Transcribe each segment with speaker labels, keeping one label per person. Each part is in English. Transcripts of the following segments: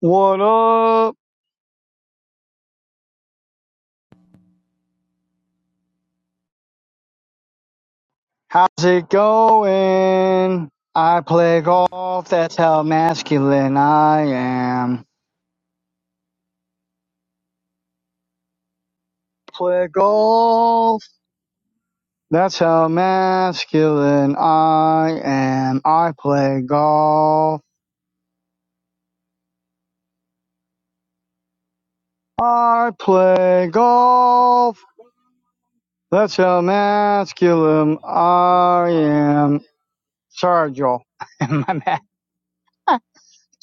Speaker 1: What up? How's it going? I play golf, that's how masculine I am. Play golf, that's how masculine I am. I play golf, I play golf, that's how masculine I am. Sorry, Joel. My bad.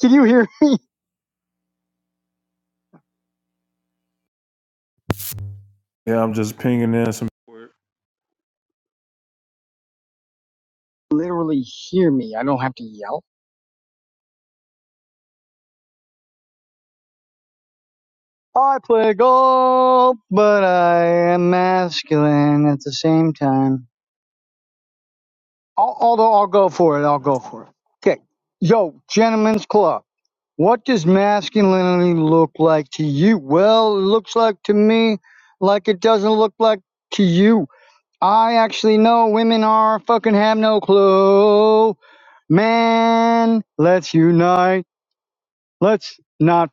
Speaker 1: Can you hear me?
Speaker 2: Yeah, I'm just pinging in some.
Speaker 1: Literally hear me. I don't have to yell. I play golf, but I am masculine at the same time. Al- Although I'll go for it, I'll go for it. Okay, yo, gentlemen's club. What does masculinity look like to you? Well, it looks like to me like it doesn't look like to you. I actually know women are fucking have no clue. Man, let's unite. Let's not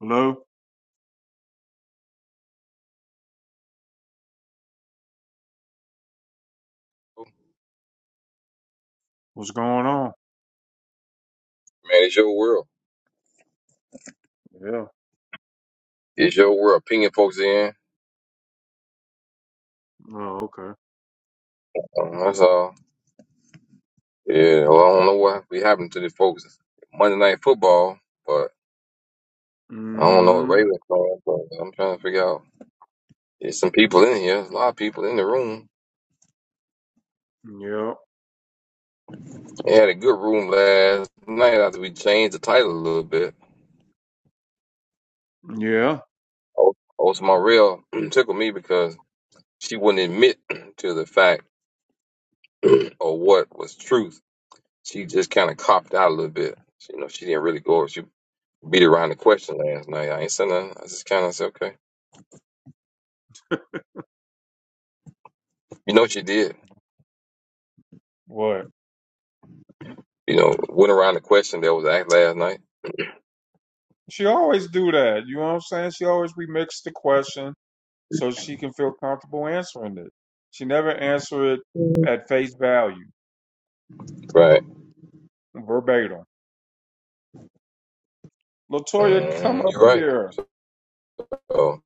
Speaker 2: Hello,
Speaker 3: Man,
Speaker 2: what's going on?
Speaker 3: it's your world.
Speaker 2: Yeah.
Speaker 3: It's your world. Pinging folks in.
Speaker 2: Oh, okay.
Speaker 3: Um, that's all. Yeah, well, I don't know what be happening to these folks. Monday night football, but I don't know what
Speaker 2: Mm.
Speaker 3: Ravens playing, but I'm trying to figure out. There's some people in here. There's a lot of people in the room.
Speaker 2: Yeah.
Speaker 3: They had a good room last night after we changed the title a little bit.
Speaker 2: Yeah.
Speaker 3: Oh, also, my real tickled me because she wouldn't admit to the fact or what was truth. She just kind of copped out a little bit. She, you know, she didn't really go. She beat around the question last night. I ain't said nothing. I just kind of said, okay. You know what you did?
Speaker 2: What?
Speaker 3: You know, went around the question that was asked last night.
Speaker 2: She always do that. You know what I'm saying? She always remix the question so she can feel comfortable answering it. She never answer it at face value,
Speaker 3: Right.
Speaker 2: verbatim. Latoya, come
Speaker 3: Mm,
Speaker 2: up
Speaker 3: you're right.
Speaker 2: here.
Speaker 3: Oh,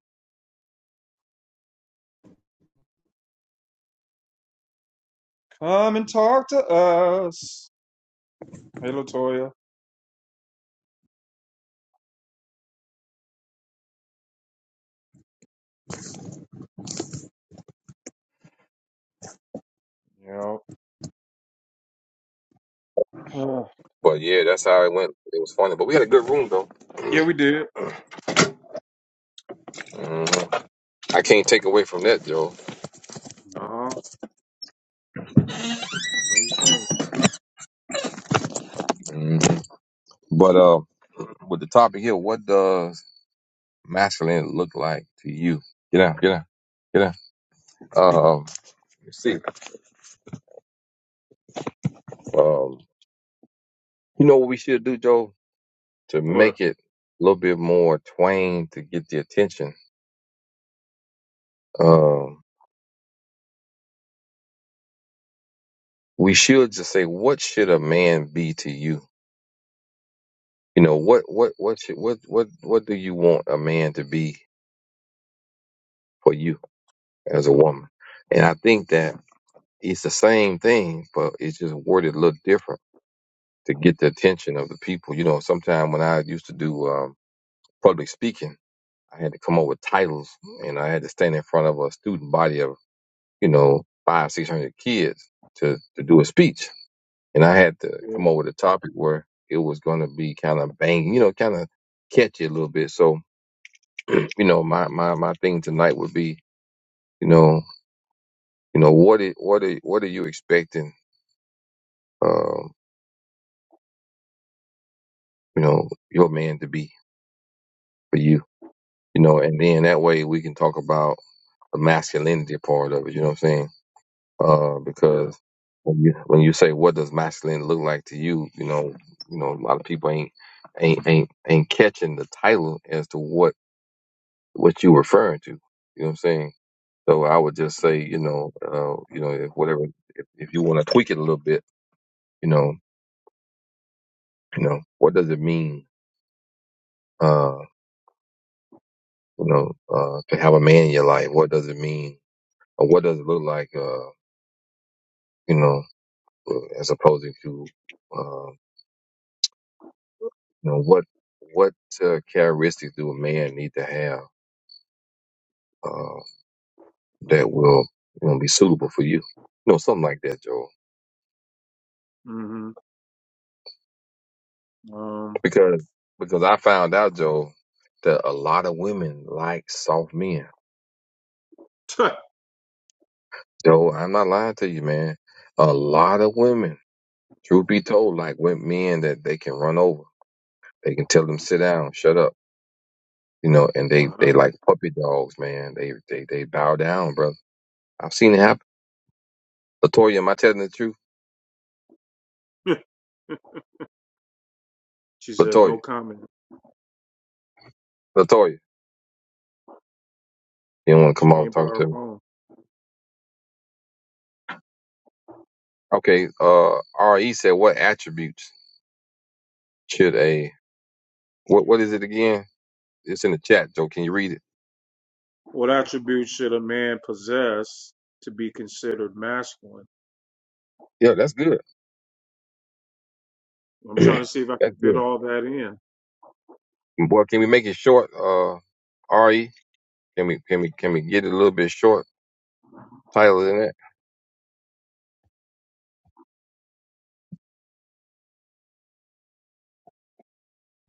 Speaker 2: Come and talk to us. Hey, Latoya. Yeah.
Speaker 3: but yeah, that's how it went. It was funny, but we had a good room though.
Speaker 2: yeah, we did.
Speaker 3: Mm, I can't take away from that, Joe.
Speaker 2: No, no, you can't.
Speaker 3: Mm, but uh, with the topic here, what does masculine look like to you? Get out, get out, get out. Um, let's see. Um, you know what we should do, Joe, to
Speaker 2: What?
Speaker 3: make it a little bit more twain to get the attention. Um, we should just say, what should a man be to you? You know, what, what, what, should, what, what, what do you want a man to be for you as a woman? And I think that it's the same thing, but it's just worded a little different to get the attention of the people. You know, sometimes when I used to do um, public speaking, I had to come up with titles and I had to stand in front of a student body of, you know, five, six hundred kids to, to do a speech and I had to
Speaker 2: Yeah.
Speaker 3: come up with a topic where it was going to be kind of bang, you know, kind of catchy a little bit. So, you know, my, my, my thing tonight would be, you know, you know, what it, what are, what are you expecting, um, you know, your man to be for you, you know, and then that way we can talk about the masculinity part of it. You know what I'm saying? Uh,
Speaker 2: Yeah.
Speaker 3: because when you, when you say, what does masculine look like to you? You know, you know, a lot of people ain't, ain't, ain't, ain't catching the title as to what what you referring to. You know what I'm saying? So I would just say, you know, uh, you know, if whatever, if, if you want to tweak it a little bit, you know, you know, what does it mean, uh, you know, uh, to have a man in your life? What does it mean, or what does it look like, uh, you know, uh, as opposed to, uh, you know, what what uh, characteristics do a man need to have uh, that will, you know, be suitable for you? You know, something like that, Joe.
Speaker 2: Mm. Hmm. Um,
Speaker 3: because because I found out, Joe, that a lot of women like soft men. Joe, I'm not lying to you, man. A lot of women, truth be told, like with men that they can run over. They can tell them sit down, shut up, you know, and they they
Speaker 2: wow.
Speaker 3: like puppy dogs, man. They they they bow down, brother. I've seen it happen. Latoya, am I telling the truth?
Speaker 2: she said no
Speaker 3: Latoya,
Speaker 2: comment.
Speaker 3: Latoya, you don't want to come
Speaker 2: She
Speaker 3: over and
Speaker 2: ain't by
Speaker 3: talk
Speaker 2: her
Speaker 3: to me.
Speaker 2: phone.
Speaker 3: Okay, uh, Re said, what attributes should a what what is it again? It's in the chat, Joe. Can you read it?
Speaker 2: What attributes should a man possess to be considered masculine?
Speaker 3: Yeah, that's good.
Speaker 2: I'm trying to see if I can
Speaker 3: that's
Speaker 2: fit
Speaker 3: good.
Speaker 2: all that in.
Speaker 3: And boy, can we make it short, uh, Ari? Can we can we can we get it a little bit short, tighter than that?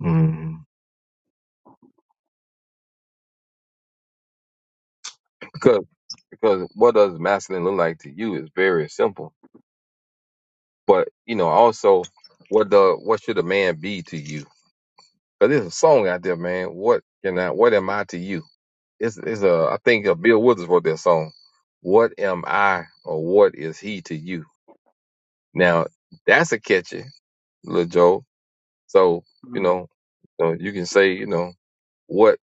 Speaker 3: Mm. Because because what does masculine look like to you is very simple. But you know, also, what the what should a man be to you? Because there's a song out there, man. What can I? What am I to you? It's it's a I think uh Bill Withers wrote that song. What am I or what is he to you? Now that's a catchy little joke. So you
Speaker 2: Hmm.
Speaker 3: know So you can say, you know, what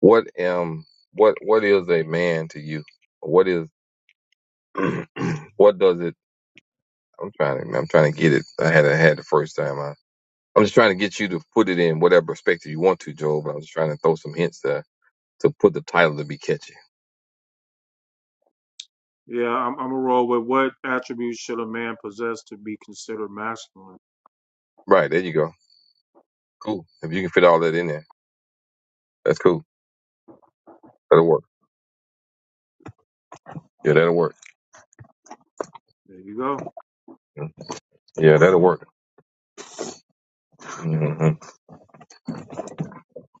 Speaker 3: what um what what is a man to you? What is what does it? I'm trying to I'm trying to get it. I had I had the first time. I, I'm just trying to get you to put it in whatever perspective you want to, Joe. But I'm just trying to throw some hints to to put the title to be catchy.
Speaker 2: Yeah, I'm, I'm a roll with what attributes should a man possess to be considered masculine?
Speaker 3: Right there, you go. Cool. If you can fit all that in there, that's cool. That'll work. Yeah, that'll work.
Speaker 2: There you go.
Speaker 3: Mm. Yeah, that'll work. hmm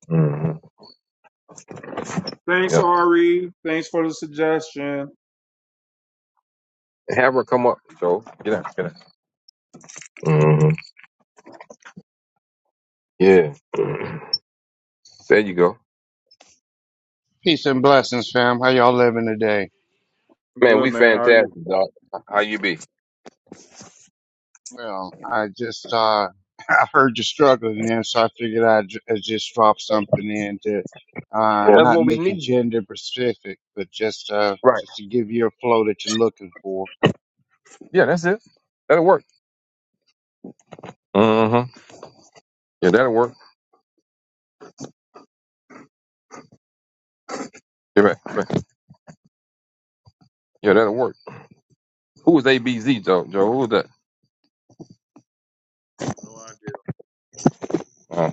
Speaker 3: hmm
Speaker 2: Thanks,
Speaker 3: Yep.
Speaker 2: Ari. Thanks for the suggestion.
Speaker 3: Have her come up, Joe. Get out. Get out. hmm Yeah. there you go.
Speaker 4: Peace and blessings, fam. How y'all living today?
Speaker 3: Man, we
Speaker 2: Good, man. How are you?
Speaker 3: fantastic, dog. How you be?
Speaker 4: Well, I just uh I heard you struggling there, so I figured I'd, ju- I'd just drop something in to uh
Speaker 3: Well, That's
Speaker 4: not
Speaker 3: what we
Speaker 4: make it
Speaker 3: need.
Speaker 4: gender specific, but just uh
Speaker 3: Right.
Speaker 4: just to give you a flow that you're looking for.
Speaker 3: Yeah, that's it. That'll work. Mm-hmm. Yeah, that'll work. Yeah, right, right. yeah that'll work. Who was ABZ, Joe? Joe, who was that?
Speaker 2: No idea.
Speaker 3: Uh,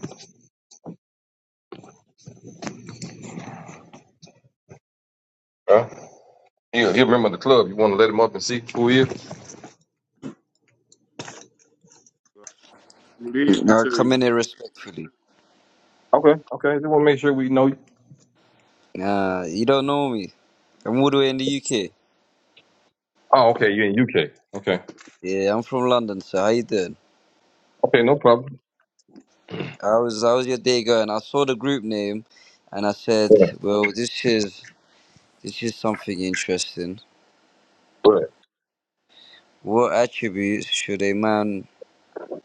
Speaker 3: huh? He'll, he'll remember the club. You want to let him up and see who he is?
Speaker 2: Good evening
Speaker 5: I come
Speaker 2: you.
Speaker 5: in here respectfully.
Speaker 3: Okay, okay. Just want to make sure we know you.
Speaker 5: Nah, you don't know me. I'm all the way in the UK.
Speaker 3: Oh, okay. You're in UK. Okay.
Speaker 5: Yeah, I'm from London, so how you doing?
Speaker 3: Okay, no problem.
Speaker 5: How was how was your day going? I saw the group name and I said,
Speaker 3: Go
Speaker 5: Well this is this is something interesting.
Speaker 3: ahead.
Speaker 5: What attributes should a man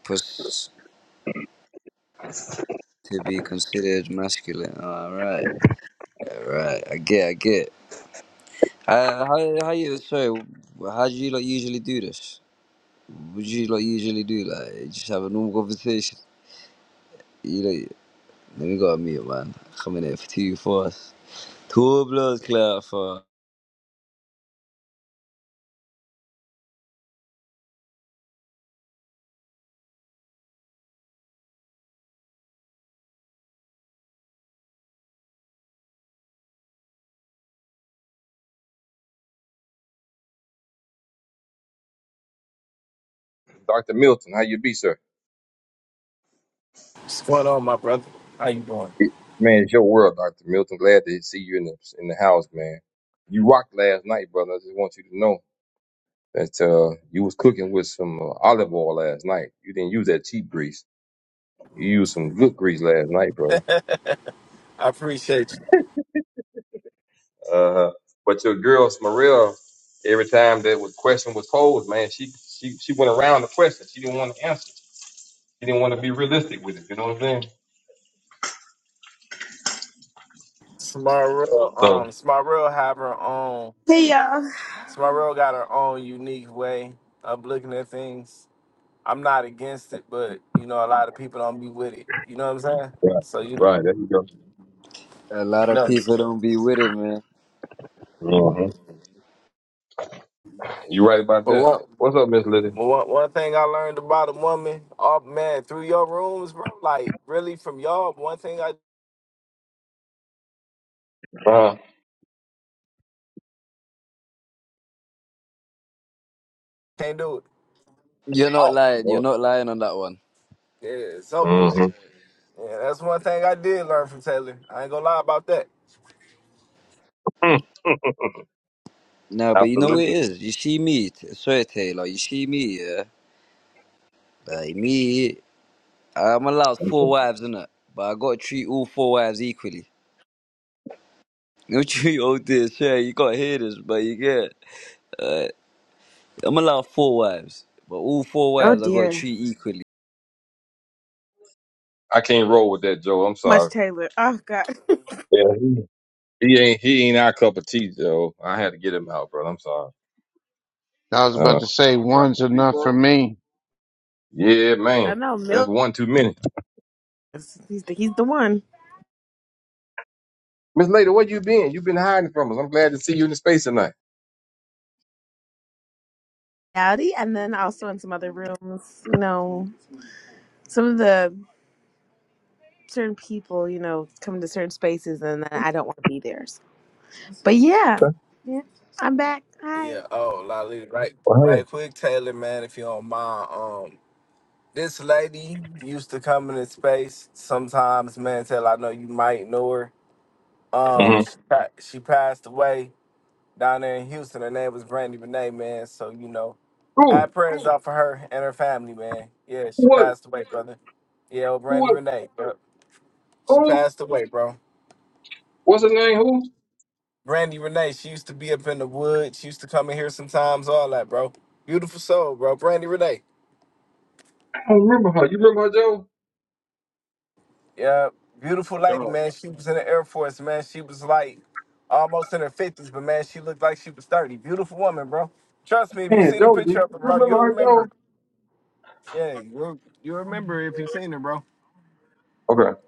Speaker 5: possess to be considered masculine? Alright, alright, I get I get. Uh, how how you sorry, how do you like usually do this? Would you like usually do like just have a normal conversation? You know. Let me go mute, man. Coming in for two Two blows clear for
Speaker 3: Dr. Milton, how you be, sir?
Speaker 6: What's going on, my brother? How you doing?
Speaker 3: Man, it's your world, Dr. Milton. Glad to see you in the in the house, man. You rocked last night, brother. I just want you to know. that uh, you was cooking with some uh, olive oil last night. You didn't use that cheap grease. You used some good grease last night, bro.
Speaker 6: I appreciate you.
Speaker 3: Uh huh. But your girl Smarilla, every time that was question was posed, man, she she she went around the question. She didn't want to answer. She didn't want to be realistic with it. You know what I'm saying?
Speaker 6: Smarrell,
Speaker 3: So
Speaker 6: um, Smarrell have her own.
Speaker 7: Hey y'all.
Speaker 6: Smarrell got her own unique way of looking at things. I'm not against it, but you know, a lot of people don't be with it. You know what I'm saying?
Speaker 3: right,
Speaker 6: So you know,
Speaker 3: right there you
Speaker 5: a lot of
Speaker 6: no.
Speaker 5: people don't be with it, man.
Speaker 3: go. hmm You right about
Speaker 6: But
Speaker 3: that.
Speaker 6: one,
Speaker 3: What's up, Miss Lizzie?
Speaker 6: but one, one thing I learned about a woman, oh man, through your rooms, bro. Like really, from y'all, one thing I
Speaker 3: Uh,
Speaker 6: can't do it.
Speaker 5: You're not
Speaker 3: oh,
Speaker 5: lying. You're
Speaker 3: Lord.
Speaker 5: not lying on that one.
Speaker 6: Yeah, it's over with.
Speaker 3: Mm-hmm.
Speaker 6: Yeah, that's one thing I did learn from Taylor. I ain't gonna lie about that.
Speaker 5: No, but you know what it
Speaker 3: Absolutely.
Speaker 5: is. You see me, t- swear Taylor. You like you see me, yeah. Like me, I'm allowed four wives, innit? But I gotta treat all four wives equally. You treat all this, yeah. You gotta hear this, but you get. Uh, I'm allowed four wives, but all four
Speaker 7: Oh
Speaker 5: wives I gotta
Speaker 7: dear.
Speaker 5: treat equally.
Speaker 3: I can't roll with that, Joe. I'm
Speaker 7: Much
Speaker 3: sorry.
Speaker 7: Taylor. Oh god.
Speaker 3: Yeah. He ain't he ain't our cup of tea, though. I had to get him out, bro. I'm sorry.
Speaker 4: I was
Speaker 3: Uh,
Speaker 4: about to say
Speaker 2: Apologize
Speaker 4: one's
Speaker 2: to me,
Speaker 4: enough for
Speaker 2: bro.
Speaker 4: me,
Speaker 3: yeah,
Speaker 7: I
Speaker 3: man.
Speaker 7: know
Speaker 3: That's
Speaker 7: Mill.
Speaker 3: one too many.
Speaker 7: is- He's the, he's the one.
Speaker 3: Miss Lady, where you been? you been hiding from us. I'm glad to see you in the space tonight.
Speaker 7: Howdy. And then also in some other rooms, you know, some of the certain people, you know, come to certain spaces, and then I don't want to be theirs. But yeah, yeah, I'm back.
Speaker 6: Yeah.
Speaker 7: Hi.
Speaker 6: Oh, Lolly. Right.
Speaker 3: Well,
Speaker 6: Right.
Speaker 3: hey,
Speaker 6: Quick, Taylor, man, if you don't mind. Um, this lady used to come in the space sometimes, man. Taylor, I know you might know her. Um,
Speaker 3: hmm
Speaker 6: she, pa- she passed away down there in Houston. Her name was Brandy Renee, man. So you know,
Speaker 3: Who?
Speaker 6: have prayers out for her and her family, man. Yeah,
Speaker 3: Who
Speaker 6: she
Speaker 3: was?
Speaker 6: passed away, brother. Yeah, old
Speaker 3: Who
Speaker 6: Brandy
Speaker 3: was?
Speaker 6: Renee. Yep. She
Speaker 3: Who?
Speaker 6: passed away, bro.
Speaker 3: What's her name? Who?
Speaker 6: Brandy Renee, she used to be up in the woods. She used to come in here sometimes, all that, bro. Beautiful soul, bro. Brandy Renee.
Speaker 3: I don't remember her. You remember her, Joe?
Speaker 6: Yeah,
Speaker 2: No,
Speaker 6: beautiful
Speaker 2: I
Speaker 6: lady,
Speaker 2: don't.
Speaker 6: man. She was in the Air Force, man. She was like almost in her fifties, but man, she looked like she was thirty. Beautiful woman, bro. Trust me, if you
Speaker 3: Man,
Speaker 6: seen a
Speaker 3: Joe, did you
Speaker 6: picture of her,
Speaker 3: you
Speaker 6: bro,
Speaker 3: remember
Speaker 6: you'll
Speaker 3: her, Joe?
Speaker 6: remember. Yeah,
Speaker 2: I-
Speaker 6: you'll you remember if you seen her, bro.
Speaker 3: Okay.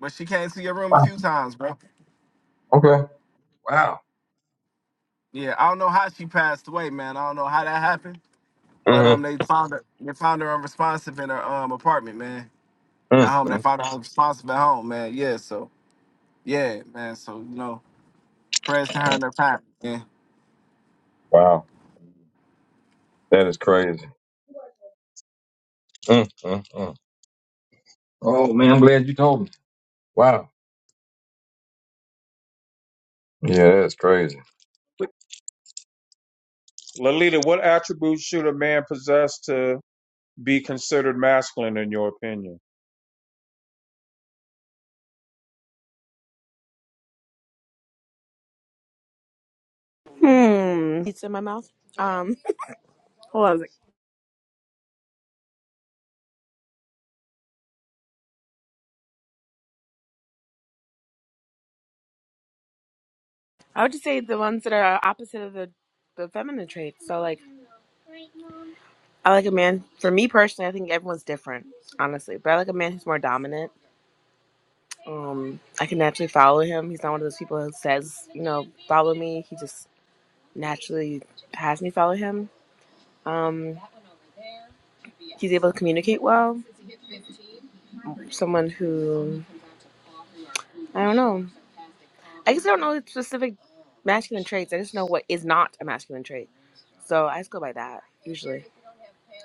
Speaker 6: But she came to your room a
Speaker 3: Wow.
Speaker 6: few times, bro.
Speaker 3: Okay. Wow.
Speaker 6: Yeah, I don't know how she passed away, man. I don't know how that happened, but um,
Speaker 3: Mm-hmm.
Speaker 6: they found her. They found her unresponsive in her um apartment, man. At home, they
Speaker 3: Mm-hmm.
Speaker 6: found her unresponsive at home, man. Yeah, so yeah, man. So you know, prayers to her and her family, man.
Speaker 3: Wow. That is crazy. Mm-hmm. Oh man, I'm glad you told me. Wow. Yeah, that's crazy.
Speaker 2: Lalita, what attributes should a man possess to be considered masculine in your opinion?
Speaker 7: Hmm. It's in my mouth. Um. Hold on. a sec. I would just say the ones that are opposite of the the feminine traits. So like, I like a man. For me personally, I think everyone's different, honestly. But I like a man who's more dominant Um, I can naturally follow him. He's not one of those people who says, you know, follow me. He just naturally has me follow him. Um, he's able to communicate well. Someone who I don't know. I guess I don't know the specific masculine traits. I just know what is not a masculine trait. So I just go by that usually.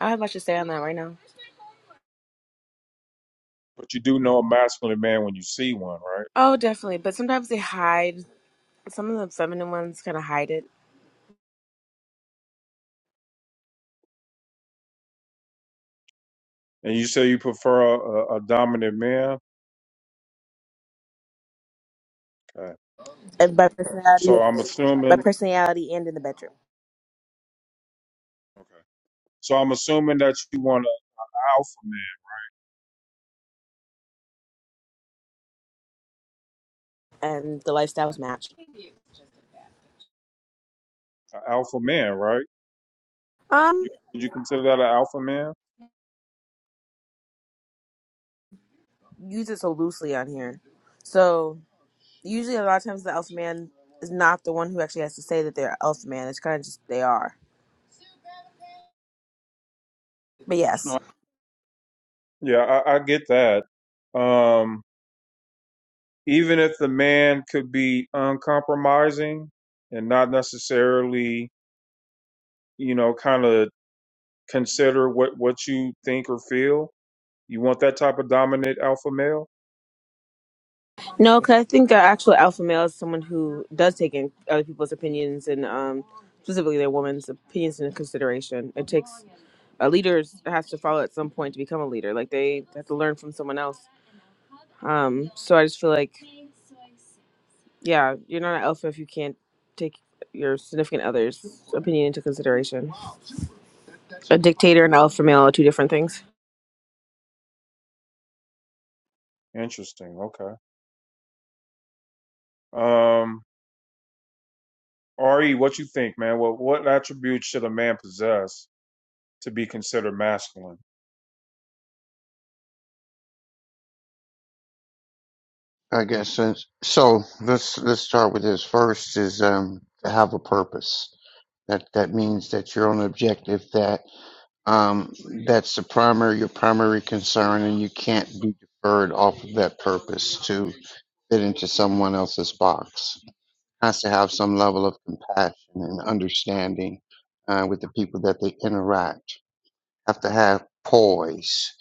Speaker 7: I don't have much to say on that right now.
Speaker 2: But you do know a masculine man when you see one, right?
Speaker 7: Oh, definitely. But sometimes they hide. Some of the feminine ones kind of hide it.
Speaker 2: And you say you prefer a, a dominant man. Okay.
Speaker 7: And by personality,
Speaker 2: So I'm
Speaker 7: by
Speaker 2: assuming
Speaker 7: personality, and in the bedroom,
Speaker 2: Okay. so I'm assuming that you want an alpha man.
Speaker 7: and the lifestyles match.
Speaker 2: An alpha man, right?
Speaker 7: Um,
Speaker 2: You, would you consider that an alpha man?
Speaker 7: use it so loosely on here. So usually, a lot of times, the elf man is not the one who actually has to say that they're elf man. It's kind of just they are. But
Speaker 2: No,
Speaker 7: yes,
Speaker 2: Yeah, I, I get that. Um even if the man could be uncompromising and not necessarily, you know, kind of consider what what you think or feel, you want that type of dominant alpha male.
Speaker 7: no, because I think an actual alpha male is someone who does take in other people's opinions and um, specifically their woman's opinions into consideration. It takes a leader has to follow at some point to become a leader. Like they have to learn from someone else. Um, so I just feel like, yeah, you're not an alpha if you can't take your significant other's opinion into consideration. A dictator and alpha male are two different things.
Speaker 2: Interesting. Okay. Um, Re, what you think, man? What what attributes should a man possess to be considered masculine?
Speaker 4: I guess. Since, so let's let's start with this. First is um to have a purpose. That that means that you're on an objective. That um, that's the primary your primary concern, and you can't be deferred off of that purpose to fit into someone else's box. Has to have some level of compassion and understanding uh, with the people that they interact. Have to have poise.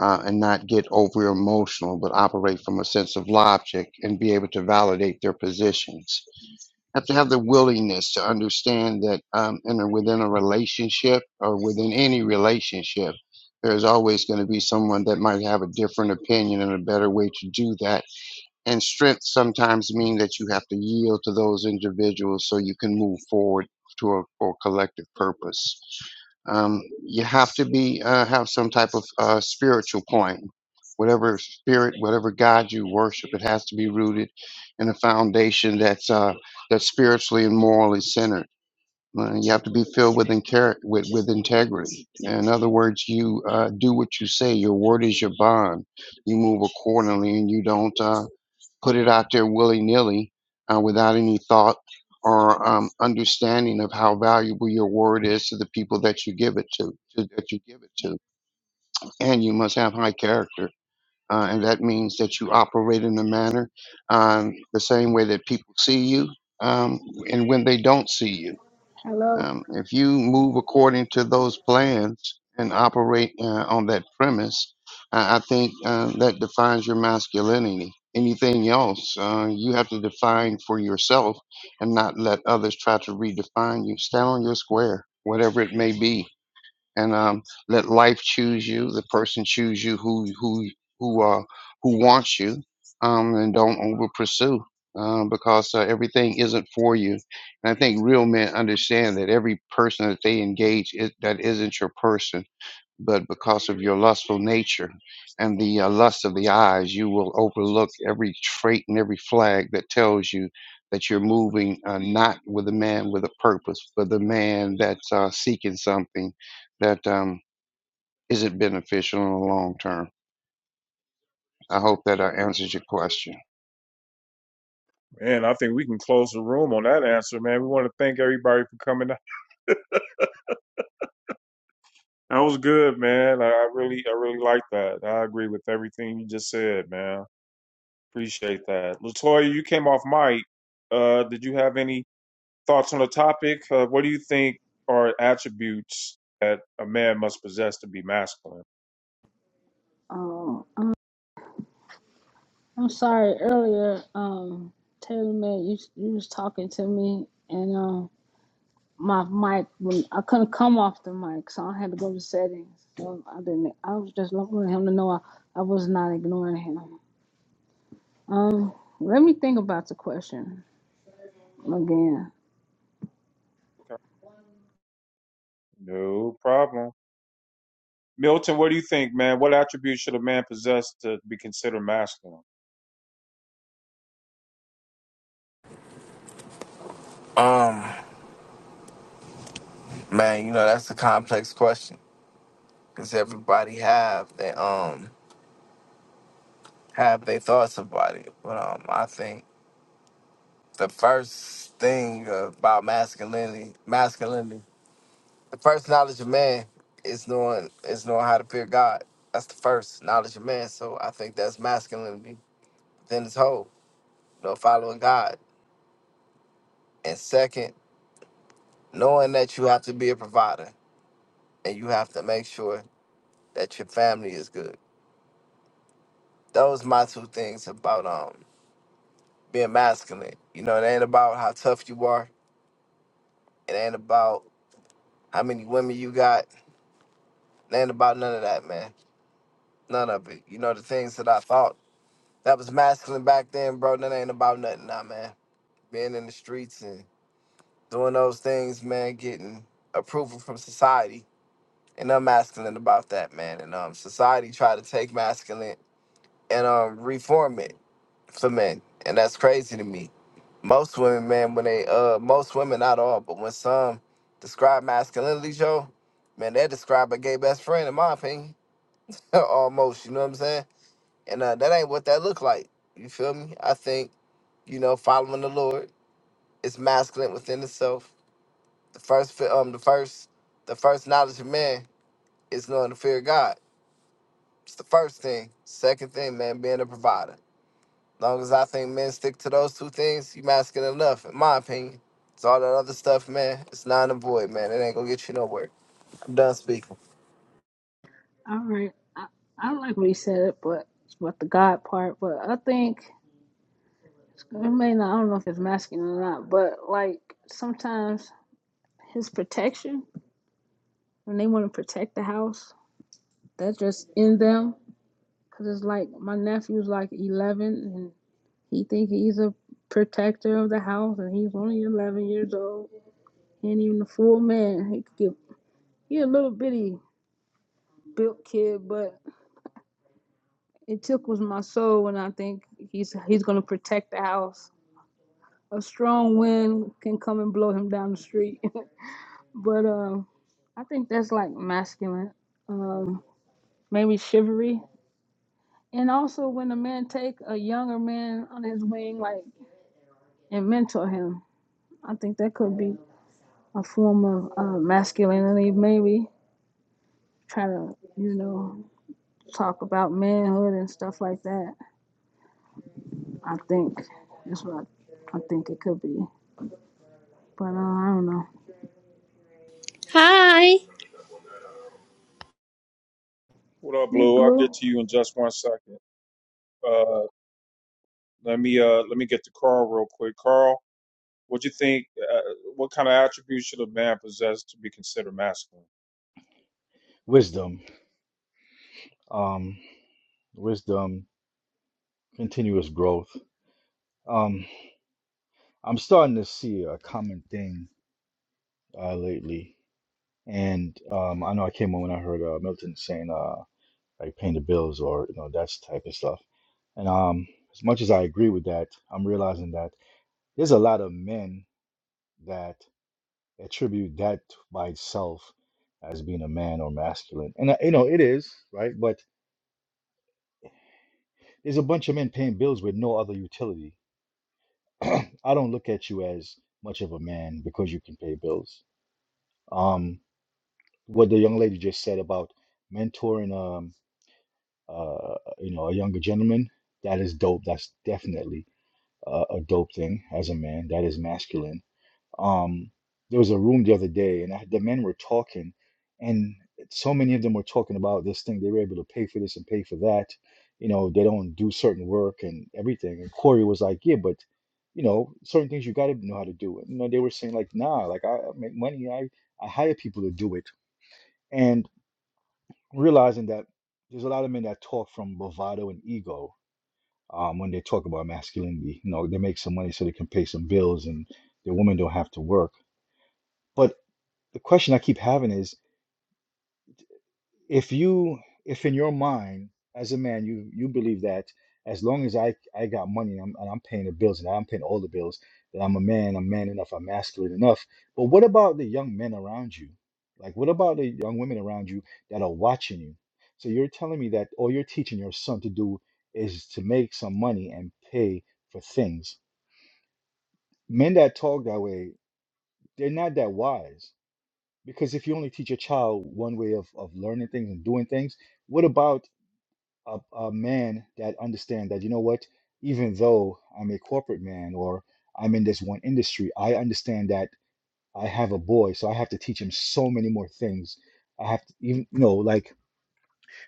Speaker 4: Uh, and not get over emotional, but operate from a sense of logic and be able to validate their positions have to have the willingness to understand that um, in within a relationship or within any relationship, there's always going to be someone that might have a different opinion and a better way to do that and strength sometimes mean that you have to yield to those individuals so you can move forward to a for collective purpose um, you have to be uh, have some type of uh, spiritual point whatever spirit whatever god you worship it has to be rooted in a foundation that's uh, that's spiritually and morally centered Uh, you have to be filled with, inter- with with integrity. In other words, you uh, do what you say. Your word is your bond. You move accordingly, and you don't. uh, put it out there willy nilly uh, without any thought or um, understanding of how valuable your word is to the people that you give it to, to that you give it to. And you must have high character. Uh, and that means that you operate in a manner um, the same way that people see you um, and when they don't see you.
Speaker 8: Hello.
Speaker 4: Um, if you move according to those plans and operate uh, on that premise, I, I think uh, that defines your masculinity. Anything else, uh, you have to define for yourself and not let others try to redefine you. Stand on your square, whatever it may be and um, let life choose you, the person choose you who who who uh, who wants you, um, and don't over pursue um, because uh, everything isn't for you. And I think real men understand that every person that they engage is, that isn't your person but because of your lustful nature and the uh, lust of the eyes, you will overlook every trait and every flag that tells you that you're moving uh, not with a man with a purpose, but the man that's uh, seeking something that um, isn't beneficial in the long term. I hope that uh, answers your question.
Speaker 2: Man, I think we can close the room on that answer, man. We want to thank everybody for coming. out. That was good, man. I I really, I really like that. I agree with everything you just said, man. Appreciate that. Latoya, you came off mic. Uh, did you have any thoughts on the topic? Uh, what do you think are attributes that a man must possess to be masculine?
Speaker 8: Um, I'm, I'm sorry earlier. Um, Taylor man, you you was talking to me, and um, my mic when I couldn't come off the mic, so I had to go to settings. So I didn't. I was just wanting him to know I, I was not ignoring him. Um, let me think about the question again.
Speaker 2: Okay. No problem. Milton, what do you think, man? What attributes should a man possess to be considered masculine?
Speaker 6: Um, Man, you know that's a complex question because everybody have they um have their thoughts about it. But um, I think the first thing about masculinity, masculinity, the first knowledge of man is knowing is knowing how to fear God. That's the first knowledge of man. So I think that's masculinity. Then it's whole, you know, following God. And second, knowing that you have to be a provider and you have to make sure that your family is good. Those my two things about um being masculine. You know, it ain't about how tough you are. It ain't about how many women you got. It ain't about none of that, man. None of it. You know, the things that I thought that was masculine back then, bro, that ain't about nothing now, man. Being in the streets and doing those things, man, getting approval from society. And I'm masculine about that, man. And um, society tried to take masculine and um, reform it. for men, and that's crazy to me. Most women, man, when they uh, most women, not all, but when some describe masculinity, Joe, man, they describe a gay best friend, in my opinion, almost. You know what I'm saying? And uh, that ain't what that look like. You feel me? I think you know, following the Lord is masculine within itself. The first, fi- um, the first, the first knowledge of man is knowing the fear of God. It's the first thing. Second thing, man, being a provider. long as I think men stick to those two things, you masculine enough, in my opinion. It's all that other stuff, man. It's non and void, man. It ain't gonna get you nowhere. I'm done speaking.
Speaker 8: All right. I, I like what he said it, but but the God part. But I think it may not. I don't know if it's masculine or not, but like sometimes his protection. and they want to protect the house. That's just in them. Cause it's like my nephew's like 11, and he think he's a protector of the house, and he's only 11 years old. He ain't even a full man. He could get he a little bitty built kid, but it tickles my soul when I think he's he's gonna protect the house. A strong wind can come and blow him down the street, but um, I think that's like masculine. Um, maybe chivalry. And also, when a man take a younger man on his wing, like and mentor him, I think that could be a form of uh, masculinity. Maybe try to, you know, talk about manhood and stuff like that. I think that's what I, I think it could be. But uh, I don't know.
Speaker 9: Hi.
Speaker 2: What up,
Speaker 8: Hey,
Speaker 2: Blue? I'll get
Speaker 8: Blue,
Speaker 2: to you in just one second. Uh, let me uh, let me get to Carl real quick. Carl, what do you think? Uh, what kind of attributes should a man possess to be considered masculine?
Speaker 10: wisdom um wisdom continuous growth um i'm starting to see a common thing uh lately and um i know i came on when i heard uh milton saying uh like paying the bills or you know that type of stuff and um as much as i agree with that i'm realizing that there's a lot of men that attribute that by itself as being a man or masculine and uh, you know it is right but there's a bunch of men paying bills with no other utility I don't look at you as much of a man because you can pay bills. Um, what the young lady just said about mentoring, um, uh, you know, a younger gentleman, that is dope. That's definitely uh, a dope thing as a man. That is masculine um, there was a room the other day, and I, the men were talking, and so many of them were talking about this thing. They were able to pay for this and pay for that. You know, they don't do certain work and everything. And Corey was like, "Yeah, but you know, certain things you got to know how to do it." You know, they were saying like, "Nah, like I I make money. I I hire people to do it," and realizing that there's a lot of men that talk from bravado and ego um, when they talk about masculinity. You know, they make some money so they can pay some bills, and the women don't have to work. but. the question I keep having is if you if in your mind as a man you you believe that as long as I I got money and I'm, and I'm paying the bills and I'm paying all the bills that I'm a man I'm man enough I'm masculine enough but what about the young men around you like what about the young women around you that are watching you so you're telling me that all you're teaching your son to do is to make some money and pay for things men that talk that way they're not that wise Because if you only teach a child one way of, of learning things and doing things, what about a, a man that understand that, you know what, even though I'm a corporate man or I'm in this one industry, I understand that I have a boy, so I have to teach him so many more things. I have to even, you know, like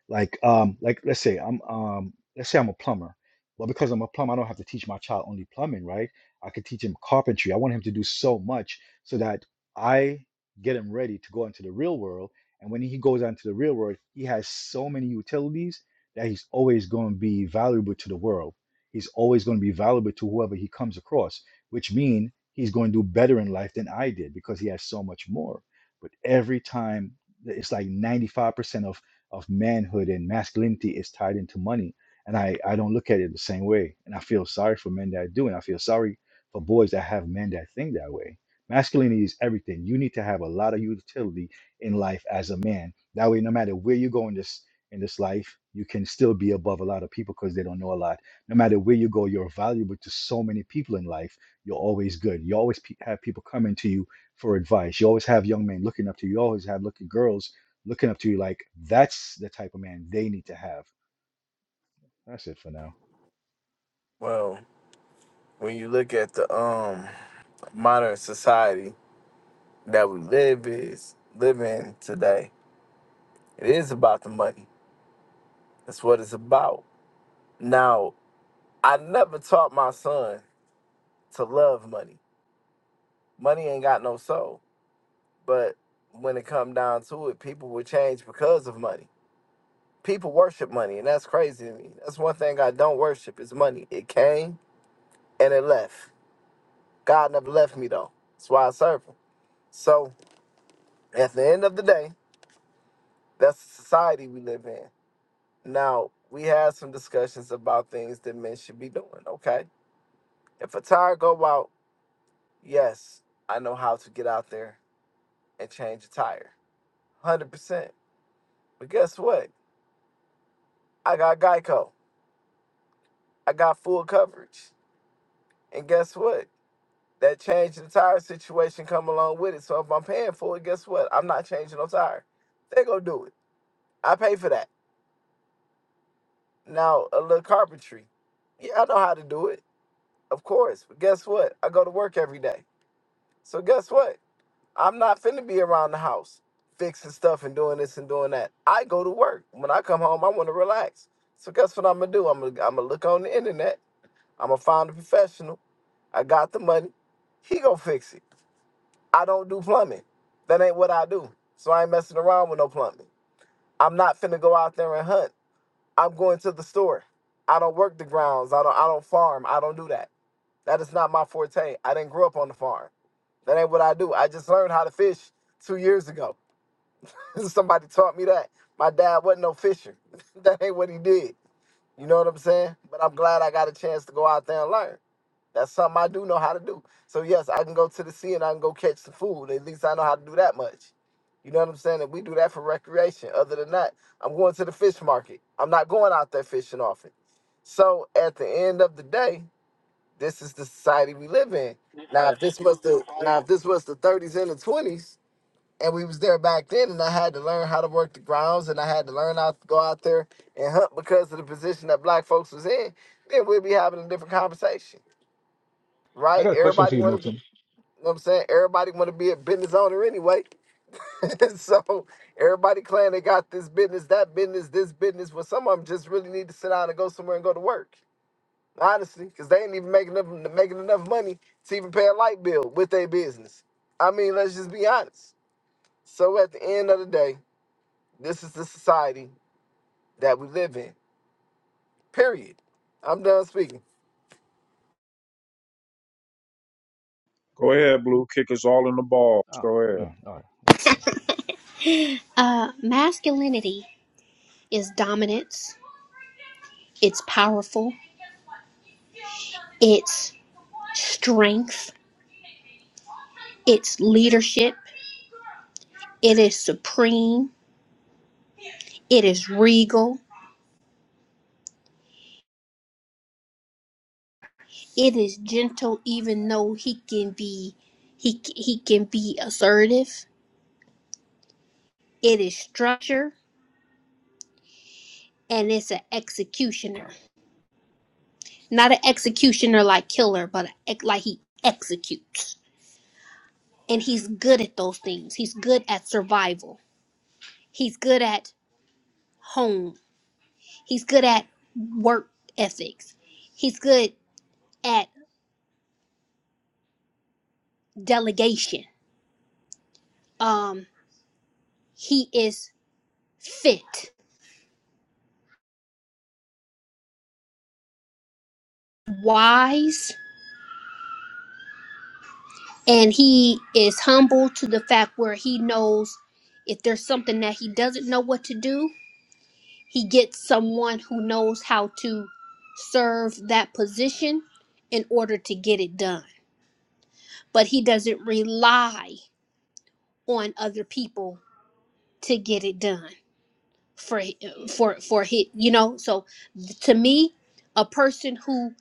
Speaker 10: like um like let's say I'm um let's say I'm a plumber. Well, because I'm a plumber, I don't have to teach my child only plumbing, right? I could teach him carpentry. I want him to do so much so that I get him ready to go into the real world. And when he goes out into the real world, he has so many utilities that he's always going to be valuable to the world. He's always going to be valuable to whoever he comes across, which means he's going to do better in life than I did because he has so much more. But every time, it's like 95% of of manhood and masculinity is tied into money. And I, I don't look at it the same way. And I feel sorry for men that do. And I feel sorry for boys that have men that think that way. Masculinity is everything. You need to have a lot of utility in life as a man. That way, no matter where you go in this in this life, you can still be above a lot of people because they don't know a lot. No matter where you go, you're valuable to so many people in life. You're always good. You always pe- have people coming to you for advice. You always have young men looking up to you. You always have looking girls looking up to you like that's the type of man they need to have. That's it for now.
Speaker 6: Well, when you look at the um modern society that we live is live in today, it is about the money. That's what it's about. Now, I never taught my son to love money. Money ain't got no soul. But when it come down to it, people will change because of money. People worship money, and that's crazy to me. That's one thing I don't worship is money. It came and it left. God never left me though. That's why I serve him. So at the end of the day, that's the society we live in. Now we had some discussions about things that men should be doing. Okay, if a tire go out, yes, I know how to get out there and change a tire, one hundred percent. But guess what? I got Geico. I got full coverage. And guess what? That change the tire situation come along with it. So if I'm paying for it, guess what? I'm not changing no tire. They gonna do it. I pay for that. Now a little carpentry. Yeah, I know how to do it, of course. But guess what? I go to work every day. So guess what? I'm not finna be around the house fixing stuff and doing this and doing that. I go to work. When I come home, I want to relax. So guess what I'm gonna do? I'm gonna I'm gonna look on the internet. I'm gonna find a professional. I got the money. He gonna fix it. I don't do plumbing. That ain't what I do. So I ain't messing around with no plumbing. I'm not finna go out there and hunt. I'm going to the store. I don't work the grounds. I don't I don't farm. I don't do that. That is not my forte. I didn't grow up on the farm. That ain't what I do. I just learned how to fish two years ago. Somebody taught me that. My dad wasn't no fisher. that ain't what he did. You know what I'm saying? But I'm glad I got a chance to go out there and learn. That's something I do know how to do. So yes, I can go to the sea and I can go catch the food. At least I know how to do that much. You know what I'm saying? And we do that for recreation. Other than that, I'm going to the fish market. I'm not going out there fishing often. So at the end of the day, this is the society we live in. Now if this was the now if this was the 30s and the 20s and we was there back then and I had to learn how to work the grounds and I had to learn how to go out there and hunt because of the position that black folks was in, then we'd be having a different conversation
Speaker 10: I
Speaker 6: right?
Speaker 10: got a question for
Speaker 6: Everybody
Speaker 10: you,
Speaker 6: want to be,
Speaker 10: Milton.
Speaker 6: you know what I'm saying? Everybody want to be a business owner anyway. so everybody claiming they got this business, that business, this business. Well, some of them just really need to sit down and go somewhere and go to work, honestly, because they ain't even making enough, making enough money to even pay a light bill with their business. I mean, let's just be honest. So at the end of the day, this is the society that we live in. Period. I'm done speaking.
Speaker 2: Go ahead, Blue. Kick us all in the balls.
Speaker 10: Oh,
Speaker 2: Go ahead.
Speaker 10: man. All right.
Speaker 9: Uh, masculinity is dominance. It's powerful. It's strength. It's leadership. It is supreme. It is regal. It is gentle, even though he can be, he he can be assertive. It is structure, and it's an executioner. Not an executioner like killer, but a, like he executes. And he's good at those things. He's good at survival. He's good at home. He's good at work ethics. He's good at delegation. Um, he is fit, wise, and he is humble to the fact where he knows if there's something that he doesn't know what to do, he gets someone who knows how to serve that position in order to get it done. But he doesn't rely on other people to get it done for for for hit you know so to me a person who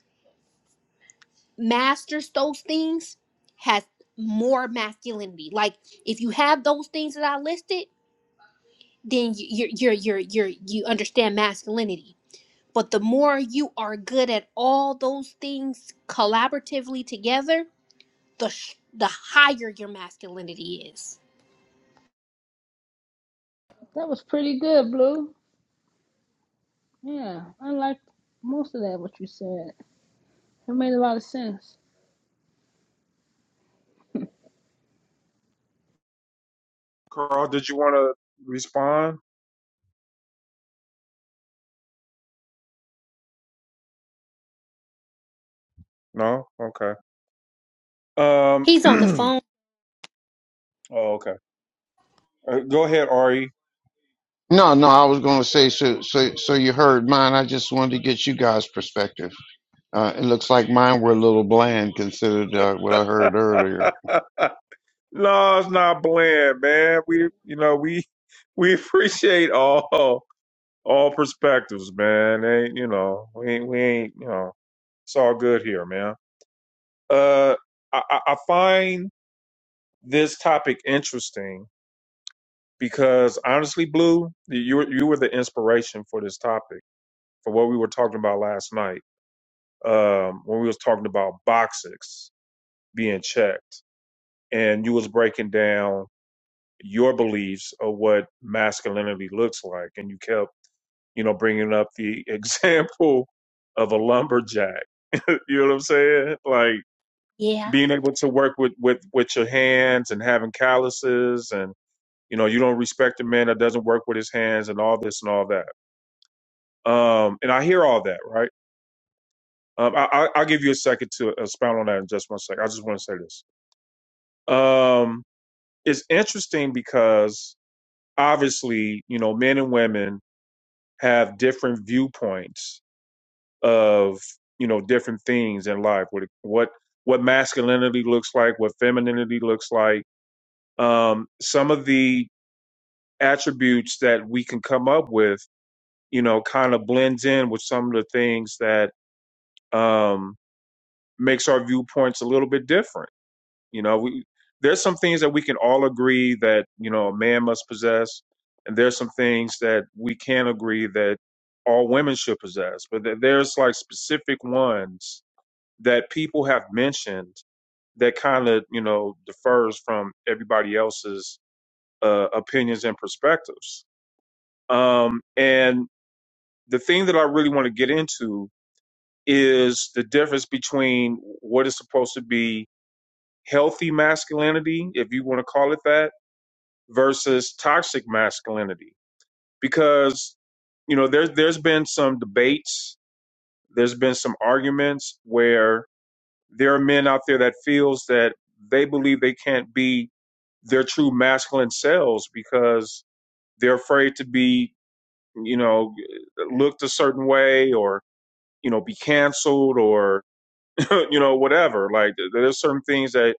Speaker 9: masters those things has more masculinity like if you have those things that i listed then you you're you're you're, you're you understand masculinity but the more you are good at all those things collaboratively together the sh- the higher your masculinity is
Speaker 8: that was pretty good, Blue. Yeah, I liked most of that what you said. It made a lot of sense.
Speaker 2: Carl, did you want to respond? No? Okay. Um,
Speaker 9: he's on the phone
Speaker 2: oh, okay. Uh, go ahead, Ari.
Speaker 4: No, no, I was going to say so. So, so you heard mine. I just wanted to get you guys' perspective. Uh, it looks like mine were a little bland considered uh, what I heard
Speaker 2: no,
Speaker 4: earlier.
Speaker 2: it's not bland, man. We, you know, we, we appreciate all, all perspectives, man. Ain't you know, we ain't, we ain't, you know, it's all good here, man. Uh, I, I I find this topic interesting because honestly, Blue, you, were- you were the inspiration for this topic, for what we were talking about last night um, when we was talking about boxes being checked, and you was breaking down your beliefs of what masculinity looks like, and you kept, you know, bringing up the example of a lumberjack. you know what I'm saying? Like
Speaker 9: yeah
Speaker 2: being able to work with with with your hands and having calluses, and you know, you don't respect a man that doesn't work with his hands, and all this and all that. Um, and I hear all that, right? Um, I, I, I'll give you a second to uh, expound on that in just one second. I just want to say this Um, it's interesting because obviously, you know, men and women have different viewpoints of you know different things in life. What what what masculinity looks like, what femininity looks like. Um, some of the attributes that we can come up with, you know, kind of blends in with some of the things that um, makes our viewpoints a little bit different You know, we there's some things that we can all agree that you know a man must possess, and there's some things that we can agree that all women should possess. But there- there's like specific ones that people have mentioned that kind of you know differs from everybody else's uh, opinions and perspectives. Um, and the thing that I really want to get into is the difference between what is supposed to be healthy masculinity, if you want to call it that versus toxic masculinity because you know there's there's been some debates there's been some arguments where there are men out there that feels that they believe they can't be their true masculine selves because they're afraid to be you know looked a certain way or you know be canceled or you know whatever like there- there's certain things that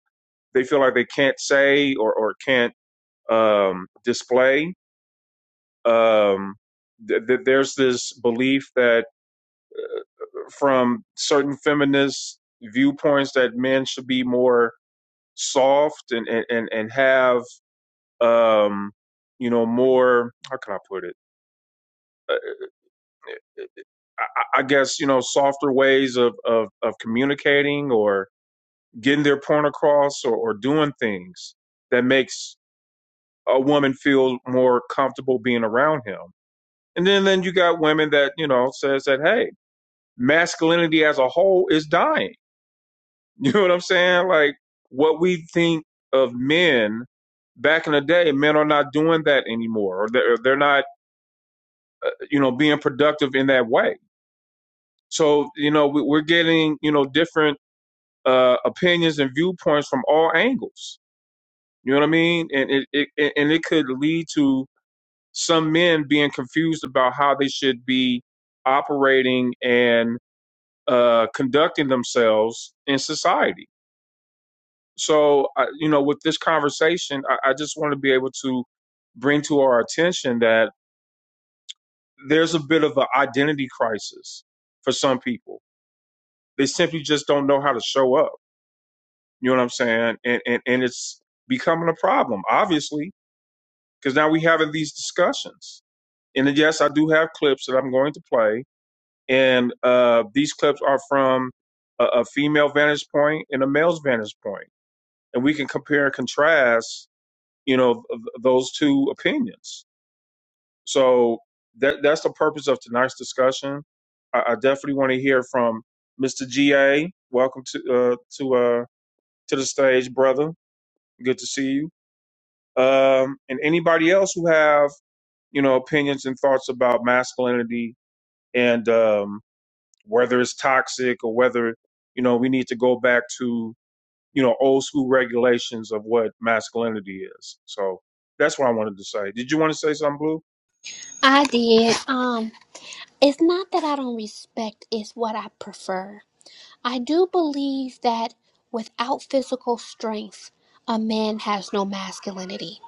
Speaker 2: they feel like they can't say or or can't um display um, th- th- there's this belief that from certain feminist viewpoints that men should be more soft and and and and have um, you know more how can I put it. Uh, I- I guess you know softer ways of of, of communicating or getting their point across or, or doing things that makes a woman feel more comfortable being around him. And then then you got women that you know says that hey masculinity as a whole is dying. You know what I'm saying? Like what we think of men back in the day, men are not doing that anymore, or they're, they're not, you know, being productive in that way. So, you know, we, we're getting, you know, different uh, opinions and viewpoints from all angles. You know what I mean? And it, it and it could lead to some men being confused about how they should be operating and uh, conducting themselves in society So, I, you know, with this conversation, I, I just want to be able to bring to our attention that there's a bit of an identity crisis for some people. They simply just don't know how to show up. You know what I'm saying? And and, and it's becoming a problem, obviously, because now we're having these discussions. And then, yes, I do have clips that I'm going to play, and uh, these clips are from a, a female vantage point and a male's vantage point, and we can compare and contrast you know th- those two opinions so that that's the purpose of tonight's discussion i, I definitely want to hear from mr ga welcome to uh to uh to the stage brother good to see you um and anybody else who have you know opinions and thoughts about masculinity and um whether it's toxic or whether you know we need to go back to you know old school regulations of what masculinity is so that's what i wanted to say did you want to say something blue
Speaker 9: i did um it's not that i don't respect it's what i prefer I do believe that without physical strength, a man has no masculinity.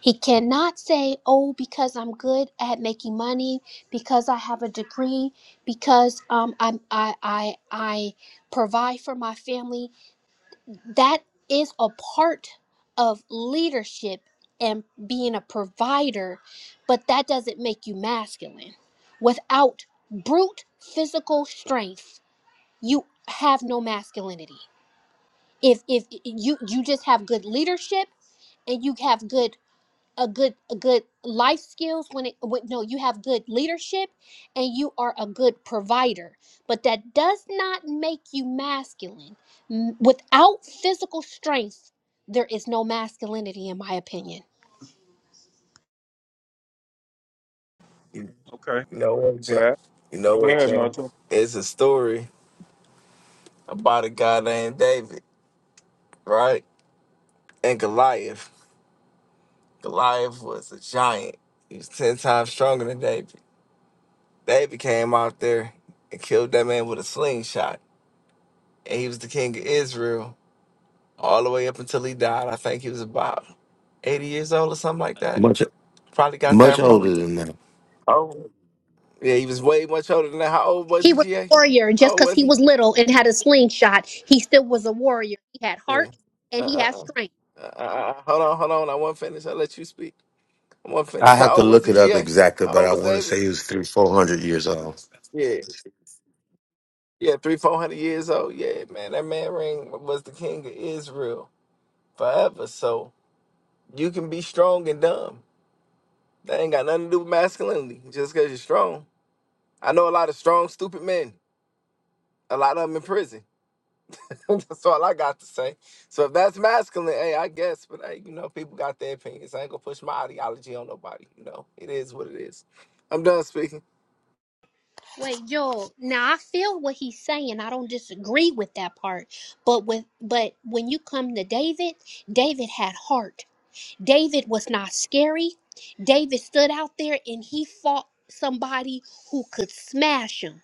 Speaker 9: He cannot say, Oh, because I'm good at making money, because I have a degree, because um, I'm, I, I, I provide for my family. That is a part of leadership and being a provider, but that doesn't make you masculine. Without brute physical strength, you have no masculinity if if you you just have good leadership and you have good a good a good life skills when it when, no you have good leadership and you are a good provider but that does not make you masculine M- without physical strength there is no masculinity in my opinion
Speaker 6: You
Speaker 2: Okay. Thank
Speaker 6: you know what,
Speaker 2: you for
Speaker 6: Joe?
Speaker 2: that.
Speaker 6: You know
Speaker 2: Go
Speaker 6: what,
Speaker 2: ahead,
Speaker 6: Joe?
Speaker 2: Milton.
Speaker 6: It's a story about a guy named David, right? And Goliath. Goliath was a giant. He was 10 times stronger than David. David came out there and killed that man with a slingshot. And he was the king of Israel all the way up until he died. I think he was about 80 years old or something like that.
Speaker 11: Much
Speaker 6: Probably got
Speaker 11: much
Speaker 6: that wrong.
Speaker 11: older than that.
Speaker 6: Oh. Yeah, he was way much older than that. How old was
Speaker 9: he
Speaker 6: he,
Speaker 9: was
Speaker 6: GA?
Speaker 9: a warrior just
Speaker 6: Oh,
Speaker 9: because
Speaker 6: was
Speaker 9: he
Speaker 6: he?
Speaker 9: was little and had a slingshot he still was a warrior he had
Speaker 6: Yeah.
Speaker 9: heart and he had
Speaker 6: Uh-uh-uh.
Speaker 9: strength
Speaker 6: Uh, uh, uh, uh, uh, hold on, hold on. I want to finish. I'll let you speak. I'm gonna
Speaker 11: I
Speaker 6: finish.
Speaker 11: have
Speaker 6: How
Speaker 11: to
Speaker 6: old was
Speaker 11: look
Speaker 6: he,
Speaker 11: it up
Speaker 6: GA?
Speaker 11: exactly,
Speaker 6: How
Speaker 11: but
Speaker 6: old
Speaker 11: I
Speaker 6: was
Speaker 11: want to
Speaker 6: David?
Speaker 11: say he was three, four hundred years old.
Speaker 6: Yeah. Yeah, three, four hundred years old. Yeah, man, that man ring was the king of Israel forever. So you can be strong and dumb. That ain't got nothing to do with masculinity. Just cause you're strong. I know a lot of strong, stupid men. A lot of them in prison. that's all I got to say. So if that's masculine, hey, I guess. But hey, you know, people got their opinions. I ain't gonna push my ideology on nobody. You know, it is what it is. I'm done speaking.
Speaker 9: Wait, Joel. Now I feel what he's saying. I don't disagree with that part. But with but when you come to David, David had heart. David was not scary. David stood out there and he fought somebody who could smash him.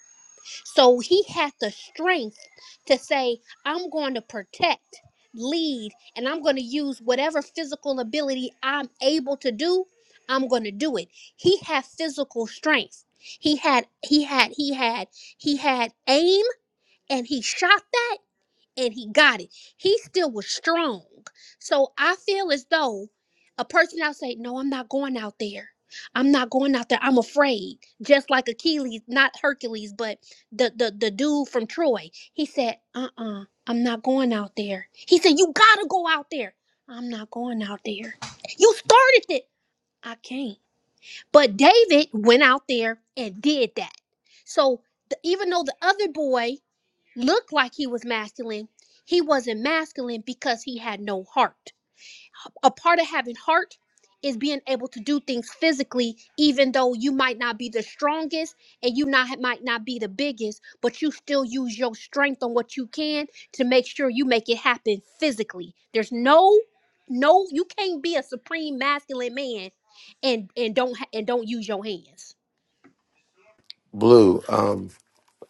Speaker 9: So he had the strength to say, I'm going to protect, lead, and I'm going to use whatever physical ability I'm able to do, I'm going to do it. He had physical strength. He had he had he had he had aim and he shot that and he got it. He still was strong. So I feel as though a person out say, No, I'm not going out there. I'm not going out there. I'm afraid. Just like Achilles, not Hercules, but the the, the dude from Troy. He said, Uh-uh, I'm not going out there. He said, You gotta go out there. I'm not going out there. You started it. I can't. But David went out there and did that. So the, even though the other boy looked like he was masculine, he wasn't masculine because he had no heart. A part of having heart is being able to do things physically, even though you might not be the strongest and you not might not be the biggest, but you still use your strength on what you can to make sure you make it happen physically. There's no, no, you can't be a supreme masculine man and and don't ha- and don't use your hands.
Speaker 11: Blue. Um,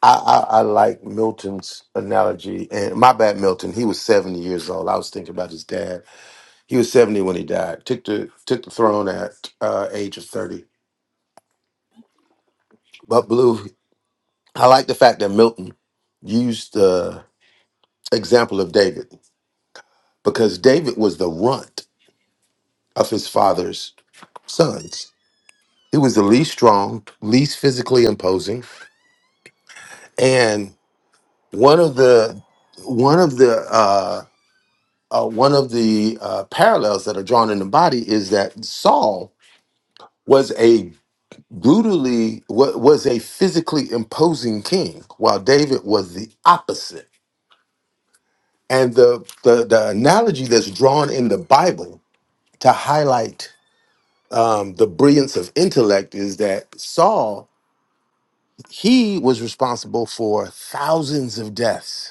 Speaker 11: I, I I like Milton's analogy, and my bad, Milton. He was seventy years old. I was thinking about his dad. He was seventy when he died. Took the took the throne at uh, age of thirty. But Blue, I like the fact that Milton used the example of David because David was the runt of his father's sons. He was the least strong, least physically imposing. and one of the one of the uh, uh, one of the uh, parallels that are drawn in the body is that Saul was a brutally wa- was a physically imposing king, while David was the opposite. And the the, the analogy that's drawn in the Bible to highlight um, the brilliance of intellect is that Saul he was responsible for thousands of deaths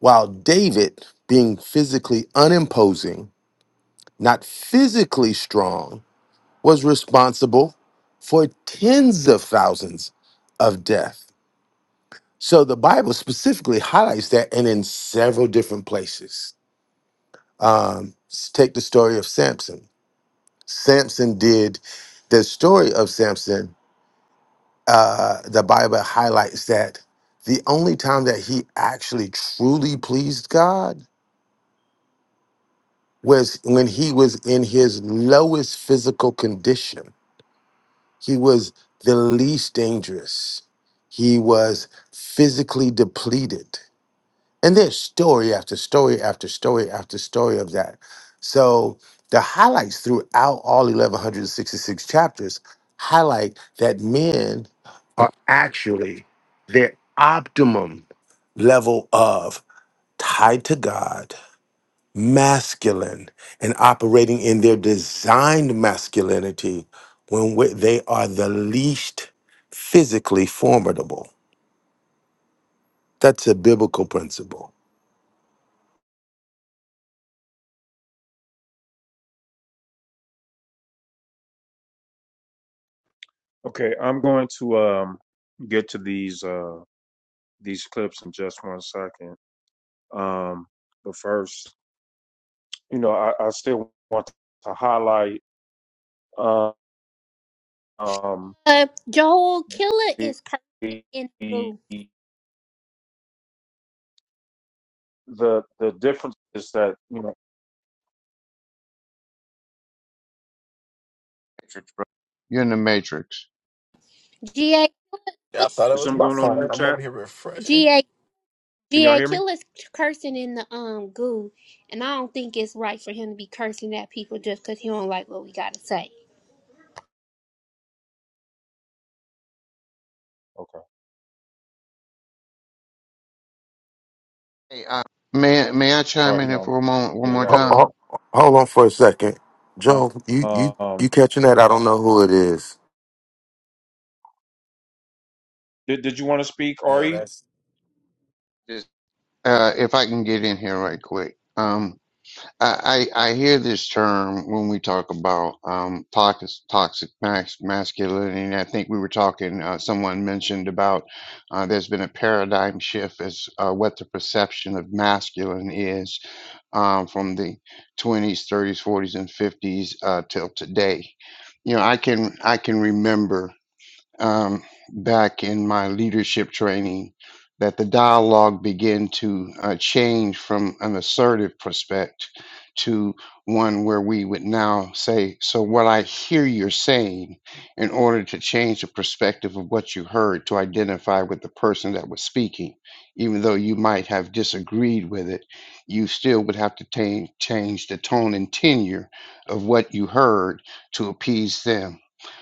Speaker 11: While David, being physically unimposing, not physically strong, was responsible for tens of thousands of death. So the Bible specifically highlights that and in several different places. Um, s- take the story of Samson. Samson did the story of Samson. Uh, the Bible highlights that the only time that he actually truly pleased God was when he was in his lowest physical condition. He was the least dangerous. He was physically depleted. And there's story after story after story after story of that. So the highlights throughout all 1166 chapters highlight that men are actually their optimum level of tied to God masculine and operating in their designed masculinity when we- they are the least physically formidable. That's a biblical principle.
Speaker 2: Okay, I'm going to um get to these uh these clips in just one second. Um, but first, you know, I, I still want to highlight uh, um
Speaker 9: Uh, Joel Killer
Speaker 2: the,
Speaker 9: is person
Speaker 2: the
Speaker 9: in blue.
Speaker 2: the the differences that you know
Speaker 4: You're in the matrix.
Speaker 9: G
Speaker 6: Yeah, I thought it
Speaker 2: is
Speaker 6: was
Speaker 2: something
Speaker 6: my
Speaker 2: going on in the
Speaker 6: phone. I'm
Speaker 2: chat.
Speaker 6: over here refreshing.
Speaker 9: A
Speaker 2: Can y'all
Speaker 9: GA
Speaker 2: hear me?
Speaker 9: Killer's cursing in the um goo, and I don't think it's right for him to be cursing at people just 'cause he don't like what we gotta say.
Speaker 2: Okay.
Speaker 4: Hey, uh, may may I
Speaker 2: All
Speaker 4: chime
Speaker 2: right. he
Speaker 4: in here
Speaker 2: on.
Speaker 4: for a moment, one
Speaker 2: Yeah, I
Speaker 4: more
Speaker 2: got
Speaker 11: Ho-
Speaker 2: rid of
Speaker 4: time?
Speaker 2: him.
Speaker 11: ho- Hold on for a second, Joe. You
Speaker 2: Uh,
Speaker 11: you you
Speaker 2: um,
Speaker 11: catching that? I don't know who it is.
Speaker 2: did, did you want to speak,
Speaker 6: Yeah,
Speaker 2: Ari?
Speaker 6: that's
Speaker 4: Just uh, if I can get in here right quick. Um, I, I I hear this term when we talk about um toxic toxic mas- masculinity, and I think we were talking. Uh, someone mentioned about uh, there's been a paradigm shift as uh, what the perception of masculine is um, from the 20s, 30s, 40s, and 50s uh, till today. You know, I can I can remember um, back in my leadership training that the dialogue began to uh, change from an assertive prospect to one where we would now say, So, what I hear you're saying, in order to change the perspective of what you heard to identify with the person that was speaking, even though you might have disagreed with it, you still would have to ta- change the tone and tenure of what you heard to appease them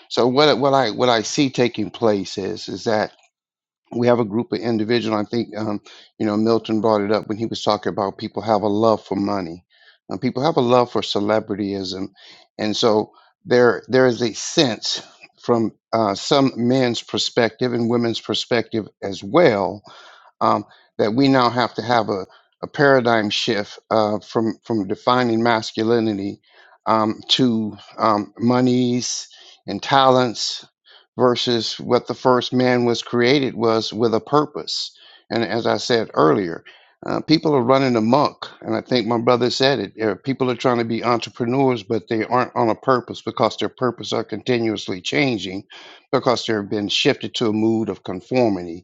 Speaker 4: so what what I what I see taking place is is that we have a group of individuals. I think um, you know Milton brought it up when he was talking about people have a love for money, and people have a love for celebrityism, and so there there is a sense from uh, some men's perspective and women's perspective as well um, that we now have to have a, a paradigm shift uh, from from defining masculinity um, to um, monies and talents versus what the first man was created was with a purpose. And as I said earlier, uh, people are running amok, and I think my brother said it. uh, people are trying to be entrepreneurs, but they aren't on a purpose because their purpose are continuously changing, because they've been shifted to a mood of conformity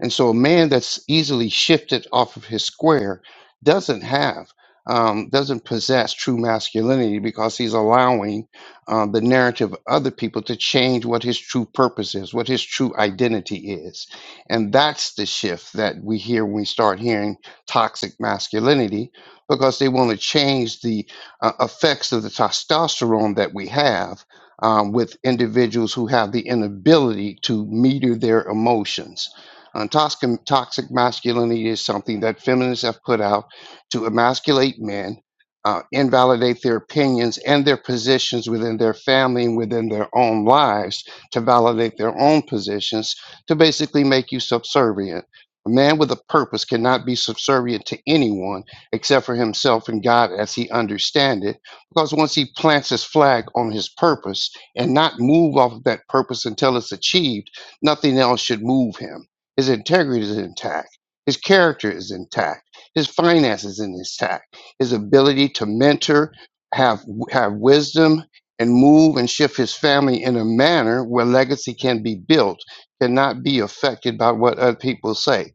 Speaker 4: and so a man that's easily shifted off of his square doesn't have, um, doesn't possess true masculinity because he's allowing um, the narrative of other people to change what his true purpose is, what his true identity is. And that's the shift that we hear when we start hearing toxic masculinity because they want to change the uh, effects of the testosterone that we have. um, with individuals who have the inability to meter their emotions uh, toxic, toxic masculinity is something that feminists have put out to emasculate men, uh, invalidate their opinions and their positions within their family and within their own lives, to validate their own positions, to basically make you subservient. A man with a purpose cannot be subservient to anyone except for himself and God as he understand it, because once he plants his flag on his purpose and not move off of that purpose until it's achieved, nothing else should move him his integrity is intact. His character is intact. His finances is intact. His ability to mentor, have have wisdom, and move and shift his family in a manner where legacy can be built, cannot be affected by what other people say.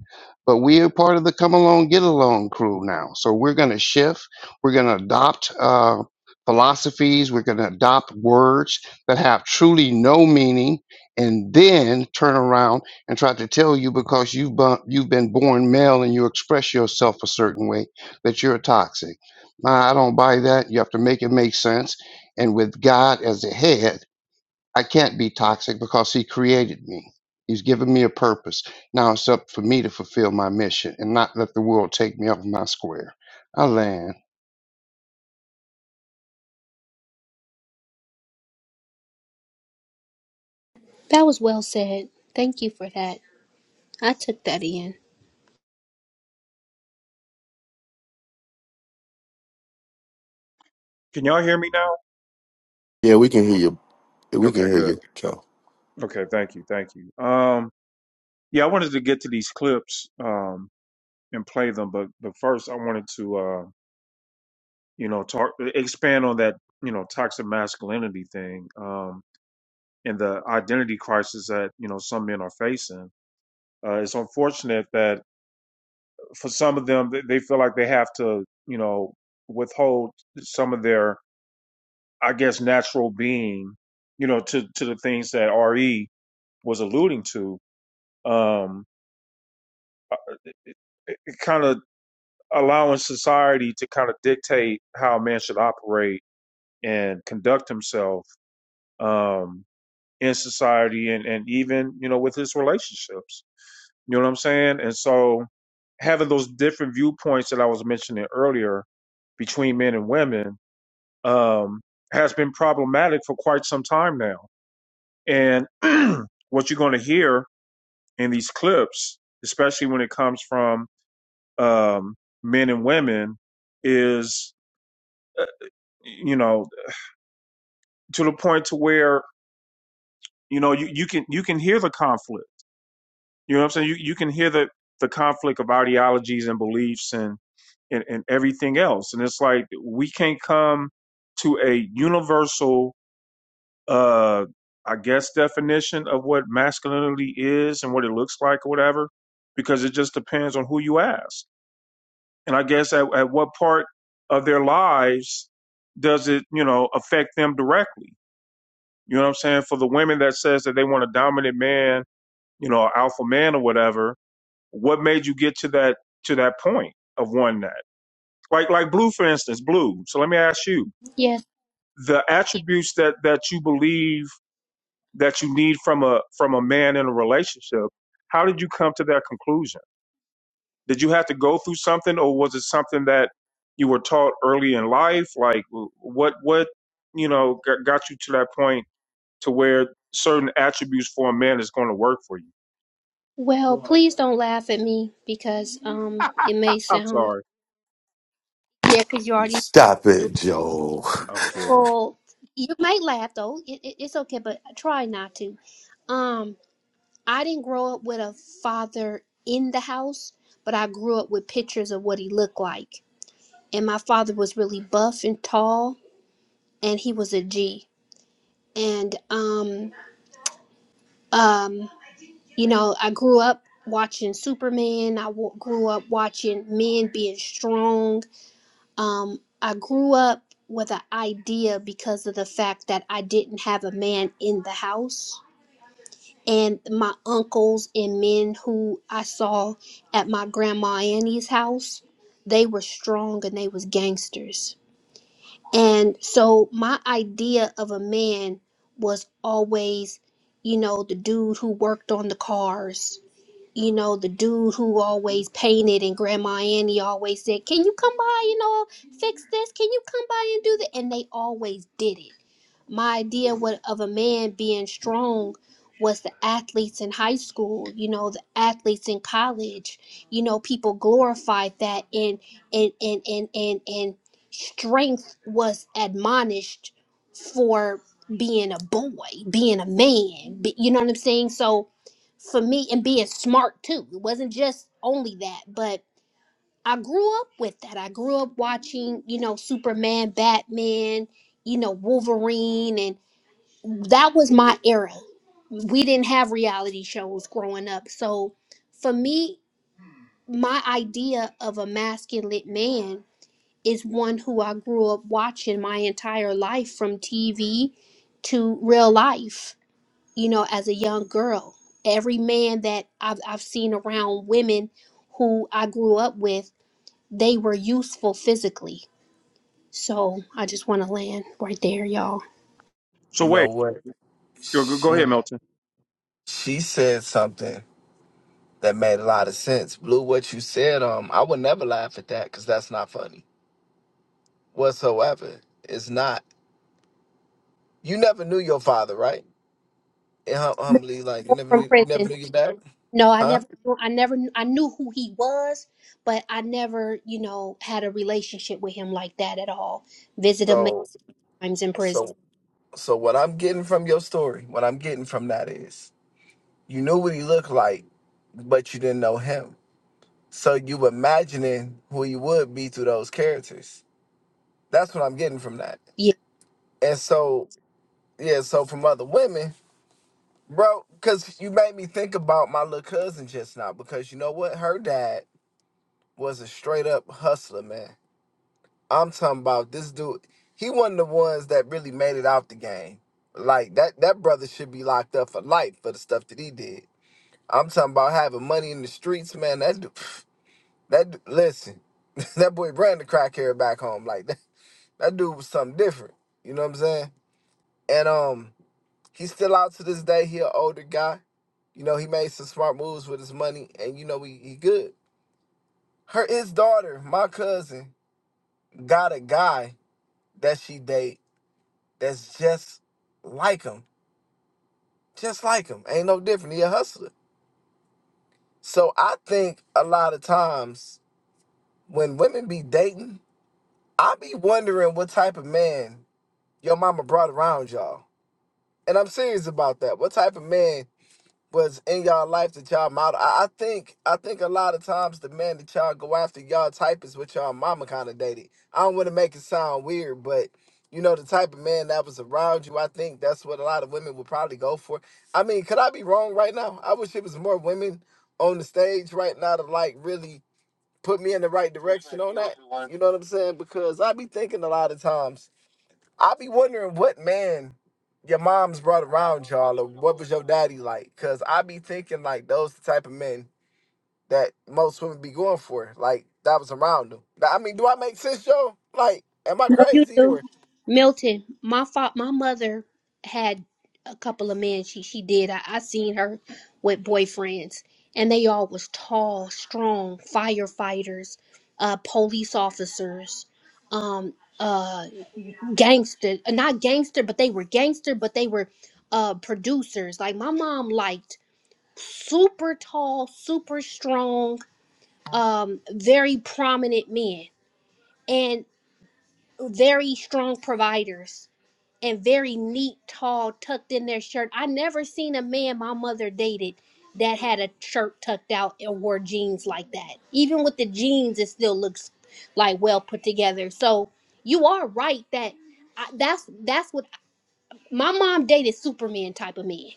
Speaker 4: But we are part of the come along, get along crew now. So we're going to shift. We're going to adopt uh, philosophies. We're going to adopt words that have truly no meaning, and then turn around and try to tell you because you've bu- you've been born male and you express yourself a certain way that you're toxic. Nah, I don't buy that. You have to make it make sense. And with God as the head, I can't be toxic because He created me. He's given me a purpose. Now it's up for me to fulfill my mission and not let the world take me off my square. I land.
Speaker 9: That was well said. Thank you for that. I took that in.
Speaker 2: Can y'all hear me now?
Speaker 11: Yeah, we can hear you. We can
Speaker 2: Okay,
Speaker 11: hear
Speaker 2: good.
Speaker 11: you, Joe.
Speaker 2: Okay, thank you, thank you. Um, yeah, I wanted to get to these clips um, and play them, but but first I wanted to uh, you know talk e, expand on that you know toxic masculinity thing um, and the identity crisis that you know some men are facing. Uh, it's unfortunate that for some of them they they feel like they have to you know withhold some of their I guess natural being you know to to the things that Re was alluding to. Um, it kind of allowing society to kind of dictate how a man should operate and conduct himself um, in society and, and even you know with his relationships you know what i'm saying and so having those different viewpoints that i was mentioning earlier between men and women um, has been problematic for quite some time now and what you're going to hear in these clips especially when it comes from um, men and women is you know, to the point to where, you know, you, you can you can hear the conflict. You know what I'm saying? You you can hear the the conflict of ideologies and beliefs and and, and everything else. And it's like we can't come to a universal uh I guess definition of what masculinity is and what it looks like or whatever, because it just depends on who you ask. And I guess at, at what part of their lives does it, you know, affect them directly? You know what I'm saying? For the women that says that they want a dominant man, you know, alpha man or whatever, what made you get to that to that point of wanting that? Like like blue, for instance, blue. So let me ask you,
Speaker 9: Yes.
Speaker 2: the attributes that that you believe that you need from a from a man in a relationship, how did you come to that conclusion? Did you have to go through something or was it something that you were taught early in life? Like what what you know got, got you to that point to where certain attributes for a man is going to work for you.
Speaker 9: Well, please don't laugh at me because um it may
Speaker 2: I'm
Speaker 9: sound
Speaker 2: sorry.
Speaker 9: yeah, 'cause you already
Speaker 11: Stop it, Joel.
Speaker 2: I'm kidding.
Speaker 9: well you might laugh though. It, it, it's okay, but try not to. Um, I didn't grow up with a father in the house, but I grew up with pictures of what he looked like. and my father was really buff and tall and he was a G. And um um you know, I grew up watching Superman. I w- grew up watching men being strong. Um I grew up with an idea because of the fact that I didn't have a man in the house. And my uncles and men who I saw at my grandma Annie's house, they were strong and they was gangsters And so my idea of a man was always, you know, the dude who worked on the cars, you know, the dude who always painted and Grandma Annie always said, Can you come by, you know, fix this? Can you come by and do that? And they always did it. My idea what of a man being strong was the athletes in high school, you know, the athletes in college. You know, people glorified that and and and and and, and strength was admonished for being a boy, being a man. Be- You know what I'm saying? So for me and being smart too. It wasn't just only that, but I grew up with that. I grew up watching, you know, Superman, Batman, you know, Wolverine, and that was my era. We didn't have reality shows growing up. So for me, my idea of a masculine man is one who I grew up watching my entire life from TV to real life you know, as a young girl. Every man that I've, I've seen around women who I grew up with, they were useful physically. So I just want to land right there, y'all.
Speaker 2: So
Speaker 6: You know
Speaker 2: wait,
Speaker 6: what?
Speaker 2: go, go ahead,
Speaker 6: She
Speaker 2: Milton.
Speaker 6: she said something that made a lot of sense. Blue, what you said, um, I would never laugh at that because that's not funny whatsoever. It's not. You never knew your father, right? And hum- humbly, like you never
Speaker 9: From
Speaker 6: knew, never
Speaker 9: prison.
Speaker 6: knew your dad,
Speaker 9: No, I
Speaker 6: huh?
Speaker 9: never, I never, I knew who he was, but I never, you know, had a relationship with him like that at all. Visit him many
Speaker 6: So,
Speaker 9: times in prison.
Speaker 6: so, so what I'm getting from your story, what I'm getting from that is, you knew what he looked like, but you didn't know him. So you imagining who he would be through those characters. That's what I'm getting from that.
Speaker 9: Yeah.
Speaker 6: And so Yeah, so from other women, bro, because you made me think about my little cousin just now. Because you know what? Her dad was a straight up hustler, man. I'm talking about this dude. He one of the ones that really made it out the game. Like that, that brother should be locked up for life for the stuff that he did. I'm talking about having money in the streets, man. That dude, that dude- listen, that boy Brandon crack here back home. Like that, that dude was something different. You know what I'm saying? And um, He's still out to this day. He an older guy. You know, he made some smart moves with his money, and you know, he, he good. Her his daughter, my cousin, got a guy that she date that's just like him. Just like him. Ain't no different. He a hustler. So I think a lot of times when women be dating, I be wondering what type of man your mama brought around y'all. And I'm serious about that. What type of man was in y'all life that y'all model. I, I think I think a lot of times the man that y'all go after y'all type is what y'all mama kind of dated. I don't want to make it sound weird, but you know the type of man that was around you. I think that's what a lot of women would probably go for. I mean, could I be wrong right now? I wish it was more women on the stage right now to like really put me in the right direction on that. You know what I'm saying? Because I be thinking a lot of times I be wondering what man your mom's brought around y'all, or what was your daddy like? Cause I be thinking like those the type of men that most women be going for, like that was around them. Now, I mean, do I make sense, Joe? Like, am I
Speaker 9: No, you
Speaker 6: crazy
Speaker 9: do.
Speaker 6: or?
Speaker 9: Milton, my fa- my mother had a couple of men. She she did. I, I seen her with boyfriends, and they all was tall, strong firefighters, uh, police officers, um, uh, gangster. uh, Not gangster, but they were gangster, but they were uh producers. Like my mom liked super tall, super strong, um, very prominent men, and very strong providers and very neat, tall, tucked in their shirt. I never seen a man my mother dated that had a shirt tucked out and wore jeans like that. Even with the jeans, it still looks like well put together. So you are right that I, that's that's what my mom dated Superman type of man.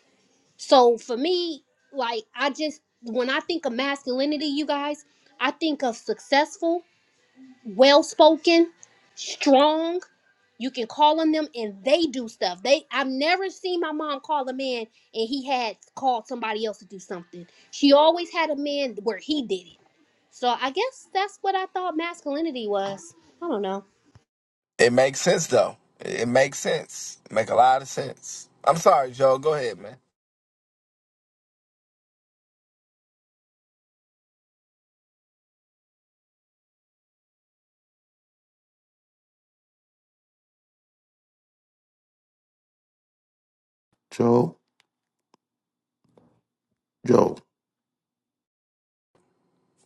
Speaker 9: So for me, like I just when I think of masculinity, you guys, I think of successful, well spoken, strong you can call on them and they do stuff. They I've never seen my mom call a man and he had called somebody else to do something. She always had a man where he did it. So I guess that's what I thought masculinity was. I don't know.
Speaker 6: It makes sense though. It it makes sense. It make a lot of sense. I'm sorry, Joe. Go ahead, man.
Speaker 11: Joel, Joel.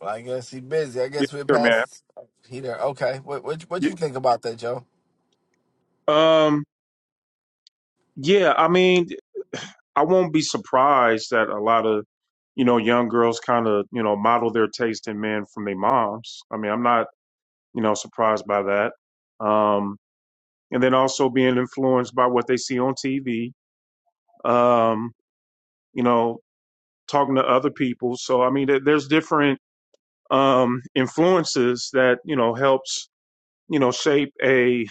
Speaker 6: Well, I guess he busy. I
Speaker 2: Yeah,
Speaker 6: guess
Speaker 2: I'm
Speaker 6: we're
Speaker 2: here, man.
Speaker 6: past. He there. Okay. What what what you
Speaker 2: Y-
Speaker 6: think about that, Joe?
Speaker 2: Um, yeah, I mean, I won't be surprised that a lot of you know young girls kind of you know model their taste in men from their moms. I mean, I'm not you know surprised by that. Um, and then also being influenced by what they see on TV. Um, you know, talking to other people. So I mean, there- there's different um, influences that you know helps you know shape a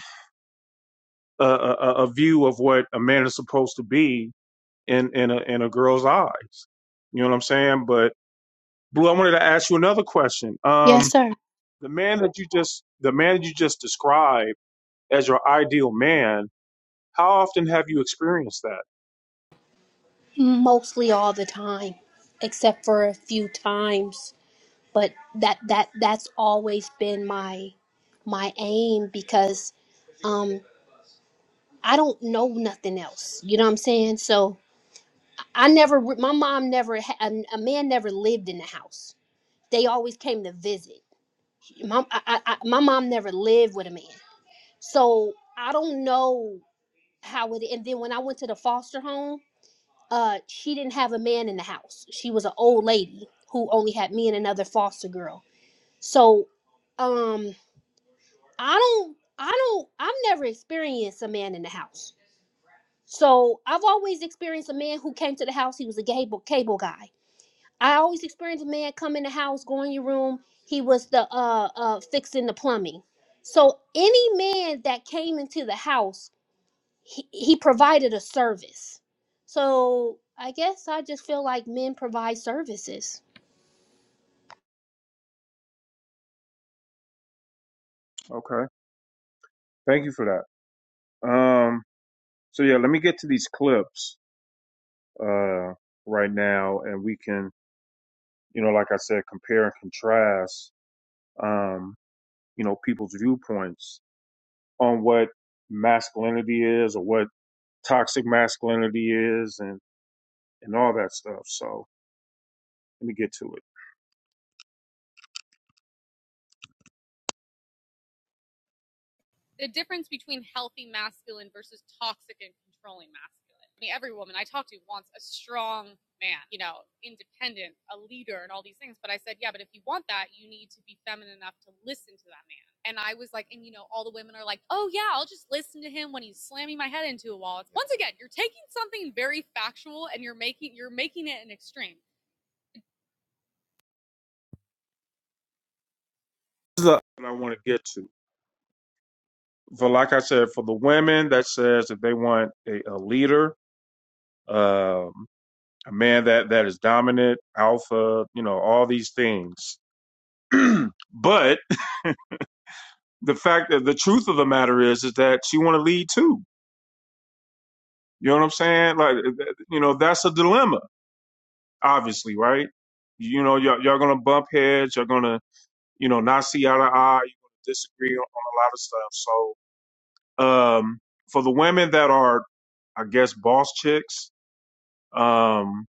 Speaker 2: a, a view of what a man is supposed to be in in a in a girl's eyes. You know what I'm saying? But Blue, I wanted to ask you another question. Um,
Speaker 9: Yes, sir.
Speaker 2: the man that you just the man that you just described as your ideal man, how often have you experienced that?
Speaker 9: Mostly all the time, except for a few times. But that that that's always been my my aim because um I don't know nothing else. You know what I'm saying? So I never, my mom never, ha- a, a man never lived in the house. They always came to visit. My, I, I, my mom never lived with a man. So I don't know how it, and then when I went to the foster home, uh, she didn't have a man in the house. She was an old lady who only had me and another foster girl. So, um, I don't, I don't, I've never experienced a man in the house. So I've always experienced a man who came to the house. He was a cable cable guy I always experienced a man come in the house, go in your room. He was the uh uh fixing the plumbing. So any man that came into the house, he, he provided a service. So I guess I just feel like men provide services.
Speaker 2: Okay, thank you for that. Um, so yeah, let me get to these clips uh, right now, and we can you know like I said compare and contrast um, you know, people's viewpoints on what masculinity is or what toxic masculinity is and, and all that stuff. So let me get to it. This is what I want to get to. For like I said, for the women that says that they want a, a leader, um, a man that, that is dominant, alpha, you know, all these things. but the fact that the truth of the matter is, is that she want to lead too. You know what I'm saying? Like, you know, that's a dilemma obviously, right? You know, y'all, y'all gonna bump heads. You're gonna, you know, not see eye to eye. You're gonna disagree on, on a lot of stuff. So, um, for the women that are, I guess, boss chicks, um,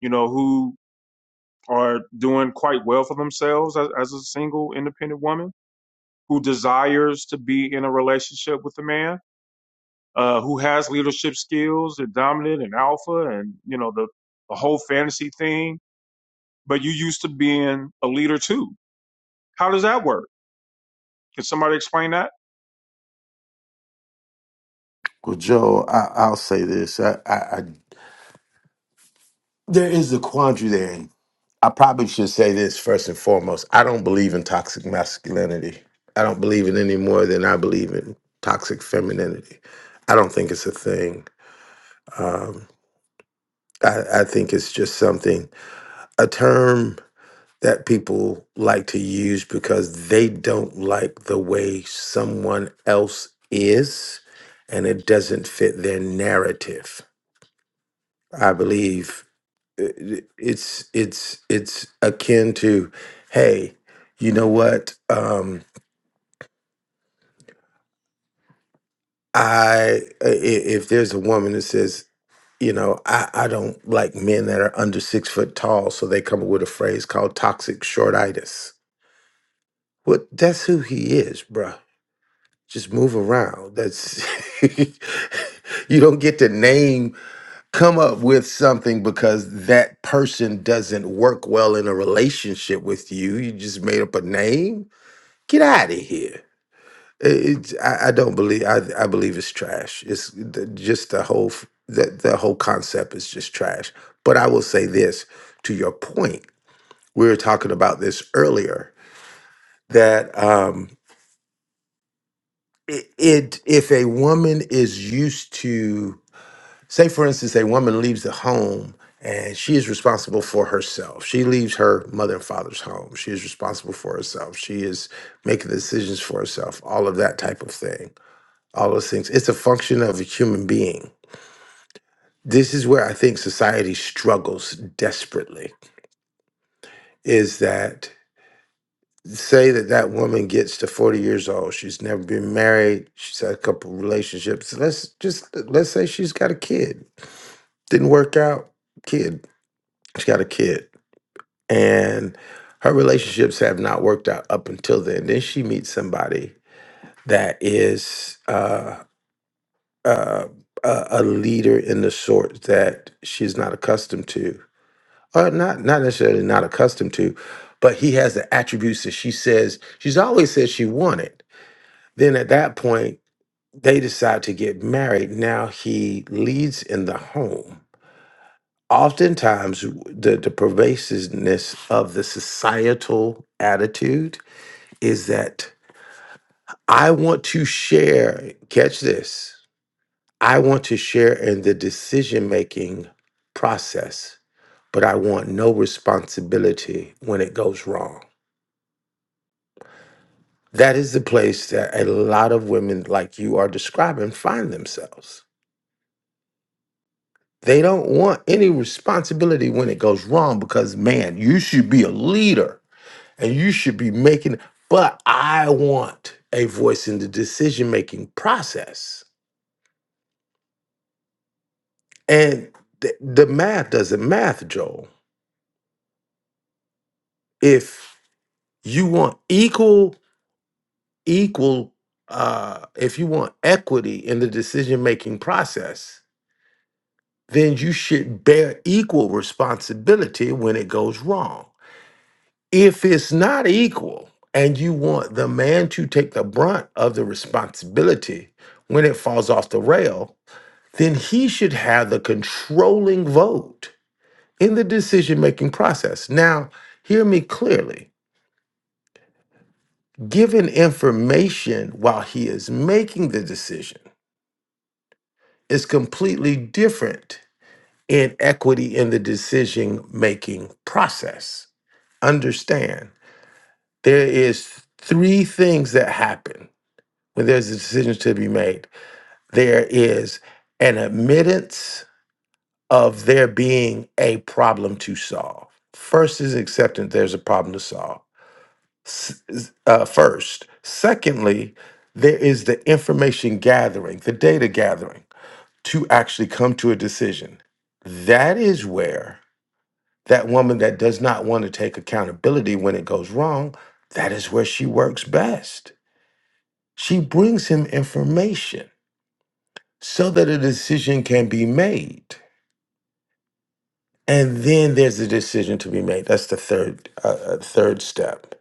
Speaker 2: you know, who are doing quite well for themselves as, as a single independent woman who desires to be in a relationship with a man, uh, who has leadership skills and dominant and alpha and, you know, the, the whole fantasy thing, but you used to being a leader too How does that work? Can somebody explain that?
Speaker 11: Well, Joel, I, I'll say this. I, I, I, there is a quandary there. And I probably should say this first and foremost. I don't believe in toxic masculinity. I don't believe in any more than I believe in toxic femininity. I don't think it's a thing. Um, I, I think it's just something, a term that people like to use because they don't like the way someone else is and it doesn't fit their narrative. I believe uh, it's it's it's akin to hey, you know what? Um I uh, i- if there's a woman that says, you know, I, I don't like men that are under six foot tall, so they come up with a phrase called toxic shortitis. Well, that's who he is, bruh just move around. That's you don't get to name come up with something because that person doesn't work well in a relationship with you. You just made up a name. Get out of here. It- I, I don't believe. I, I believe it's trash. It's the, just the whole f- that the whole concept is just trash. But I will say this to your point. We were talking about this earlier that um, it, it if a woman is used to Say, for instance, a woman leaves the home and she is responsible for herself. She leaves her mother and father's home. She is responsible for herself. She is making decisions for herself, all of that type of thing, all those things. It's a function of a human being. This is where I think society struggles desperately is that say that that woman gets to 40 years old she's never been married she's had a couple relationships let's just let's say she's got a kid didn't work out kid she has got a kid and her relationships have not worked out up until then. Then she meets somebody that is uh, uh, a, a leader in the sort that she's not accustomed to, or not not necessarily not accustomed to, but he has the attributes that she says she's always said she wanted. Then at that point, they decide to get married. Now he leads in the home. Oftentimes, the, the pervasiveness of the societal attitude is that I want to share, catch this, I want to share in the decision making process, but I want no responsibility when it goes wrong. That is the place that a lot of women like you are describing find themselves. They don't want any responsibility when it goes wrong because, man, you should be a leader and you should be making, but I want a voice in the decision making process And th- the math doesn't math, Joel. If you want equal, equal, uh, if you want equity in the decision making process, then you should bear equal responsibility when it goes wrong. If it's not equal and you want the man to take the brunt of the responsibility when it falls off the rail, then he should have the controlling vote in the decision making process. Now, hear me clearly. Given information while he is making the decision is completely different in equity in the decision making process. Understand, there is three things that happen when there's a decision to be made. There is an admittance of there being a problem to solve. First is acceptance there's a problem to solve. s- s- uh, first. Secondly, there is the information gathering, the data gathering to actually come to a decision. That is where that woman that does not want to take accountability when it goes wrong, that is where she works best. She brings him information so that a decision can be made. And then there's a decision to be made. That's the third uh, uh, third step.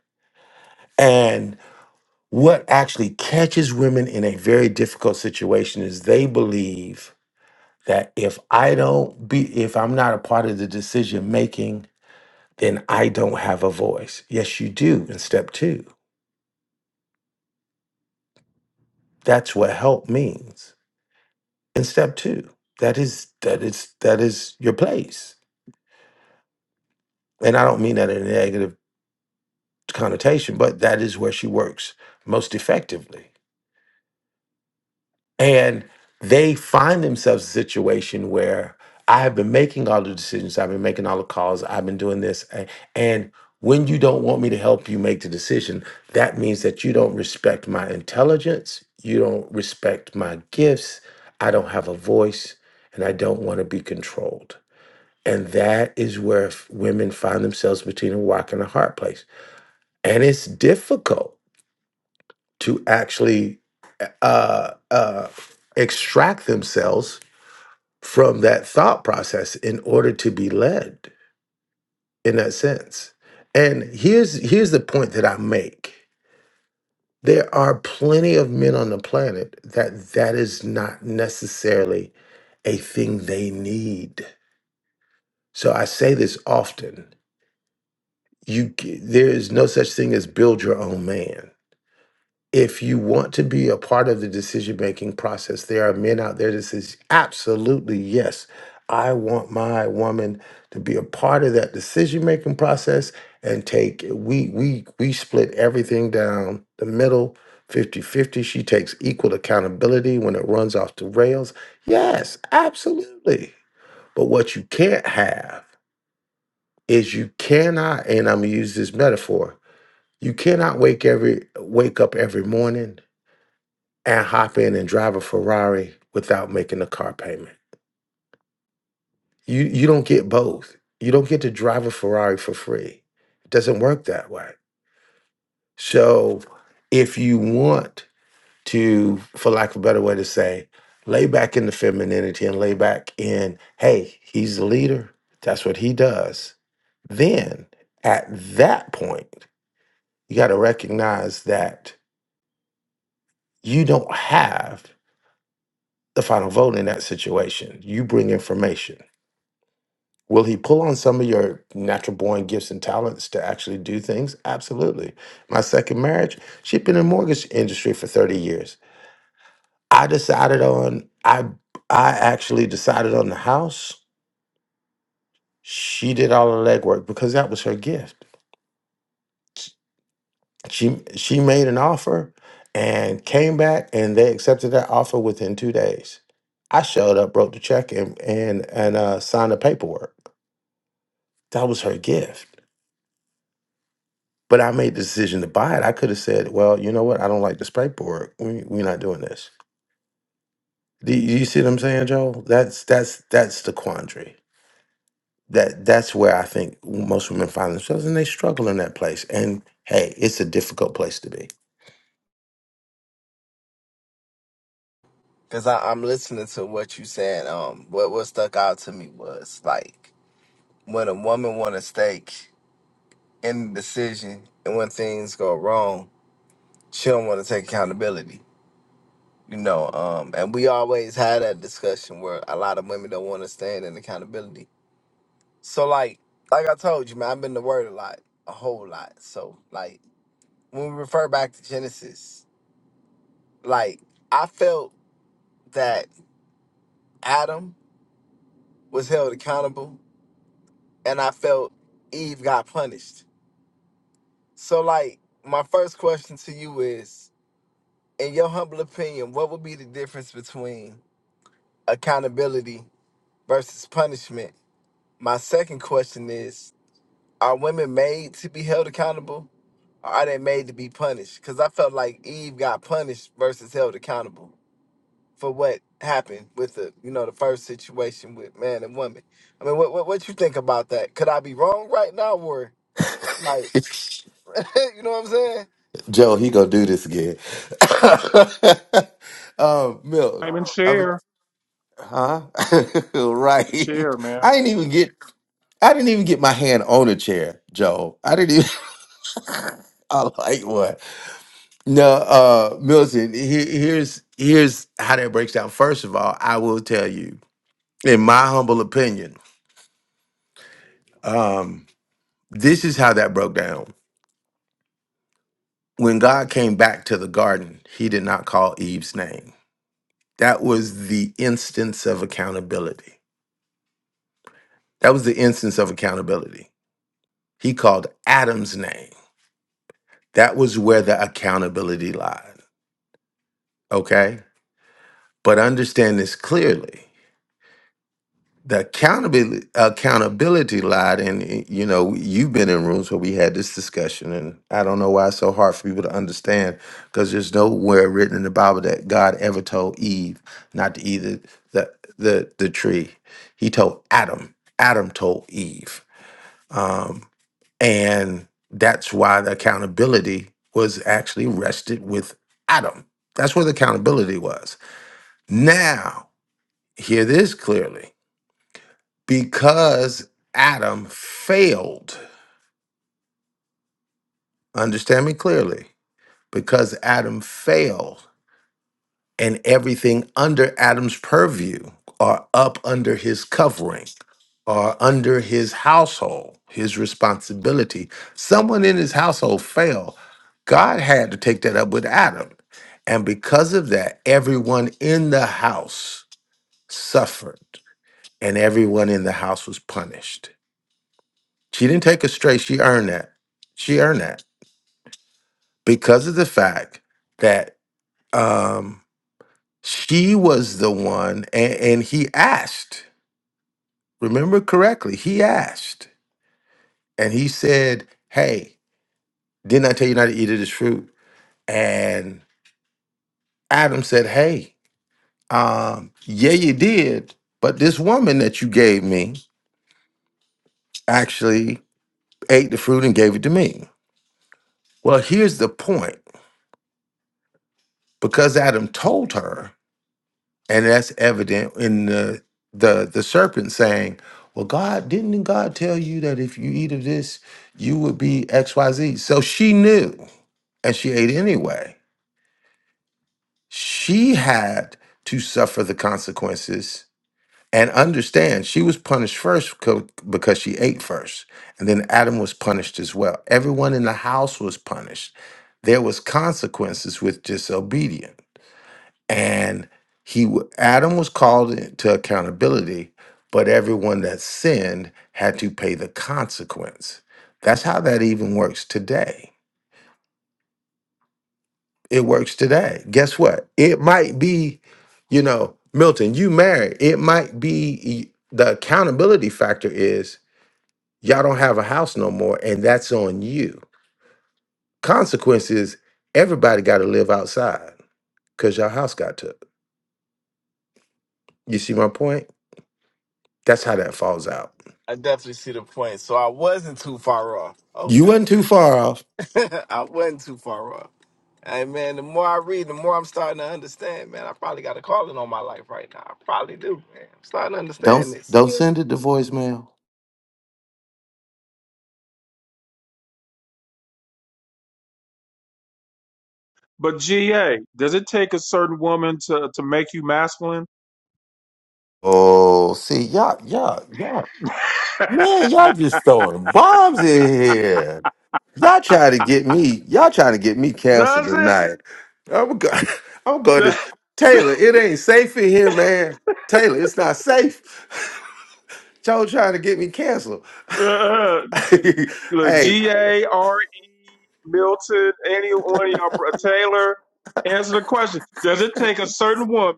Speaker 11: what actually catches women in a very difficult situation is they believe that if I don't be if I'm not a part of the decision making, then I don't have a voice. Yes, you do in step 2. That's what help means. In step 2, that is that is that is your place. And I don't mean that in a negative connotation, but that is where she works most effectively. And they find themselves in a situation where I have been making all the decisions, I've been making all the calls, I've been doing this. a- And when you don't want me to help you make the decision, that means that you don't respect my intelligence, you don't respect my gifts, I don't have a voice, and I don't want to be controlled. And that is where f- women find themselves between a rock and a hard place. And it's difficult to actually uh, uh, extract themselves from that thought process in order to be led in that sense. And here's here's the point that I make. There are plenty of men on the planet that that is not necessarily a thing they need. So I say this often. You c- there is no such thing as build your own man if you want to be a part of the decision making process, there are men out there that says, absolutely, yes, I want my woman to be a part of that decision making process and take we we we split everything down the middle fifty fifty. she takes equal accountability when it runs off the rails yes absolutely but what you can't have is you cannot and i'm gonna use this metaphor you cannot wake every wake up every morning and hop in and drive a Ferrari without making a car payment. You you don't get both. You don't get to drive a Ferrari for free. It doesn't work that way. So if you want to, for lack of a better way to say, lay back in the femininity and lay back in, hey, he's the leader. That's what he does. Then at that point, you got to recognize that you don't have the final vote in that situation. You bring information Will he pull on some of your natural born gifts and talents to actually do things? Absolutely. My second marriage, she'd been in the mortgage industry for 30 years. I decided on I I actually decided on the house. She did all the legwork because that was her gift. She she made an offer and came back and they accepted that offer within two days. I showed up, wrote the check and and and uh, signed the paperwork. That was her gift But I made the decision to buy it. I could have said, well, you know what? I don't like the Sprite board. We, we're not doing this. Do you see what I'm saying, Joel? That's that's that's the quandary. That that's where I think most women find themselves, and they struggle in that place. And hey, it's a difficult place to be.
Speaker 6: Cause I, I'm listening to what you said. Um, what what stuck out to me was like when a woman want to stake in the decision and when things go wrong, she don't want to take accountability. You know, um, and we always had that discussion where a lot of women don't want to stand in accountability. So like, like I told you, man, I've been the word a lot, a whole lot. So like, when we refer back to Genesis, like I felt that Adam was held accountable, and I felt Eve got punished. So like, my first question to you is, in your humble opinion, what would be the difference between accountability versus punishment? My second question is Are women made to be held accountable or are they made to be punished? Because I felt like Eve got punished versus held accountable for what happened with the you know the first situation with man and woman i mean what what, what you think about that could i be wrong right now or you know what i'm saying
Speaker 11: Joe, he gonna do this again. um, Milton,
Speaker 2: I mean,
Speaker 11: I was,
Speaker 2: share,
Speaker 11: huh? right.
Speaker 2: share, man.
Speaker 11: I didn't even get. I didn't even get my hand on a chair, Joe. I didn't even. I like what? No, uh, Milton. Here, here's here's how that breaks down. First of all, I will tell you, in my humble opinion, um, this is how that broke down. When God came back to the garden, He did not call Eve's name That was the instance of accountability. That was the instance of accountability. He called Adam's name. That was where the accountability lied. Okay? But understand this clearly. The accountability accountability lied, and eh, you know, you've been in rooms where we had this discussion, and I don't know why it's so hard for people to understand, because there's nowhere written in the Bible that God ever told Eve not to eat the the the, the tree. He told Adam. Adam told Eve. Um, and that's why the accountability was actually rested with Adam. That's where the accountability was. Now, hear this clearly because Adam failed, understand me clearly, because Adam failed and everything under Adam's purview are up under his covering are under his household, his responsibility. Someone in his household fell. God had to take that up with Adam. And because of that, everyone in the house suffered and everyone in the house was punished. She didn't take it straight. She earned that. She earned that because of the fact that um, she was the one, and, and he asked, remember correctly, he asked, and he said, Hey, Didn't I tell you not to eat of this fruit? And Adam said, Hey, um, yeah, you did, but this woman that you gave me actually ate the fruit and gave it to me. Well, here's the point because Adam told her, and that's evident in the the, the serpent saying, Well, God, didn't God tell you that if you eat of this, you would be XYZ? So she knew and she ate anyway. She had to suffer the consequences And understand, she was punished first co- because she ate first. And then Adam was punished as well. Everyone in the house was punished. There was consequences with disobedience. And he w- Adam was called in- to accountability, but everyone that sinned had to pay the consequence. That's how that even works today. It works today. Guess what? It might be, you know, Milton, you married. It might be e, the accountability factor is Y'all don't have a house no more, and that's on you. Consequence is everybody got to live outside because your house got took. You see my point? That's how that falls out.
Speaker 6: i definitely see the point so i wasn't too far off
Speaker 11: You
Speaker 6: okay
Speaker 11: wasn't too far off.
Speaker 6: I wasn't too far off. Hey man, the more I read, the more I'm starting to understand, man. I probably got a calling on my life right now. I probably do, man. I'm starting to
Speaker 11: Don't
Speaker 6: understand this.
Speaker 11: don't send it to voicemail.
Speaker 2: But GA, does it take a certain woman to, to make you masculine?
Speaker 11: Oh, see y'all, y'all, y'all, man, y'all just throwing bombs in here. Y'all trying to get me. Y'all trying to get me canceled
Speaker 2: does
Speaker 11: tonight. I'm going. I'm going
Speaker 2: it?
Speaker 11: to Taylor. It ain't safe in here, man. Taylor, it's not safe. Joe trying to get me canceled.
Speaker 2: Uh, Look,
Speaker 11: hey,
Speaker 2: G A R E Milton, any one of y'all, Taylor, answer the question. Does it take a certain woman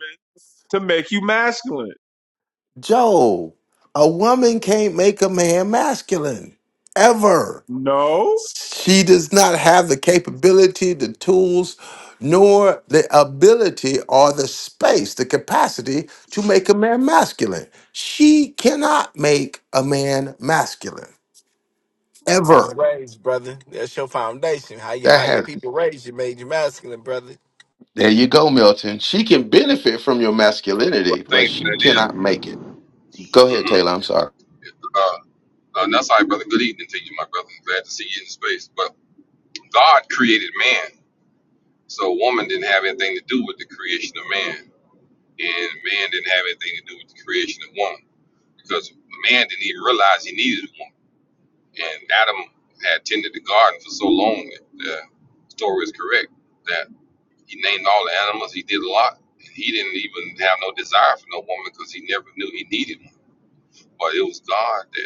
Speaker 2: to make you masculine?
Speaker 11: Joe, a woman can't make a man masculine ever.
Speaker 2: No.
Speaker 11: She does not have the capability, the tools, nor the ability or the space, the capacity to make a man masculine. She cannot make a man masculine
Speaker 6: You was
Speaker 11: ever.
Speaker 6: raised, brother. That's your foundation. How you,
Speaker 11: That
Speaker 6: how your
Speaker 11: has,
Speaker 6: people raised you made you masculine, brother.
Speaker 11: there you go, Milton. She can benefit from your masculinity, but
Speaker 3: Thanks,
Speaker 11: she
Speaker 3: that is.
Speaker 11: cannot make it. Go ahead,
Speaker 3: Mhm.
Speaker 11: Taylor. I'm sorry.
Speaker 3: Uh, uh, that's all right, brother. Good evening to you, my brother. Glad to see you in space. But God created man, so woman didn't have anything to do with the creation of man, and man didn't have anything to do with the creation of woman because man didn't even realize he needed a woman. And Adam had tended the garden for so long that the story is correct that he named all the animals. He did a lot, and he didn't even have no desire for no woman because he never knew he needed one. But it was God that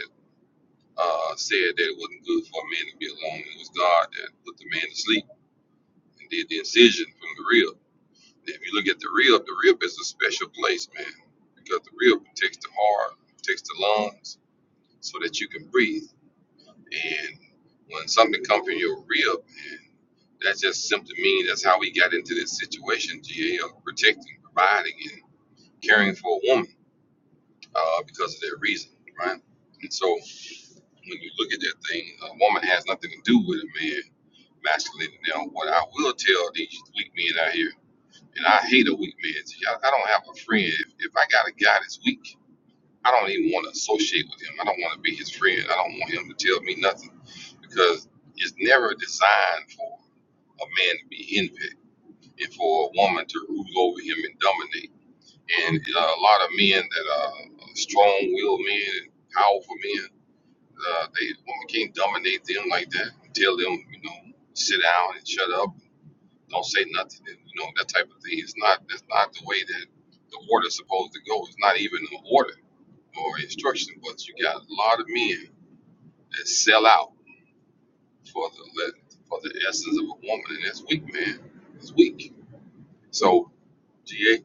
Speaker 3: uh, said that it wasn't good for a man to be alone. It was God that put the man to sleep and did the incision from the rib. And If you look at the rib, the rib is a special place, man, because the rib protects the heart, protects the lungs, so that you can breathe. And when something comes from your rib, that just simply means that's how we got into this situation, GL, protecting, providing, and caring for a woman uh, because of that reason, right? And so when you look at that thing, a woman has nothing to do with a man masculine than them. What I will tell these weak men out here, and I hate a weak man. I, I don't have a friend. If, if I got a guy that's weak, I don't even want to associate with him. I don't want to be his friend. I don't want him to tell me nothing because it's never designed for a man to be envied and for a woman to rule over him and dominate. And uh, a lot of men that are uh, strong-willed men and powerful men, uh, they women can't dominate them like that. and Tell them, you know, sit down and shut up don't say nothing. And, You know that type of thing. It's not. That's not the way that the order's supposed to go. It's not even an order or instruction. But you got a lot of men out there. Man, so yeah,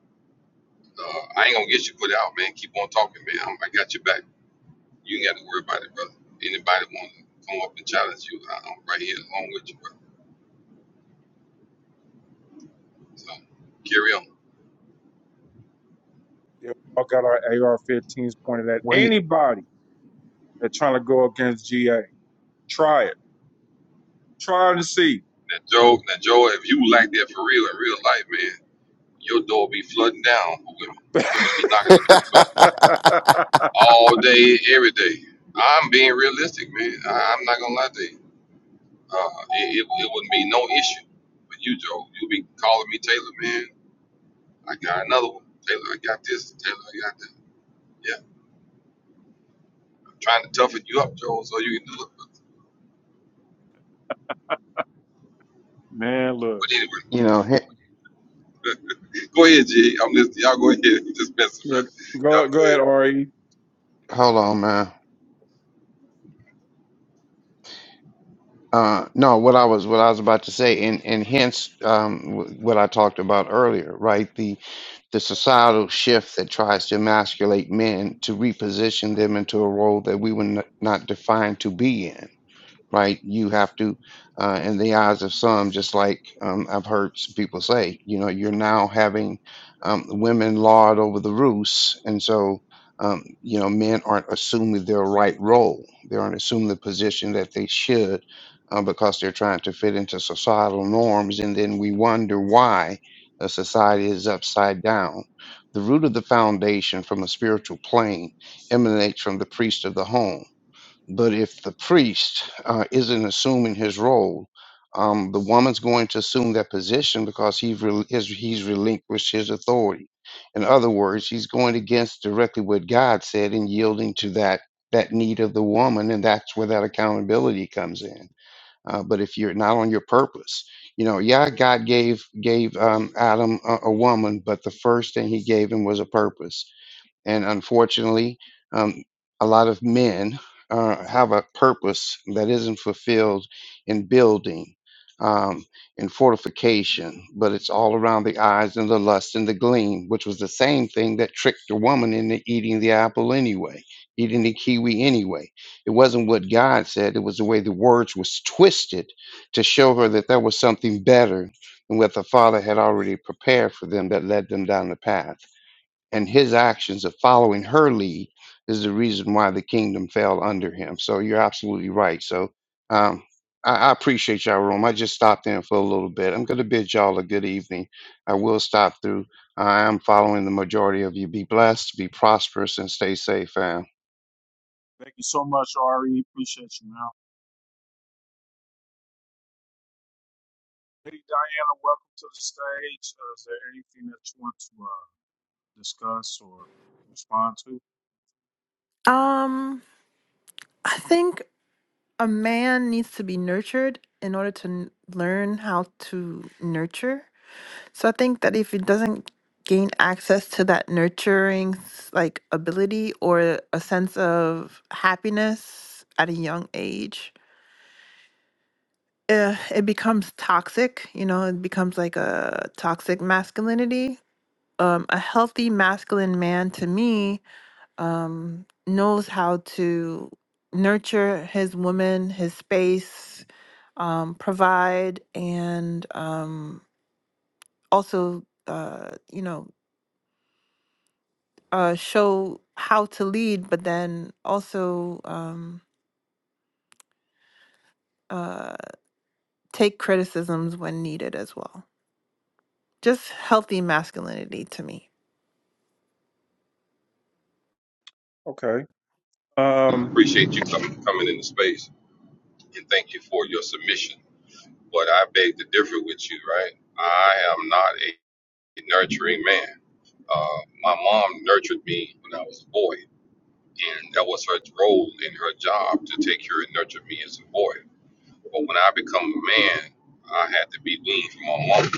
Speaker 3: back there, brother. Anyone come along with you, brother? So carry on.
Speaker 2: Yeah, we all got our AR 15s pointed at
Speaker 4: Wait, you
Speaker 2: anybody that's trying to go against GA. Try it. Try to see.
Speaker 3: Now Joe, now Joe like that for real, man. Down for women. Women be knocking on the door all day, every day. I'm being realistic, man. I, I'm not gonna lie to you. Uh, it, it, it wouldn't be no issue for you, Joe. You'll be calling me Taylor, man. I got another one. Taylor, I got this. Taylor, I got that. Yeah, I'm trying to toughen you up, Joel, so you can do it.
Speaker 2: Man, look.
Speaker 3: But anyway,
Speaker 4: you know, he-
Speaker 3: go ahead, G. I'm listening. Y'all go ahead. just messing
Speaker 2: Yeah,
Speaker 3: with you. Y'all
Speaker 2: go
Speaker 3: go
Speaker 2: go
Speaker 3: ahead.
Speaker 2: ahead, Ari.
Speaker 4: hold on, man. Uh, no, what I was what I was about to say, and and hence um, w- what I talked about earlier, right? The the societal shift that tries to emasculate men to reposition them into a role that we were n- not defined to be in right? You have to, uh, in the eyes of some, just like um, I've heard some people say, you know, you're now having um, women lord over the roost, and so um, you know, men aren't assuming their right role. They aren't assuming the position that they should. Uh, because they're trying to fit into societal norms, and then we wonder why a society is upside down. The root of the foundation from a spiritual plane emanates from the priest of the home but if the priest uh, isn't assuming his role, um, the woman's going to assume that position because he rel his, he's relinquished his authority. In other words, he's going against directly what God said and yielding to that that need of the woman, and that's where that accountability comes in. Uh, but if you're not on your purpose, you know, yeah, God gave gave um, Adam a, a woman, but the first thing He gave him was a purpose and unfortunately, um, a lot of men uh, have a purpose that isn't fulfilled in building, um, in fortification, but it's all around the eyes and the lust and the gleam, which was the same thing that tricked the woman into eating the apple anyway, eating the kiwi anyway. It wasn't what God said, it was the way the words was twisted to show her that there was something better than what the Father had already prepared for them that led them down the path and his actions of following her lead is the reason why the kingdom fell under him. So you're absolutely right. So um, I, I appreciate y'all room. I just stopped in for a little bit. I'm going to bid y'all a good evening. I will stop through. I am following the majority of you. Be blessed, be prosperous, and stay safe, fam.
Speaker 2: Thank you so much, Ari. Appreciate you, man. Hey, Diana, welcome to the stage. Uh, is there anything that you want to uh, discuss or respond to?
Speaker 12: Um, I think a man needs to be nurtured in order to n- learn how to nurture. So I think that if he doesn't gain access to that nurturing s- like ability or a sense of happiness at a young age, uh, it becomes toxic. You know, it becomes like a toxic masculinity. Um, a healthy masculine man to me um, knows how to nurture his woman, his space, um, provide, and um, also, uh, you know, uh, show how to lead, but then also um, uh, take criticisms when needed as well. Just healthy masculinity to me.
Speaker 2: Okay.
Speaker 3: I
Speaker 2: Um,
Speaker 3: Appreciate you coming coming into space and thank you for your submission. But I beg to differ with you, right? I am not a nurturing man. Uh, my mom nurtured me when I was a boy, and that was her role in her job to take care and nurture me as a boy. But when I become a man, I had to be weaned from my mom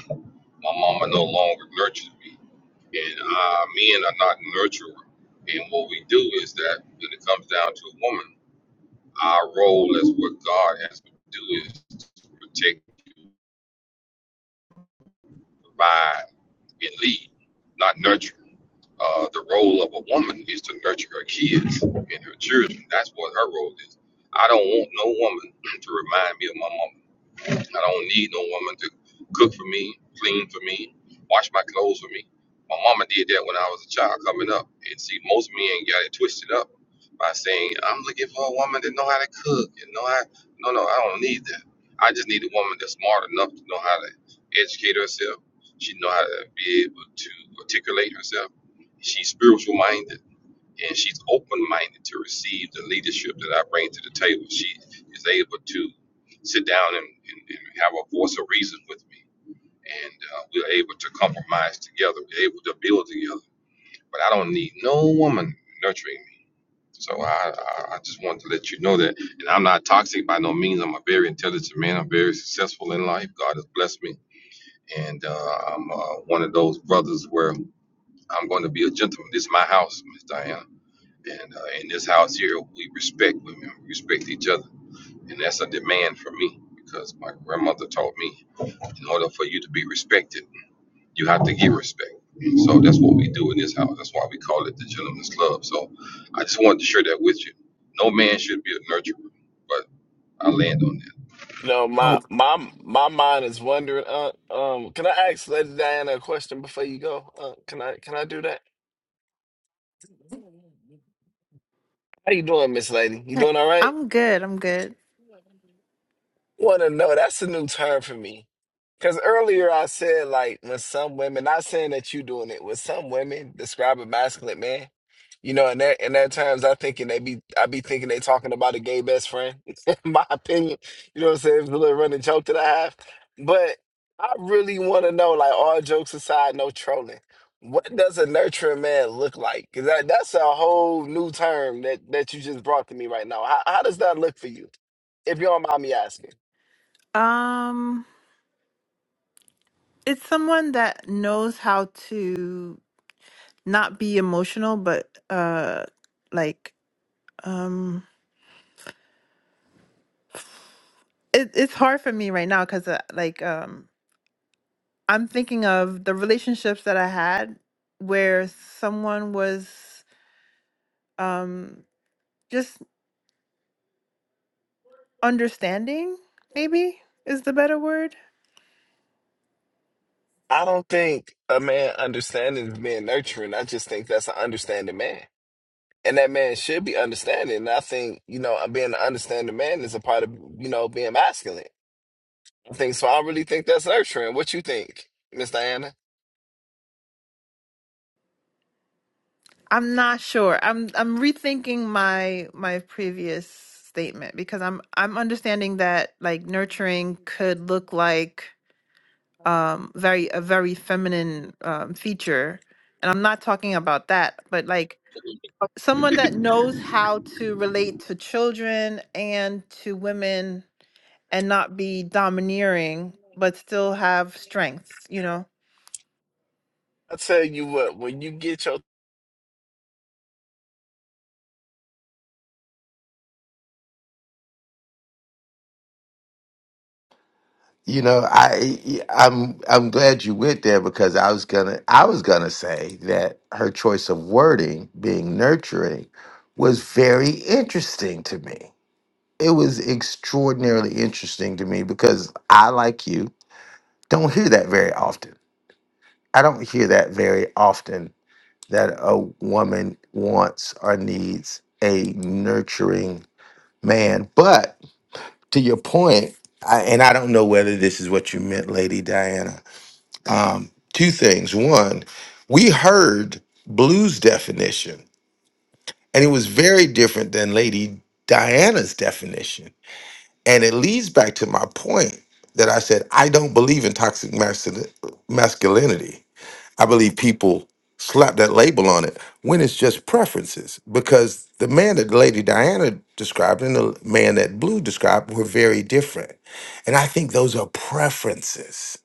Speaker 3: My mama no longer nurtures me, and uh, men are not nurturer. And what we do is that when it comes down to a woman, our role as what God has to do is protect, provide, and lead, not nurture. Uh, the role of a woman is to nurture her kids and her children. That's what her role is. I don't want no woman to remind me of my mama. I don't need no woman to cook for me, clean for me, wash my clothes for me. My mama did that when I was a child coming up. And see, most men got it twisted up by saying, I'm looking for a woman that know how to cook and know how no no, I don't need that. I just need a woman that's smart enough to know how to educate herself. She know how to be able to articulate herself. She's spiritual minded and she's open-minded to receive the leadership that I bring to the table. She is able to sit down and, and, and have a voice of reason with me, and uh, we're able to compromise together. We're able to build together. But I don't need no woman nurturing me. So I, I, I just want to let you know that, and I'm not toxic by no means. I'm a very intelligent man. I'm very successful in life. God has blessed me, and uh, I'm uh, one of those brothers where I'm going to be a gentleman. This is my house, Miss Diana. And uh, in this house here, we respect women, we respect each other. And that's a demand for me because my grandmother taught me in order for you to be respected, you have to give respect. And so that's what we do in this house. That's why we call it the Gentleman's Club. So I just wanted to share that with you. No man should be a nurturer, but I land on
Speaker 6: You know, my
Speaker 11: Oh,
Speaker 6: my my mind is wondering. Uh, um, can I ask Lady Diana a question before you go? Uh, can I can I do that? How you doing, Miss Lady? You
Speaker 12: Uh,
Speaker 6: doing all right?
Speaker 12: I'm good. I'm good.
Speaker 6: want to know. That's a new term for me. Because earlier I said, like, when some women, not saying that you doing it, when some women describe a masculine man, you know, in their in their terms, I thinking they be, I be thinking they talking about a gay best friend. in my opinion, you know what I'm saying? It's a little running joke that I have, but I really want to know, like, all jokes aside, no trolling. What does a nurturing man look like? Because that, that's a whole new term that that you just brought to me right now. How, how does that look for you? If you don't mind me asking.
Speaker 12: Um, it's someone that knows how to not be emotional but uh like um it, it's hard for me right now because uh, like um i'm thinking of the relationships that i had where someone was um just understanding maybe is the better word
Speaker 6: I don't think a man understanding is being nurturing. I just think that's an understanding man. And that man should be understanding. And I think, you know, uh, being an understanding man is a part of, you know, being masculine. I think so. I really think that's nurturing. What you think, Miss Diana?
Speaker 12: i'm not sure i'm i'm rethinking my my previous statement because i'm i'm understanding that like nurturing could look like um very a very feminine um feature and i'm not talking about that but like
Speaker 3: that.
Speaker 12: someone that knows how to relate to children and to women and not be domineering but still have strengths you know
Speaker 6: I tell you what, when you get your,
Speaker 11: you know, I I'm I'm glad you went there because I was gonna I was gonna say that her choice of wording being nurturing was very interesting to me. It was extraordinarily interesting to me because I, like you, don't hear that very often. I don't hear that very often that a woman wants or needs a nurturing man. But to your point, I, and I don't know whether this is what you meant, Lady Diana. Um, two things. One, we heard blues definition, and it was very different than Lady Diana's definition. And it leads back to my point that I said I don't believe in toxic mascul- masculinity. I believe people slap that label on it when it's just preferences. Because the man that Lady Diana described and the man that Blue described were very different. And I think those are preferences.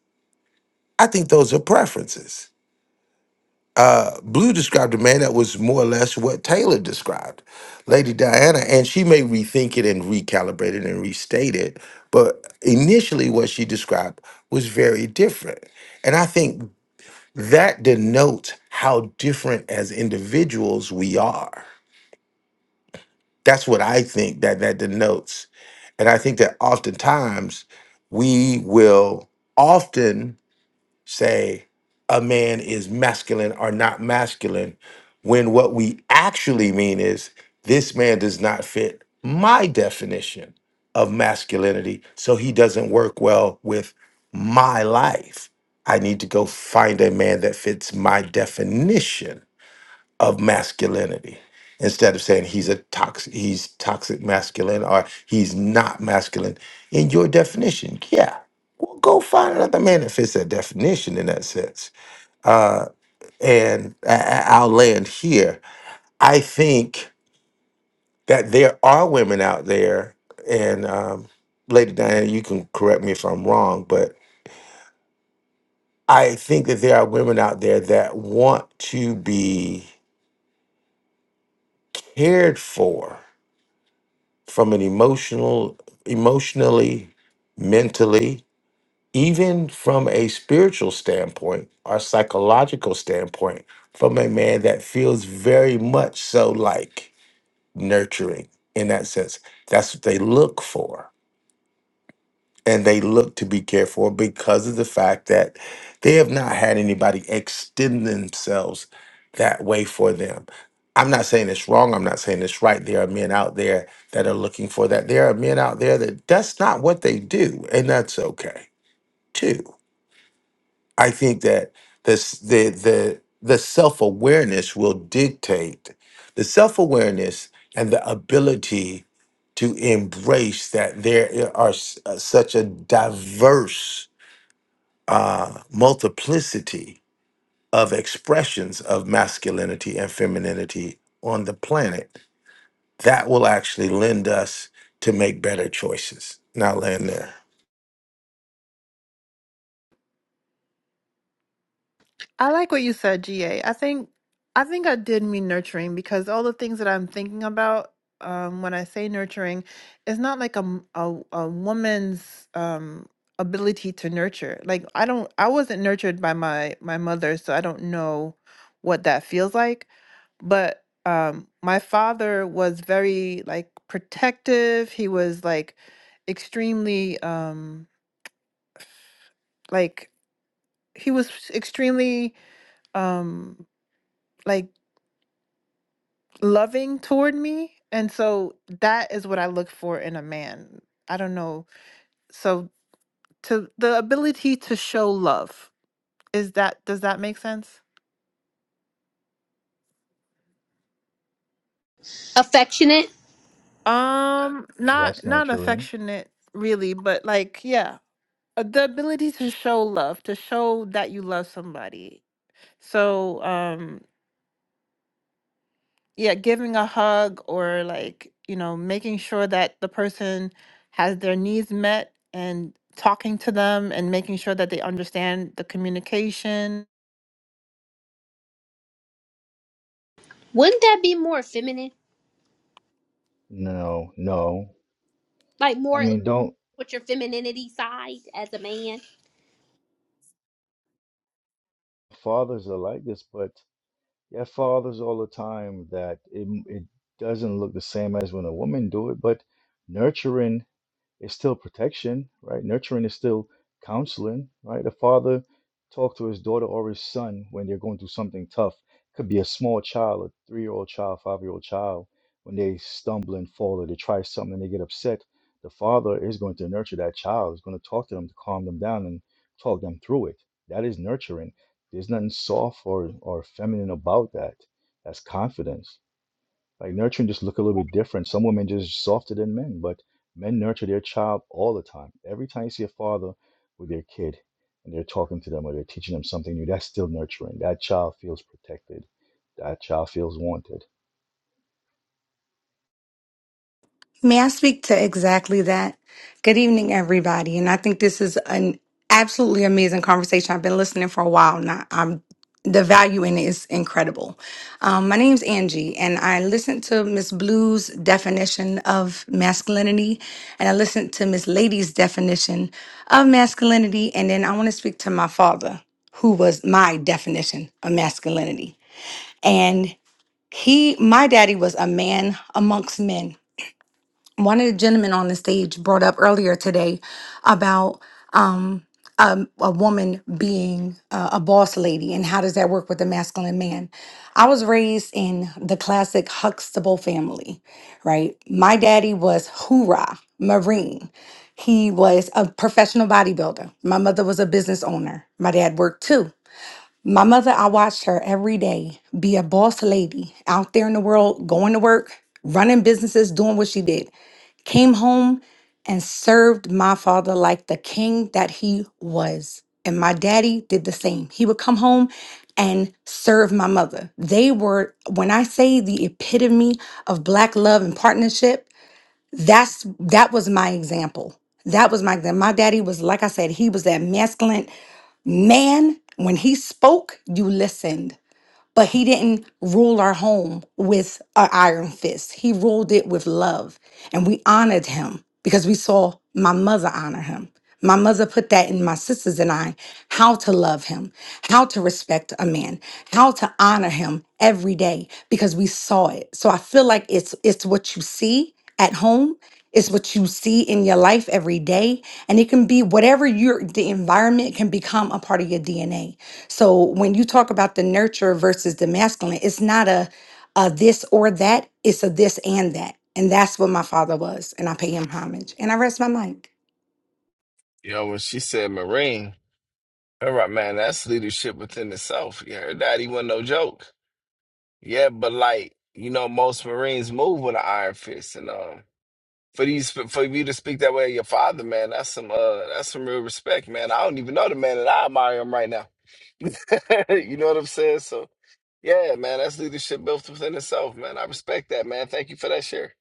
Speaker 11: I think those are preferences. Uh, Blue described a man that was more or less what Taylor described, Lady Diana, and she may rethink it and recalibrate it and restate it. But initially, what she described was very different. And I think that denotes how different as individuals we are. That's what I think that that denotes. And I think that oftentimes we will often say a man is masculine or not masculine when what we actually mean is this man does not fit my definition of masculinity, so he doesn't work well with my life. I need to go find a man that fits my definition of masculinity instead of saying he's a toxic he's toxic masculine or he's not masculine in your definition yeah well go find another man that fits that definition in that sense and I, I- i'll land here i think that there are women out there and um, lady diana you can correct me if i'm wrong but i think that there are women out there that want to be cared for from an emotional, emotionally, mentally, even from a spiritual standpoint or psychological standpoint, from a man that feels very much so like nurturing in that sense. That's what they look for and they look to be cared for because of the fact that they have not had anybody extend themselves that way for them. I'm not saying it's wrong. I'm not saying it's right. There are men out there that are looking for that. There are men out there that that's not what they do, and that's okay too. I think that this the the the self awareness will dictate the self awareness and the ability to embrace that there are s- uh, such a diverse uh, multiplicity of expressions of masculinity and femininity on the planet that will actually lend us to make better choices. Now land there.
Speaker 12: I like what you said, GA. I think I think I did mean nurturing because all the things that I'm thinking about um, when I say nurturing, it's not like a m- a, a woman's um, ability to nurture. Like I don't, I wasn't nurtured by my my mother, so I don't know what that feels like. But um, my father was very like protective. He was like extremely um, like he was extremely um, like loving toward me. And so that is what I look for in a man. I don't know. So to the ability to show love. Is that does that make sense?
Speaker 9: Affectionate.
Speaker 12: Um not
Speaker 10: That's
Speaker 12: not
Speaker 10: nurturing.
Speaker 12: affectionate really, but like yeah, uh, the ability to show love, to show that you love somebody. So um yeah, giving a hug or like, you know, making sure that the person has their needs met and talking to them and making sure that they understand the communication.
Speaker 9: Wouldn't that be more feminine?
Speaker 10: No, no.
Speaker 9: Like
Speaker 10: I
Speaker 9: more like
Speaker 10: mean, don't
Speaker 9: with your femininity side as a man?
Speaker 10: fathers are like this, but you have fathers all the time that it, it doesn't look the same as when a woman do it, but nurturing. it's still protection, right? Nurturing is still counseling, right? A father talk to his daughter or his son when they're going through something tough. Could be a small child, a three-year-old child, five-year-old child, when they stumble and fall or they try something and they get upset. The father is going to nurture that child, is going to talk to them to calm them down and talk them through it. That is nurturing. There's nothing soft or, or feminine about that. That's confidence. Like nurturing just look a little bit different. Some women just softer than men, but men nurture their child all the time. Every time you see a father with their kid and they're talking to them or they're teaching them something new, that's still nurturing. That child feels protected. That child feels wanted.
Speaker 13: May I speak to exactly that? Good evening, everybody. And I think this is an absolutely amazing conversation. I've been listening for a while now. I'm the value in it is incredible. Um, my name's Angie, and I listened to Miss Blue's definition of masculinity, and I listened to Miss Lady's definition of masculinity, and then I want to speak to my father, who was my definition of masculinity. And he, my daddy, was a man amongst men one of the gentlemen on the stage brought up earlier today about um, um, a woman being uh, a boss lady and how does that work with a masculine man. I was raised in the classic Huxtable family, right? My daddy was hoorah, Marine. He was a professional bodybuilder. My mother was a business owner. My dad worked too. My mother, I watched her every day be a boss lady out there in the world, going to work, running businesses, doing what she did. Came home and served my father like the king that he was. And my daddy did the same. He would come home and serve my mother. They were, when I say the epitome of black love and partnership, that's that was my example. That was my example. My daddy was, like I said, he was that masculine. Man, when he spoke, you listened, but he didn't rule our home with an iron fist. He ruled it with love. And we honored him because we saw my mother honor him. My mother put that in my sisters and I how to love him, how to respect a man, how to honor him every day because we saw it. So I feel like it's it's what you see at home is what you see in your life every day and it can be whatever your the environment can become a part of your dna so when you talk about the nurture versus the masculine it's not a, a this or that it's a this and that and that's what my father was and i pay him homage and i rest my mic
Speaker 6: you know, when she said Marine, all right, man, that's leadership within itself. You heard that? He wasn't no joke. Yeah, but like, you know, most Marines move with an iron fist. And um, for these for for you to speak that way of your father, man, that's some uh that's some real respect, man. I don't even know the man and I admire him right now. you know what I'm saying? So yeah, man, that's leadership built within itself, man. I respect that, man. Thank you for that share.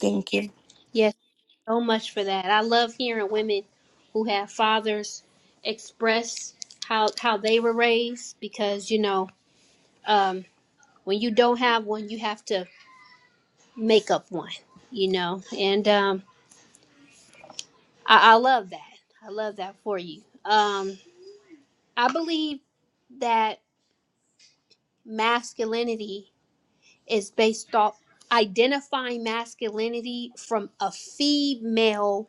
Speaker 13: thank you
Speaker 9: Yes, so much for that. I love hearing women who have fathers express how how they were raised because you know um, when you don't have one, you have to make up one, you know. And um, I, I love that. I love that for you. Um, I believe that masculinity is based off identifying masculinity from a female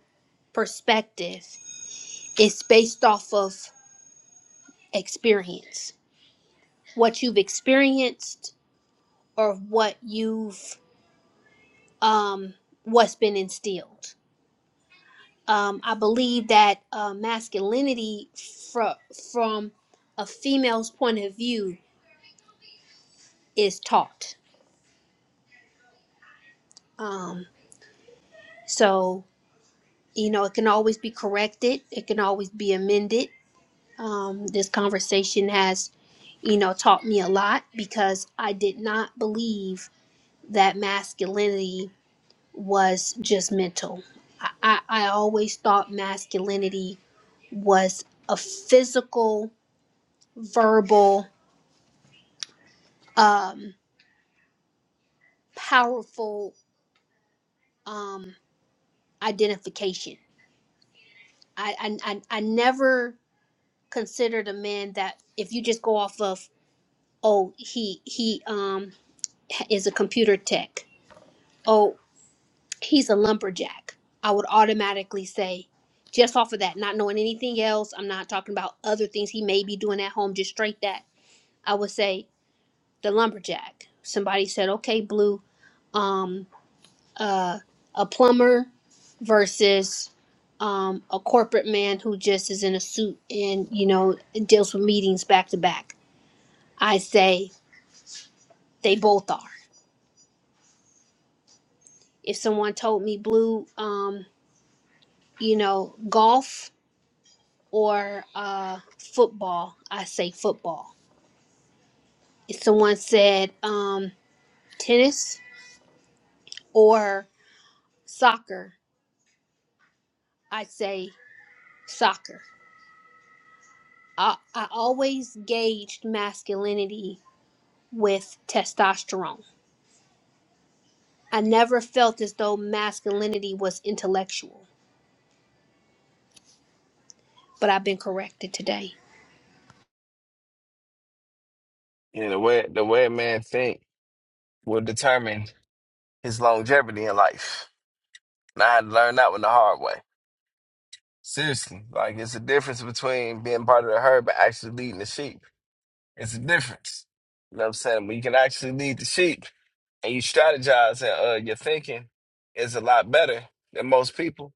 Speaker 9: perspective. It's based off of experience, what you've experienced, or what you've um, what's been instilled um, I believe that uh, masculinity fro- from a female's point of view is taught. Um, so, you know, it can always be corrected, it can always be amended. Um, this conversation has, you know, taught me a lot because I did not believe that masculinity was just mental. I, I, I always thought masculinity was a physical, verbal, um, powerful um, identification. I, I, I I never considered a man that if you just go off of oh he he um is a computer tech oh he's a lumberjack. I would automatically say just off of that, not knowing anything else. I'm not talking about other things he may be doing at home. Just straight that I would say the lumberjack. Somebody said okay blue. um, uh, a plumber versus um, a corporate man who just is in a suit and you know deals with meetings back to back. I say they both are. If someone told me blue, um, you know, golf or uh, football, I say football. If someone said um, tennis or soccer, I say soccer. I, I always gauged masculinity with testosterone I never felt as though masculinity was intellectual, but I've been corrected today.
Speaker 6: Yeah, the way the way a man think will determine his longevity in life. And I had to learn that one the hard way. Seriously. Like it's a difference between being part of the herd but actually leading the sheep. It's a difference. You know what I'm saying? When you can actually lead the sheep and you strategize and uh, your thinking is a lot better than most people.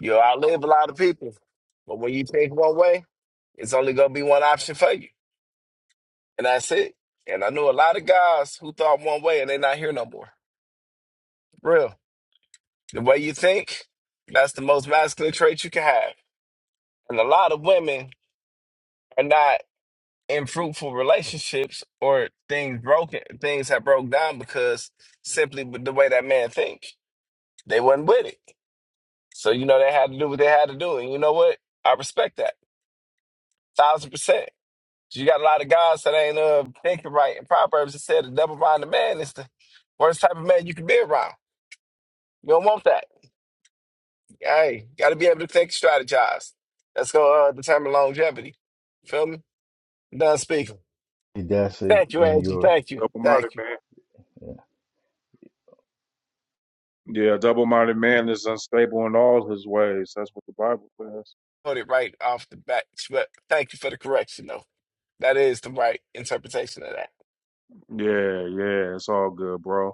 Speaker 6: You outlive a lot of people, but when you think one way, it's only gonna be one option for you, and that's it. And I knew a lot of guys who thought one way and they're not here no more. Real, the way you think, that's the most masculine trait you can have. And a lot of women are not in fruitful relationships or things broken, things have broke down because simply with the way that man think, they wasn't with it. So you know they had to do what they had to do, and you know what? I respect that thousand percent. You got a lot of guys that ain't uh, thinking right. In Proverbs, it said a double-minded man is the worst type of man you can be around. You don't want that. Hey, got to be able to think, and strategize. That's gonna uh, determine longevity. Feel me? Done speaking.
Speaker 10: That's a,
Speaker 6: Thank you,
Speaker 10: and
Speaker 6: Angie.
Speaker 10: you're
Speaker 6: Thank you.
Speaker 2: double-minded
Speaker 6: Thank you.
Speaker 2: man.
Speaker 10: yeah.
Speaker 2: Yeah, double-minded man is unstable in all his ways. That's what the Bible says.
Speaker 6: Put it right off the bat, but thank you for the correction, though. That is the right interpretation of that.
Speaker 2: Yeah, yeah, it's all good, bro.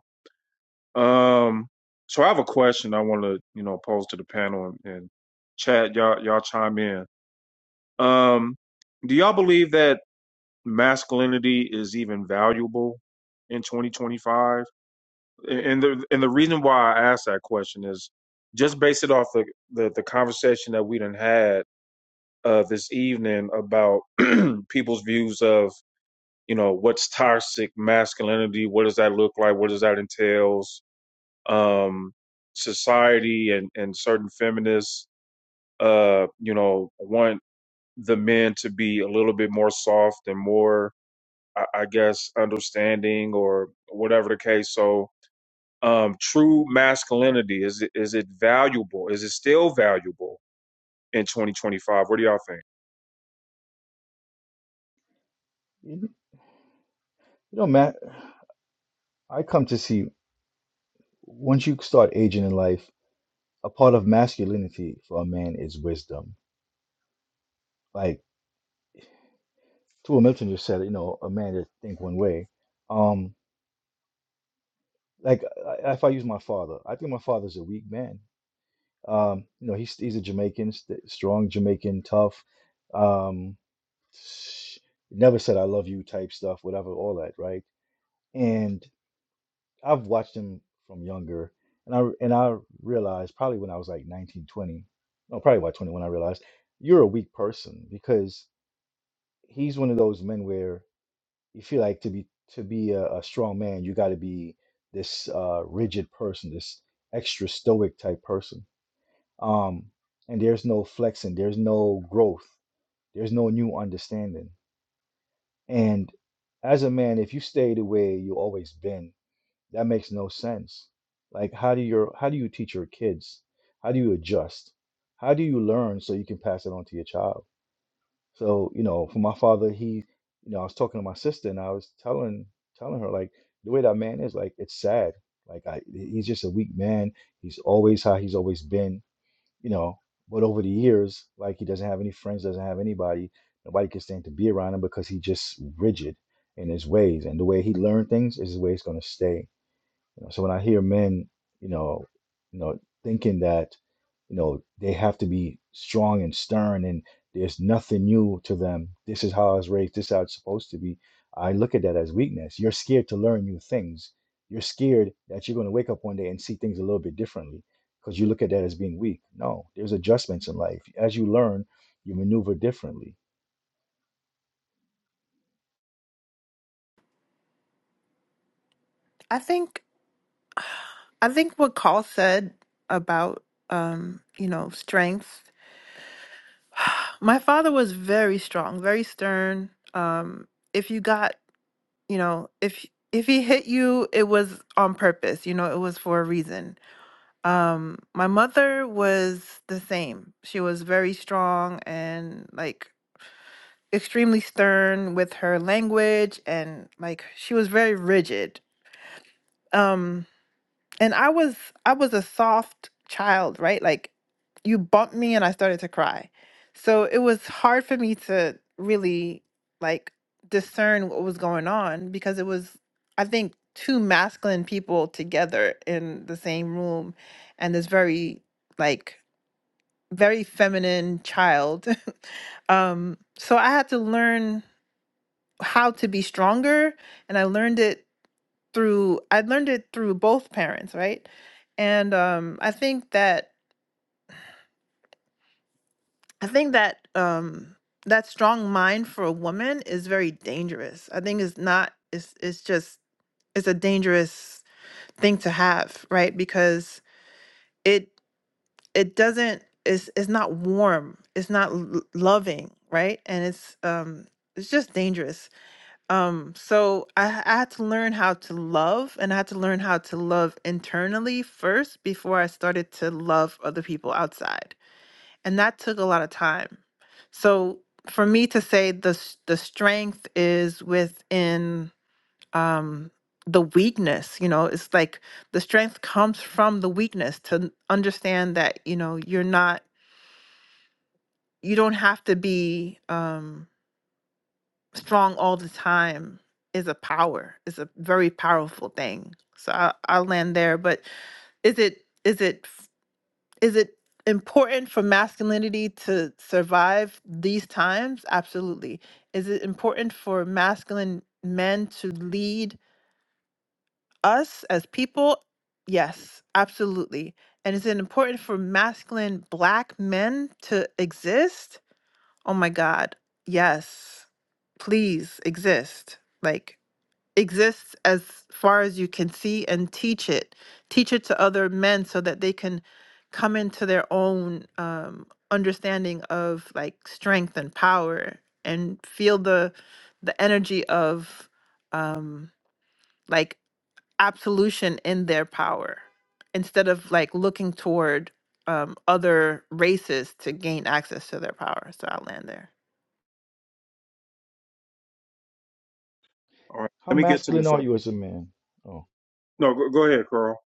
Speaker 2: Um, so I have a question I want to, you know, pose to the panel and, and chat. Y'all, y'all chime in. Um, do y'all believe that? masculinity is even valuable in 2025 and the and the reason why i asked that question is just based it off the the, the conversation that we done had uh this evening about people's views of you know what's toxic masculinity what does that look like what does that entails um society and and certain feminists uh you know want the men to be a little bit more soft and more I, I guess understanding or whatever the case. So um, true masculinity is it, is it valuable? Is it still valuable in 2025? What do y'all think?
Speaker 10: You know, Matt, I come to see once you start aging in life, a part of masculinity for a man is wisdom. Like Tua Milton just said, you know, a man that think one way. Um, like I- if I use my father, I think my father's a weak man. Um, you know, he's he's a Jamaican, st- strong Jamaican, tough. Um, sh- never said I love you type stuff, whatever, all that, right? And I've watched him from younger, and I and I realized probably when I was like nineteen, twenty. 20, no, probably about 21, I realized you're a weak person because he's one of those men where. you feel like to be to be a, a strong man, you got to be this uh, rigid person, this extra stoic type person. Um, and there's no flexing, there's no growth, there's no new understanding. And as a man, if you stay the way you always been, that makes no sense. Like how do your how do you teach your kids? How do you adjust? How do you learn so you can pass it on to your child? So, you know, for my father, he, you know, I was talking to my sister and I was telling telling her like the way that man is, like it's sad. Like I, he's just a weak man. He's always how he's always been, you know. But over the years, like he doesn't have any friends, doesn't have anybody. Nobody can stand to be around him because he's just rigid in his ways. And the way he learned things is the way it's gonna stay. You know, so when I hear men, you know, you know, thinking that, you know, they have to be strong and stern and there's nothing new to them. This is how I was raised, this is how it's supposed to be. I look at that as weakness. You're scared to learn new things. You're scared that you're going to wake up one day and see things a little bit differently because you look at that as being weak. No, there's adjustments in life. As you learn, you maneuver differently.
Speaker 12: I think I think what Carl said about um, you know, strengths. My father was very strong, very stern. Um, if you got, you know, if if he hit you, it was on purpose, you know, it was for a reason Um, my mother was the same. She was very strong and like extremely stern with her language and like she was very rigid. Um, and I was I was a soft child, right? Like you bumped me and I started to cry. So it was hard for me to really like discern what was going on because it was I think two masculine people together in the same room and this very like very feminine child. um, so I had to learn how to be stronger, and I learned it through I learned it through both parents, right? And um, I think that I think that um, that strong mind for a woman is very dangerous. I think it's not. It's it's just it's a dangerous thing to have, right? Because it it doesn't. It's, it's not warm. It's not l- loving, right? And it's um it's just dangerous. Um, so I, h- I had to learn how to love and I had to learn how to love internally first before I started to love other people outside. And that took a lot of time. So for me to say the s- the strength is within um the weakness, you know, it's like the strength comes from the weakness to n- understand that, you know, you're not you don't have to be um strong all the time is a power It's a very powerful thing so I, i'll land there but is it is it is it important for masculinity to survive these times absolutely is it important for masculine men to lead us as people yes absolutely and is it important for masculine black men to exist oh my god yes please exist like exists as far as you can see and teach it teach it to other men so that they can come into their own um, understanding of like strength and power and feel the the energy of um, like absolution in their power instead of like looking toward um, other races to gain access to their power so i'll land there
Speaker 2: All right,
Speaker 10: How
Speaker 2: let me get to
Speaker 10: masculine
Speaker 2: this.
Speaker 10: are
Speaker 2: Other.
Speaker 10: you as a man? Oh.
Speaker 2: No, go, go ahead, Carl.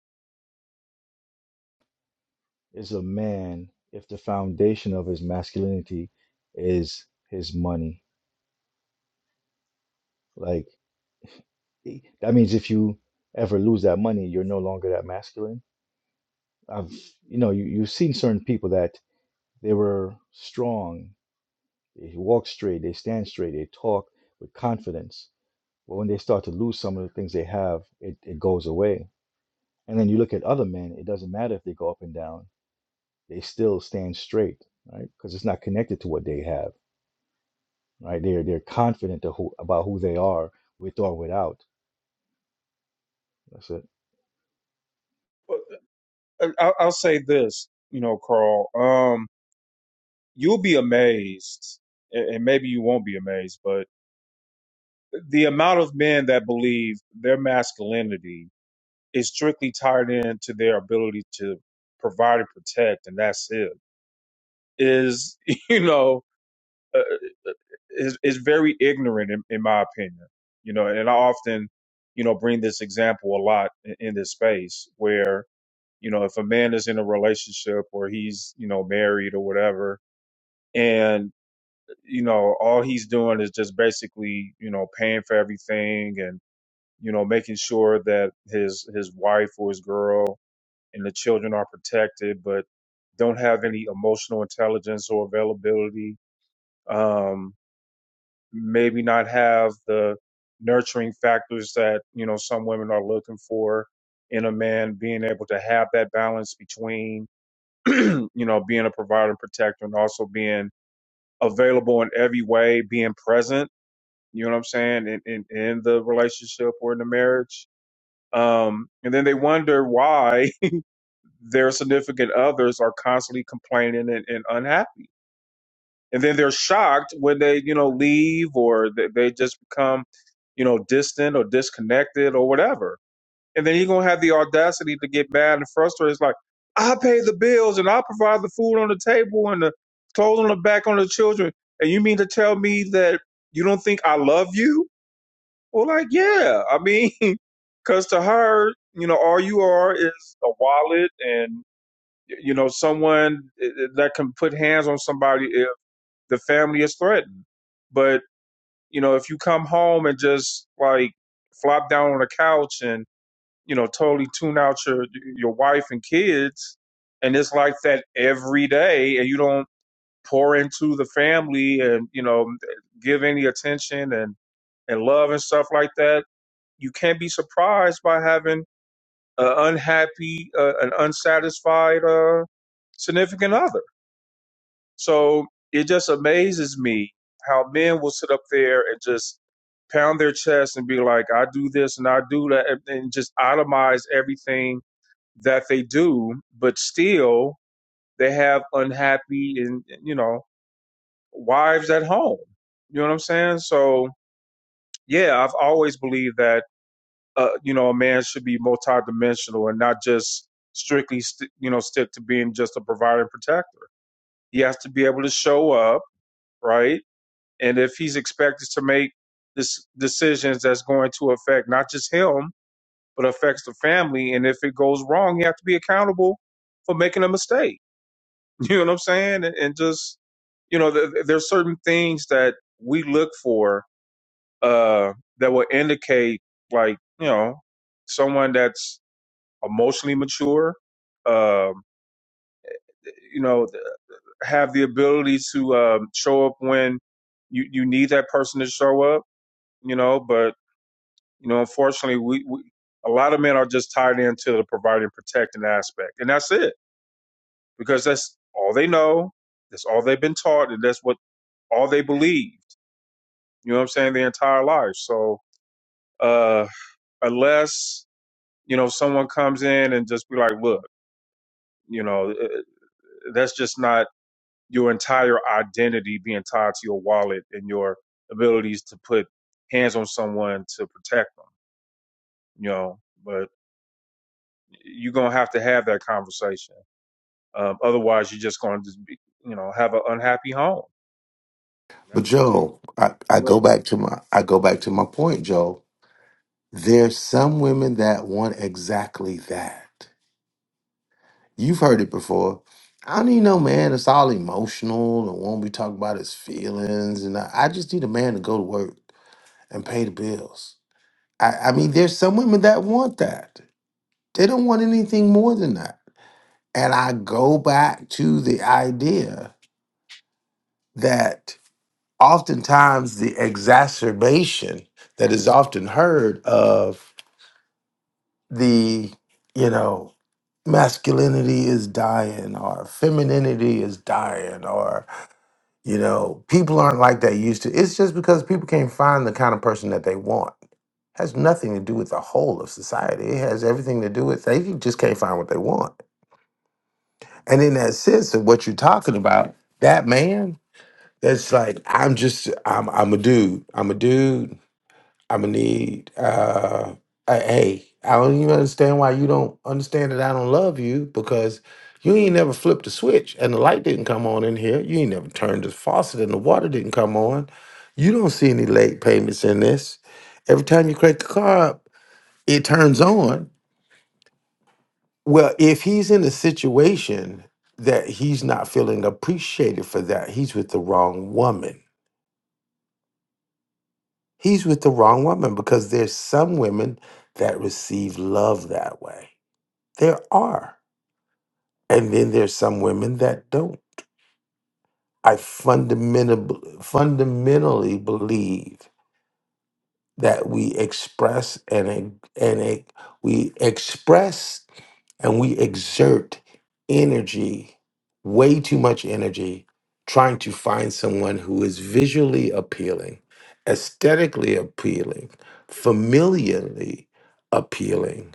Speaker 10: is a man if the foundation of his masculinity is his money? Like i- that means if you ever lose that money, you're no longer that masculine. I've you know you, you've seen certain people that they were strong, they walk straight, they stand straight, they talk with confidence. But when they start to lose some of the things they have, it, it goes away. And then you look at other men, it doesn't matter if they go up and down, they still stand straight, right? Because it's not connected to what they have right? They're they're confident of who, about who they are, with or without. That's it.
Speaker 2: I, I'll I'll say this, you know, Carl. Um, you'll be amazed, a- and maybe you won't be amazed, but the amount of men that believe their masculinity is strictly tied in to their ability to provide and protect, and that's it is you know uh, is is very ignorant in, in my opinion you know and i often you know bring this example a lot in, in this space where you know if a man is in a relationship or he's you know married or whatever and you know all he's doing is just basically you know paying for everything and you know making sure that his his wife or his girl and the children are protected but don't have any emotional intelligence or availability um, maybe not have the nurturing factors that you know some women are looking for in a man being able to have that balance between you know being a provider and protector and also being available in every way being present you know what i'm saying in, in, in the relationship or in the marriage um, and then they wonder why their significant others are constantly complaining and, and unhappy and then they're shocked when they you know leave or they, they just become you know distant or disconnected or whatever and then you're gonna have the audacity to get mad and frustrated it's like i pay the bills and i provide the food on the table and the clothes on the back on the children and you mean to tell me that you don't think i love you well like yeah i mean because to her you know all you are is a wallet and you know someone eh, eh, that can put hands on somebody if the family is threatened. But, you know, if you come home and just like flop down on the couch and, you know, totally tune out your your wife and kids and it's like that every day and you don't pour into the family and, you know, give any attention and and love and stuff like that, you can't be surprised by having an unhappy, uh, an unsatisfied uh, significant other so it just amazes me how men will sit up there and just pound their chest and be like, I do this and I do that, and and just itemize everything that they do, but still they have unhappy and, you know, wives at home. You know what I'm saying? So, yeah, I've always believed that, uh, you know, a man should be multidimensional and not just strictly, st- you know, stick to being just a provider and protector. He has to be able to show up, right? and if he's expected to make this decisions that's going to affect not just him but affects the family and if it goes wrong you have to be accountable for making a mistake you know what i'm saying and, and just you know th- th- there's certain things that we look for uh that will indicate like you know someone that's emotionally mature um you know th- have the ability to um show up when you you need that person to show up you know but You know, unfortunately, we, we a lot of men are just tied into the providing, protecting aspect, and that's it because that's all they know, that's all they've been taught, and that's what all they believed. You know what I'm saying? Their entire life. So uh, unless you know someone comes in and just be like, look, you know, uh, uh, that's just not your entire identity being tied to your wallet and your abilities to put hands on someone to protect them. You know, but you're gonna have to have that conversation Um, otherwise, you're just going to just be, you know, have an unhappy home. And
Speaker 11: But
Speaker 2: that's it.
Speaker 11: Joe, I, I
Speaker 2: Right.
Speaker 11: go back to my I go back to my point, Joe. There's some women that want exactly that. You've heard it before. I don't need no man. It's all emotional and won't be talking about his feelings. And I, I just need a man to go to work and pay the bills. I, I mean, there's some women that want that. They don't want anything more than that. And I go back to the idea that oftentimes the exacerbation that is often heard of the, you know, masculinity is dying or femininity is dying or, you know, people aren't like they used to. It's just because people can't find the kind of person that they want has nothing to do with the whole of society. It has everything to do with they just can't find what they want. And in that sense of what you're talking about, that man, that's like, I'm just I'm I'm a dude. I'm a dude. I'm a need uh a, hey, I don't even understand why you don't understand that I don't love you because you ain't never flipped the switch and the light didn't come on in here. You ain't never turned the faucet and the water didn't come on. You don't see any late payments in this. Every time you crank the car up, it turns on. Well, if he's in a situation that he's not feeling appreciated for that, he's with the wrong woman. He's with the wrong woman because there's some women that receive love that way. There are. And then there's some women that don't. I fundamentally fundamentally believe that we express and e- and e- we express and we exert energy, way too much energy, trying to find someone who is visually appealing, aesthetically appealing, familiarly appealing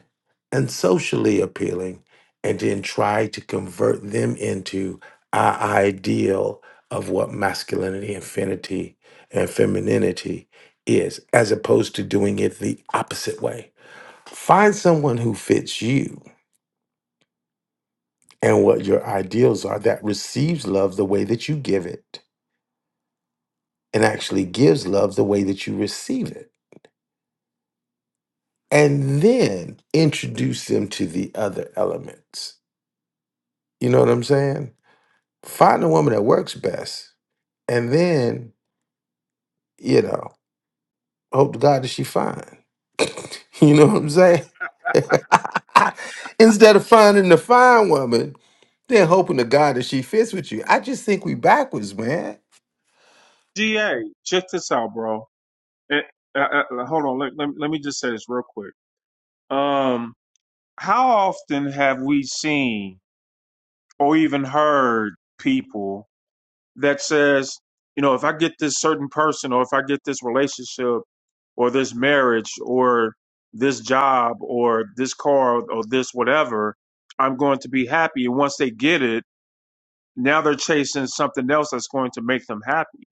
Speaker 11: and socially appealing and then try to convert them into our ideal of what masculinity and femininity and femininity is as opposed to doing it the opposite way find someone who fits you and what your ideals are that receives love the way that you give it and actually gives love the way that you receive it and then introduce them to the other elements you know what i'm saying Find the woman that works best. And then, you know, hope to God that she fine. You know what I'm saying? Instead of finding the fine woman, then hoping to God that she fits with you. I just think we backwards, man.
Speaker 2: GA, check this out, bro. Eh, uh, uh, hold on. Let, let, let me just say this real quick. Um, how often have we seen or even heard people that says, you know, if I get this certain person or if I get this relationship or this marriage or this job or this car or this whatever, I'm going to be happy. And once they get it, now they're chasing something else that's going to make them happy.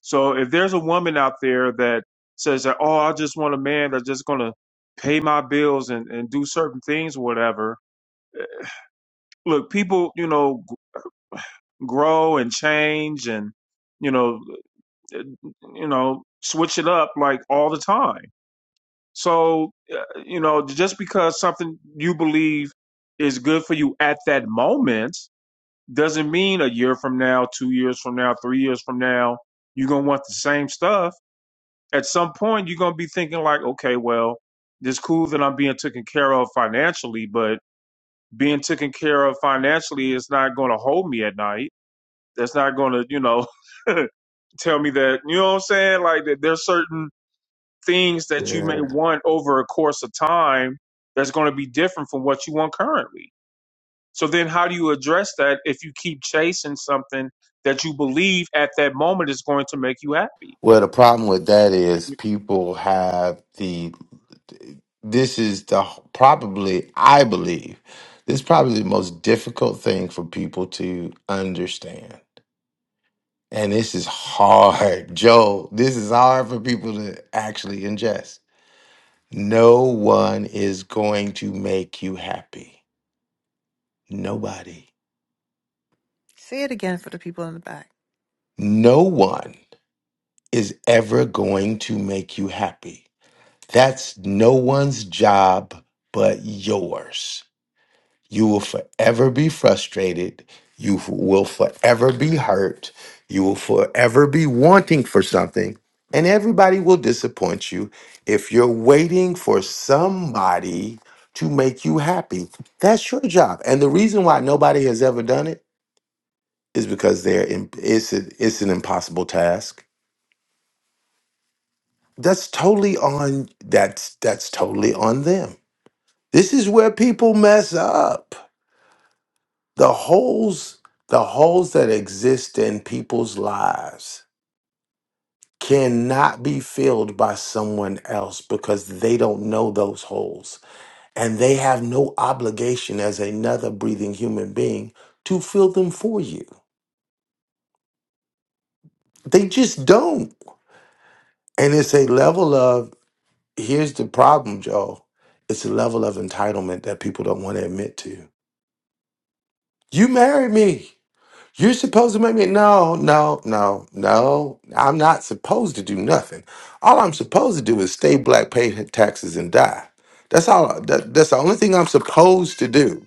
Speaker 2: So if there's a woman out there that says that, oh, I just want a man that's just going to pay my bills and, and do certain things, or whatever. Look, people, you know, g- grow and change and, you know, uh, you know, switch it up like all the time. So, uh, you know, just because something you believe is good for you at that moment doesn't mean a year from now, two years from now, three years from now, you're gonna want the same stuff. At some point, you're gonna be thinking like, okay, well, it's cool that I'm being taken care of financially, but being taken care of financially is not gonna hold me at night. That's not gonna, you know, tell me that, you know what I'm saying? Like that there's certain things that you may
Speaker 11: Yeah.
Speaker 2: want over a course of time that's gonna be different from what you want currently. So then how do you address that if you keep chasing something that you believe at that moment is going to make you happy?
Speaker 11: Well, the problem with that is people have the. This is the probably I believe this is probably the most difficult thing for people to understand. And this is hard, Joe. This is hard for people to actually ingest. No one is going to make you happy. Nobody.
Speaker 12: Say it again for the people in the back.
Speaker 11: No one is ever going to make you happy. That's no one's job but yours. You will forever be frustrated. You f- will forever be hurt. You will forever be wanting for something. And everybody will disappoint you if you're waiting for somebody to make you happy. That's your job. And the reason why nobody has ever done it is because they're in, it's, a, it's an impossible task. That's totally on that's that's totally on them. This is where people mess up the holes the holes that exist in people's lives cannot be filled by someone else because they don't know those holes and they have no obligation as another breathing human being to fill them for you they just don't and it's a level of here's the problem joe it's a level of entitlement that people don't want to admit to you married me You're supposed to make me no, no, no, no. I'm not supposed to do nothing. All I'm supposed to do is stay black, pay taxes, and die. That's all. That, that's the only thing I'm supposed to do.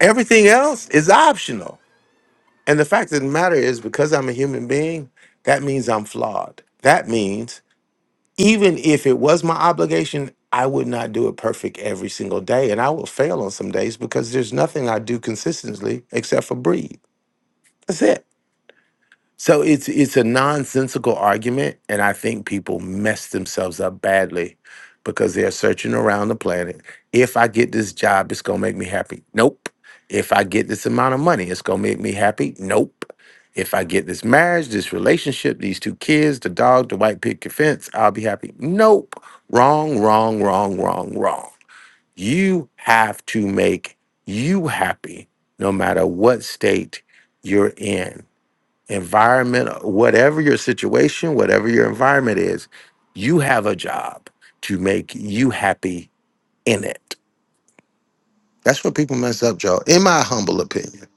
Speaker 11: Everything else is optional. And the fact of the matter is, because I'm a human being, that means I'm flawed. That means even if it was my obligation, I would not do it perfect every single day, and I will fail on some days because there's nothing I do consistently except for breathe. That's it. So it's it's a nonsensical argument, and I think people mess themselves up badly because they're searching around the planet. If I get this job, it's gonna make me happy. Nope. If I get this amount of money, it's gonna make me happy. Nope. If I get this marriage, this relationship, these two kids, the dog, the white picket fence, I'll be happy. Nope. Wrong, wrong, wrong, wrong, wrong. You have to make you happy no matter what state you're in environment, whatever your situation, whatever your environment is, you have a job to make you happy in it. That's what people mess up, Joe. In my humble opinion,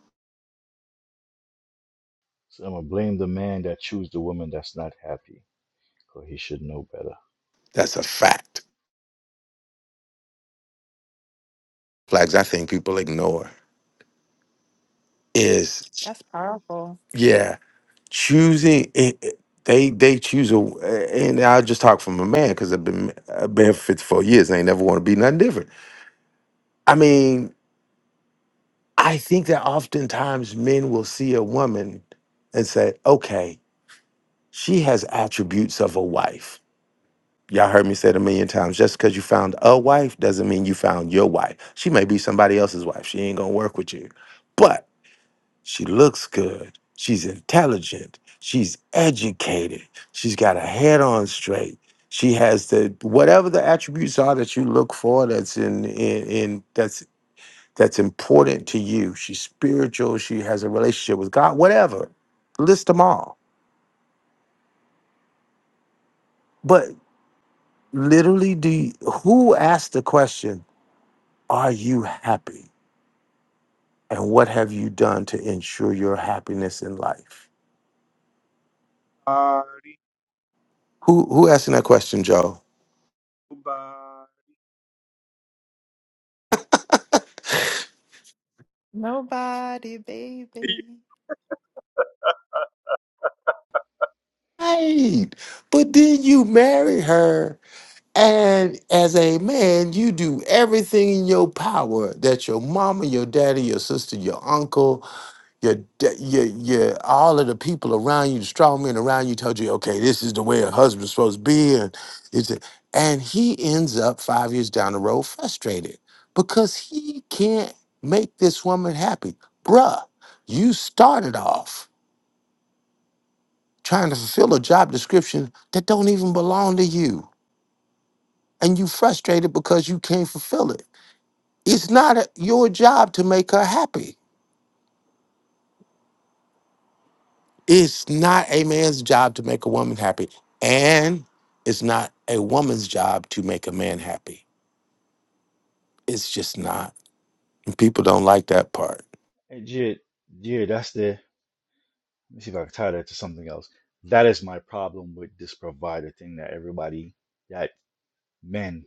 Speaker 10: So I'm gonna blame the man that choose the woman that's not happy, 'cause he should know better.
Speaker 11: that's a fact. Flags I think people ignore is,
Speaker 12: That's powerful.
Speaker 11: yeah, choosing. It, it- they they choose a, eh, and I will just talk from a man because I've been I've been for 54 years. I ain't never want to be nothing different. I mean, I think that oftentimes men will see a woman and say, okay. She has attributes of a wife. Y'all heard me say it a million times. Just because you found a wife doesn't mean you found your wife. She may be somebody else's wife. She ain't gonna work with you. But she looks good. She's intelligent. She's educated. She's got her head on straight. She has the whatever the attributes are that you look for that's in in, in that's that's important to you. She's spiritual, she has a relationship with God, whatever. List them all. But. literally do you- who asked the question are you happy and what have you done to ensure your happiness in life who who asking that question joe
Speaker 12: Nobody, baby.
Speaker 11: right but then you marry her and as a man you do everything in your power that your mama your daddy your sister your uncle your, da- your, your, all of the people around you, the strong men around you, told you, okay, this is the way a husband's supposed to be, and it's, a, and he ends up five years down the road frustrated because he can't make this woman happy, bruh. You started off trying to fulfill a job description that don't even belong to you, and you frustrated because you can't fulfill it. It's not a- your job to make her happy It's not a man's job to make a woman happy, and it's not a woman's job to make a man happy. It's just not. And people don't like that part.
Speaker 10: Hey, Jid, Jid, that's the. Let me see if I can tie that to something else. That is my problem with this provider thing that everybody, that men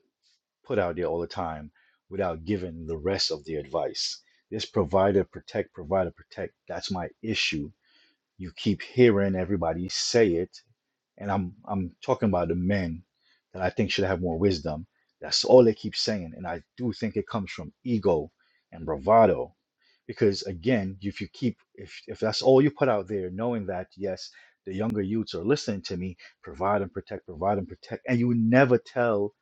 Speaker 10: put out there all the time, without giving the rest of the advice. This provider protect, provider protect. That's my issue You keep hearing everybody say it, and I'm I'm talking about the men that I think should have more wisdom. That's all they keep saying, and I do think it comes from ego and bravado. Because again, if you keep if if that's all you put out there, knowing that yes, the younger youths are listening to me, provide and protect, provide and protect, and you never tell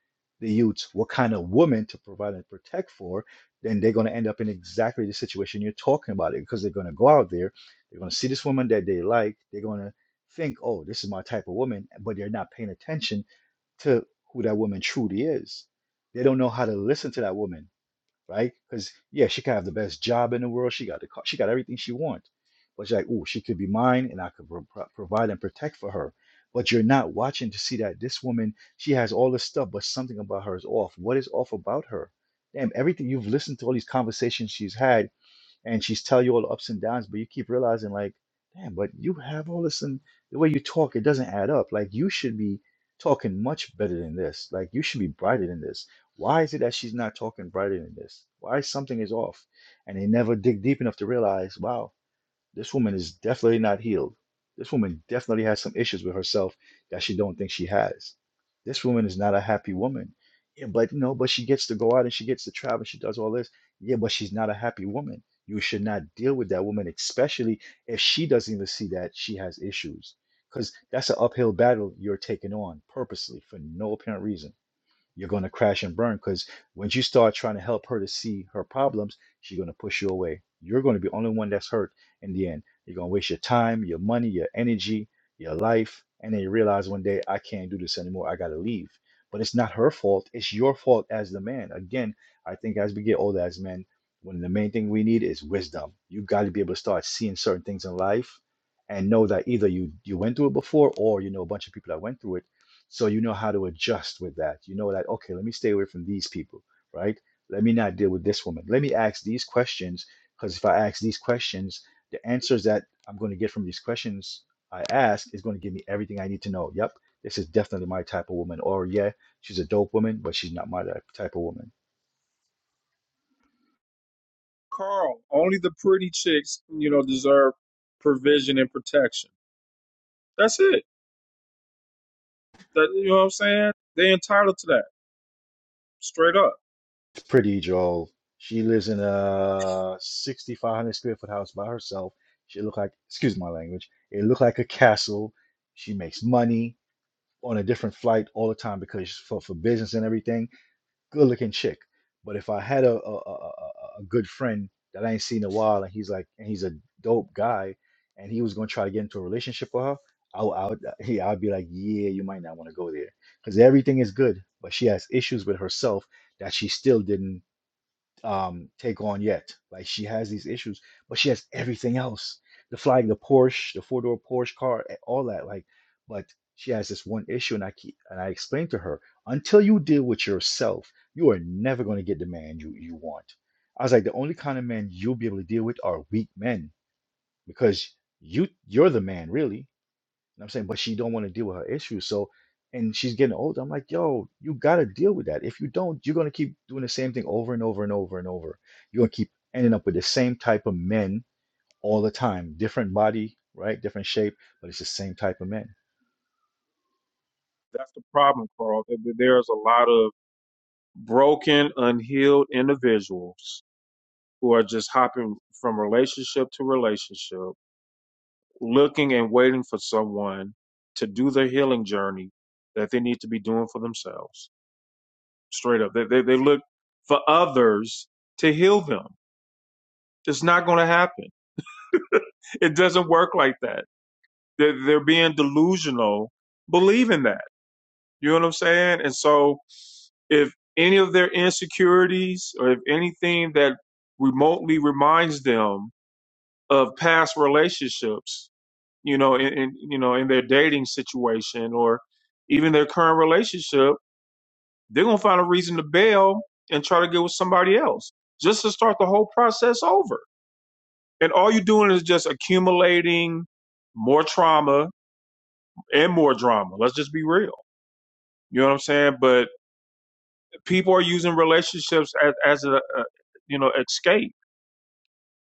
Speaker 10: the youths what kind of woman to provide and protect for, then they're going to end up in exactly the situation you're talking about it because they're going to go out there they're going to see this woman that they like. They're going to think, oh, this is my type of woman, but they're not paying attention to who that woman truly is. They don't know how to listen to that woman, right? Because yeah, she could have the best job in the world. She got the car. She got everything she wants. But you're like, oh, she could be mine, and I could pro- pro- provide and protect for her. But you're not watching to see that this woman, she has all this stuff, but something about her is off. What is off about her? Damn, everything you've listened to, all these conversations she's had and she's tell you all the ups and downs, but you keep realizing like, damn, but you have all this and the way you talk, it doesn't add up. Like you should be talking much better than this. Like you should be brighter than this. Why is it that she's not talking brighter than this? Why something is off? And they never dig deep enough to realize, wow. This woman is definitely not healed. This woman definitely has some issues with herself that she don't think she has. This woman is not a happy woman. Yeah, but you know, but she gets to go out and she gets to travel and she does all this. Yeah, but she's not a happy woman. You should not deal with that woman, especially if she doesn't even see that she has issues. Because that's an uphill battle you're taking on purposely for no apparent reason you're going to crash and burn because once you start trying to help her to see her problems, she's going to push you away. You're going to be the only one that's hurt in the end. You're going to waste your time, your money, your energy, your life. And then you realize one day, I can't do this anymore. I got to leave. But it's not her fault. It's your fault as the man. Again, I think as we get older as men, one of the main thing we need is wisdom. You got to be able to start seeing certain things in life and know that either you you went through it before or you know a bunch of people that went through it so you know how to adjust with that. You know that, okay, let me stay away from these people, right? Let me not deal with this woman. Let me ask these questions because if I ask these questions, the answers that I'm going to get from these questions I ask is going to give me everything I need to know. Yep, this is definitely my type of woman. Or, yeah, she's a dope woman, but she's not my type type of woman.
Speaker 2: Carl, only the pretty chicks, you know, deserve provision and protection. That's it. That you know what I'm saying? They're entitled to that. Straight up.
Speaker 10: It's pretty, Joel. She lives in a 6,500 square foot house by herself. She look like, excuse my language, it look like a castle. She makes money on a different flight all the time because for, for business and everything, good looking chick. But if I had a a, a, a good friend that I ain't seen in a while and he's like and he's a dope guy and he was gonna try to get into a relationship with her, I would, I would yeah, I'd be like, yeah, you might not want to go there because everything is good, but she has issues with herself that she still didn't um, take on yet. Like she has these issues, but she has everything else. The flying, the Porsche, the four-door Porsche car, a- all that. Like, but she has this one issue, and I keep and I explained to her, until you deal with yourself, you are never going to get the man you you want. I was like, the only kind of men you'll be able to deal with are weak men because you you're the man really know I'm saying, but she don't want to deal with her issues. So, and she's getting older. I'm like, yo, you gotta deal with that. If you don't, you're gonna keep doing the same thing over and over and over and over. You're gonna keep ending up with the same type of men all the time, different body, right, different shape, but it's the same type of men.
Speaker 2: That's the problem, Carl. that- that There's a lot of broken, unhealed individuals who are just hopping from relationship to relationship looking and waiting for someone to do their healing journey that they need to be doing for themselves. Straight up. They, they, they look for others to heal them. It's not going to happen. It doesn't work like that. They're, they're being delusional, believing that. You know what I'm saying? And so if any of their insecurities or if anything that remotely reminds them of past relationships you know, in, in you know, in their dating situation or even their current relationship, they're gonna find a reason to bail and try to get with somebody else just to start the whole process over. And all you're doing is just accumulating more trauma and more drama. Let's just be real. You know what I'm saying? But people are using relationships as, as a, a you know escape.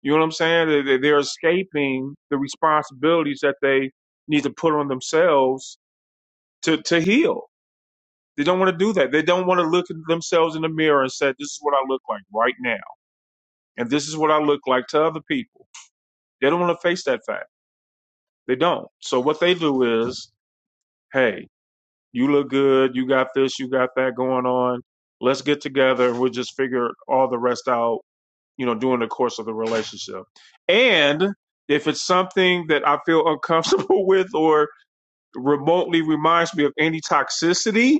Speaker 2: You know what I'm saying? They- they- They're escaping the responsibilities that they need to put on themselves to to heal. They don't want to do that. They don't want to look at themselves in the mirror and say, This is what I look like right now. And this is what I look like to other people. They don't want to face that fact. They don't. So what they do is, hey, you look good, you got this, you got that going on. Let's get together and we'll just figure all the rest out, you know, during the course of the relationship. And if it's something that I feel uncomfortable with or remotely reminds me of any toxicity,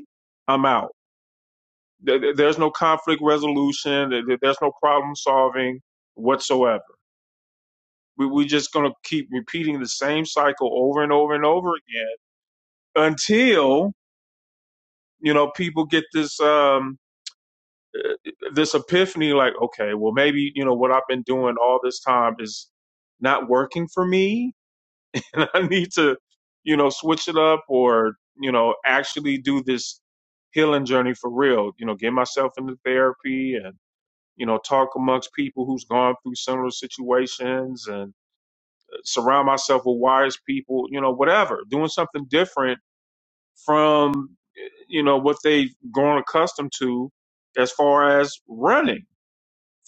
Speaker 2: I'm out. There- There's no conflict resolution. There- There's no problem solving whatsoever. We, we're just going to keep repeating the same cycle over and over and over again until you know people get this um uh, this epiphany like okay well maybe you know what i've been doing all this time is not working for me and i need to you know switch it up or you know actually do this healing journey for real you know get myself into therapy and. you know, talk amongst people who's gone through similar situations and uh, surround myself with wise people, you know, whatever, doing something different from, eh, you know, what they've grown accustomed to as far as running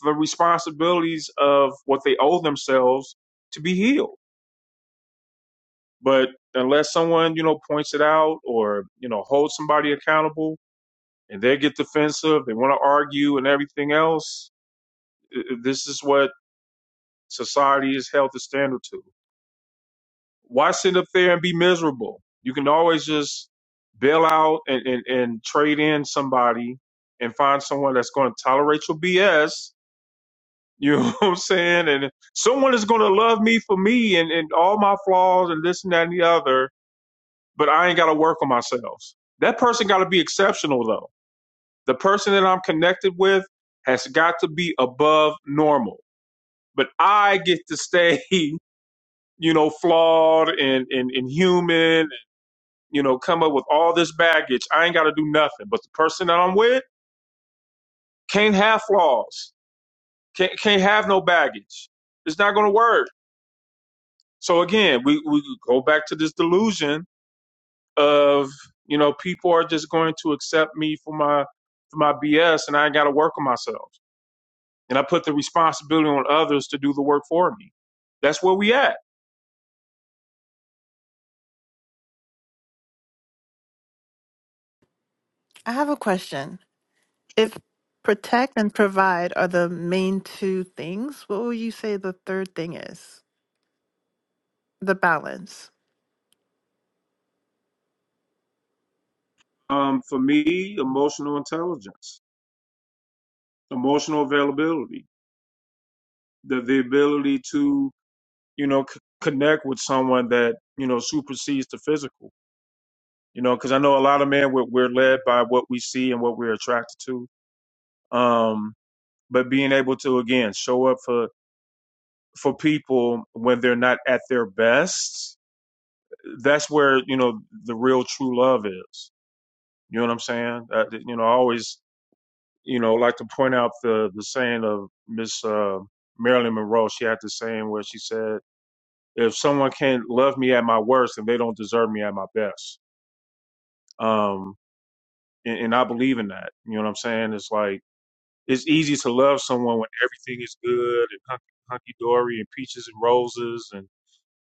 Speaker 2: the responsibilities of what they owe themselves to be healed. But unless someone, you know, points it out or, you know, holds somebody accountable and they get defensive, they want to argue and everything else, eh, eh, this is what society is held to standard to. Why sit up there and be miserable? You can always just bail out and, and, and trade in somebody and find someone that's going to tolerate your BS. You know what I'm saying? And someone is going to love me for me and, and all my flaws and this and that and the other, but I ain't got to work on myself. That person got to be exceptional, though. The person that I'm connected with has got to be above normal. But I get to stay you know, flawed and, and, and human you know, come up with all this baggage. I ain't got to do nothing. But the person that I'm with can't have flaws, can't, can't have no baggage. It's not going to work. So again, we, we go back to this delusion of, you know, people are just going to accept me for my, for my BS and I ain't got to work on myself. And I put the responsibility on others to do the work for me. That's where we at.
Speaker 12: I have a question. If protect and provide are the main two things, what would you say the third thing is? The balance.
Speaker 2: Um, for me, emotional intelligence, emotional availability, the, the ability to you know, c- connect with someone that, you know, supersedes the physical, you know, because I know a lot of men, we're, we're led by what we see and what we're attracted to. Um, but being able to, again, show up for, for people when they're not at their best, that's where, you know, the real true love is. You know what I'm saying? Uh, you know, I always, you know, like to point out the, the saying of Miss, uh, Marilyn Monroe. She had the saying where she said, if someone can't love me at my worst, then they don't deserve me at my best Um, and, and I believe in that. You know what I'm saying? It's like it's easy to love someone when everything is good and hunky, hunky dory and peaches and roses and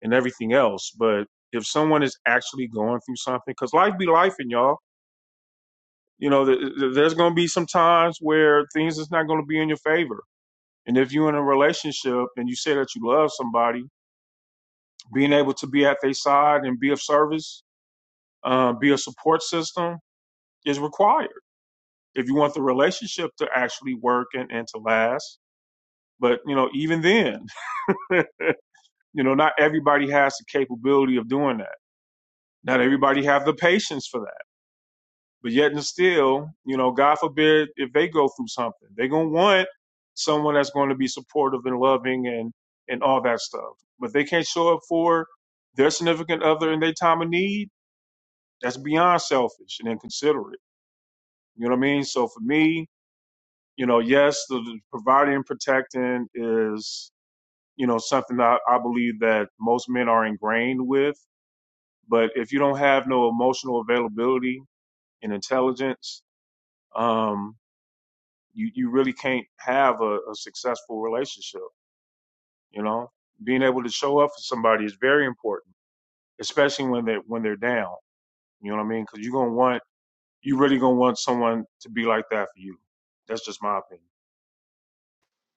Speaker 2: and everything else. But if someone is actually going through something, because life be life, and y'all, you know, th- th- there's going to be some times where things is not going to be in your favor. And if you're in a relationship and you say that you love somebody, being able to be at their side and be of service, uh, be a support system is required if you want the relationship to actually work and, and to last. But, you know, even then, you know, not everybody has the capability of doing that. Not everybody have the patience for that. But yet and still, you know, God forbid if they go through something, they're going to want someone that's going to be supportive and loving and, and all that stuff. But they can't show up for their significant other in their time of need. That's beyond selfish and inconsiderate. You know what I mean? So for me, you know, yes, the, the providing and protecting is you know something that I believe that most men are ingrained with. But if you don't have no emotional availability and intelligence, um, you you really can't have a, a successful relationship. You know, being able to show up for somebody is very important, especially when they when they're down. You know what I mean? Because you're gonna want you really gonna want someone to be like that for you. That's just my opinion.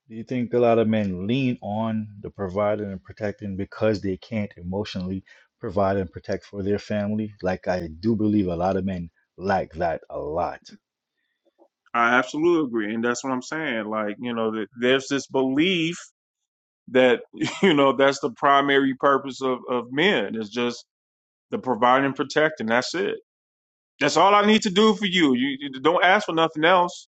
Speaker 10: Do you think a lot of men lean on the providing and protecting because they can't emotionally provide and protect for their family? Like I do believe a lot of men lack that a lot.
Speaker 2: I absolutely agree, and that's what I'm saying. Like you know, there's this belief that you know that's the primary purpose of of men is just the providing and protecting. That's it. That's all I need to do for you. You, you don't ask for nothing else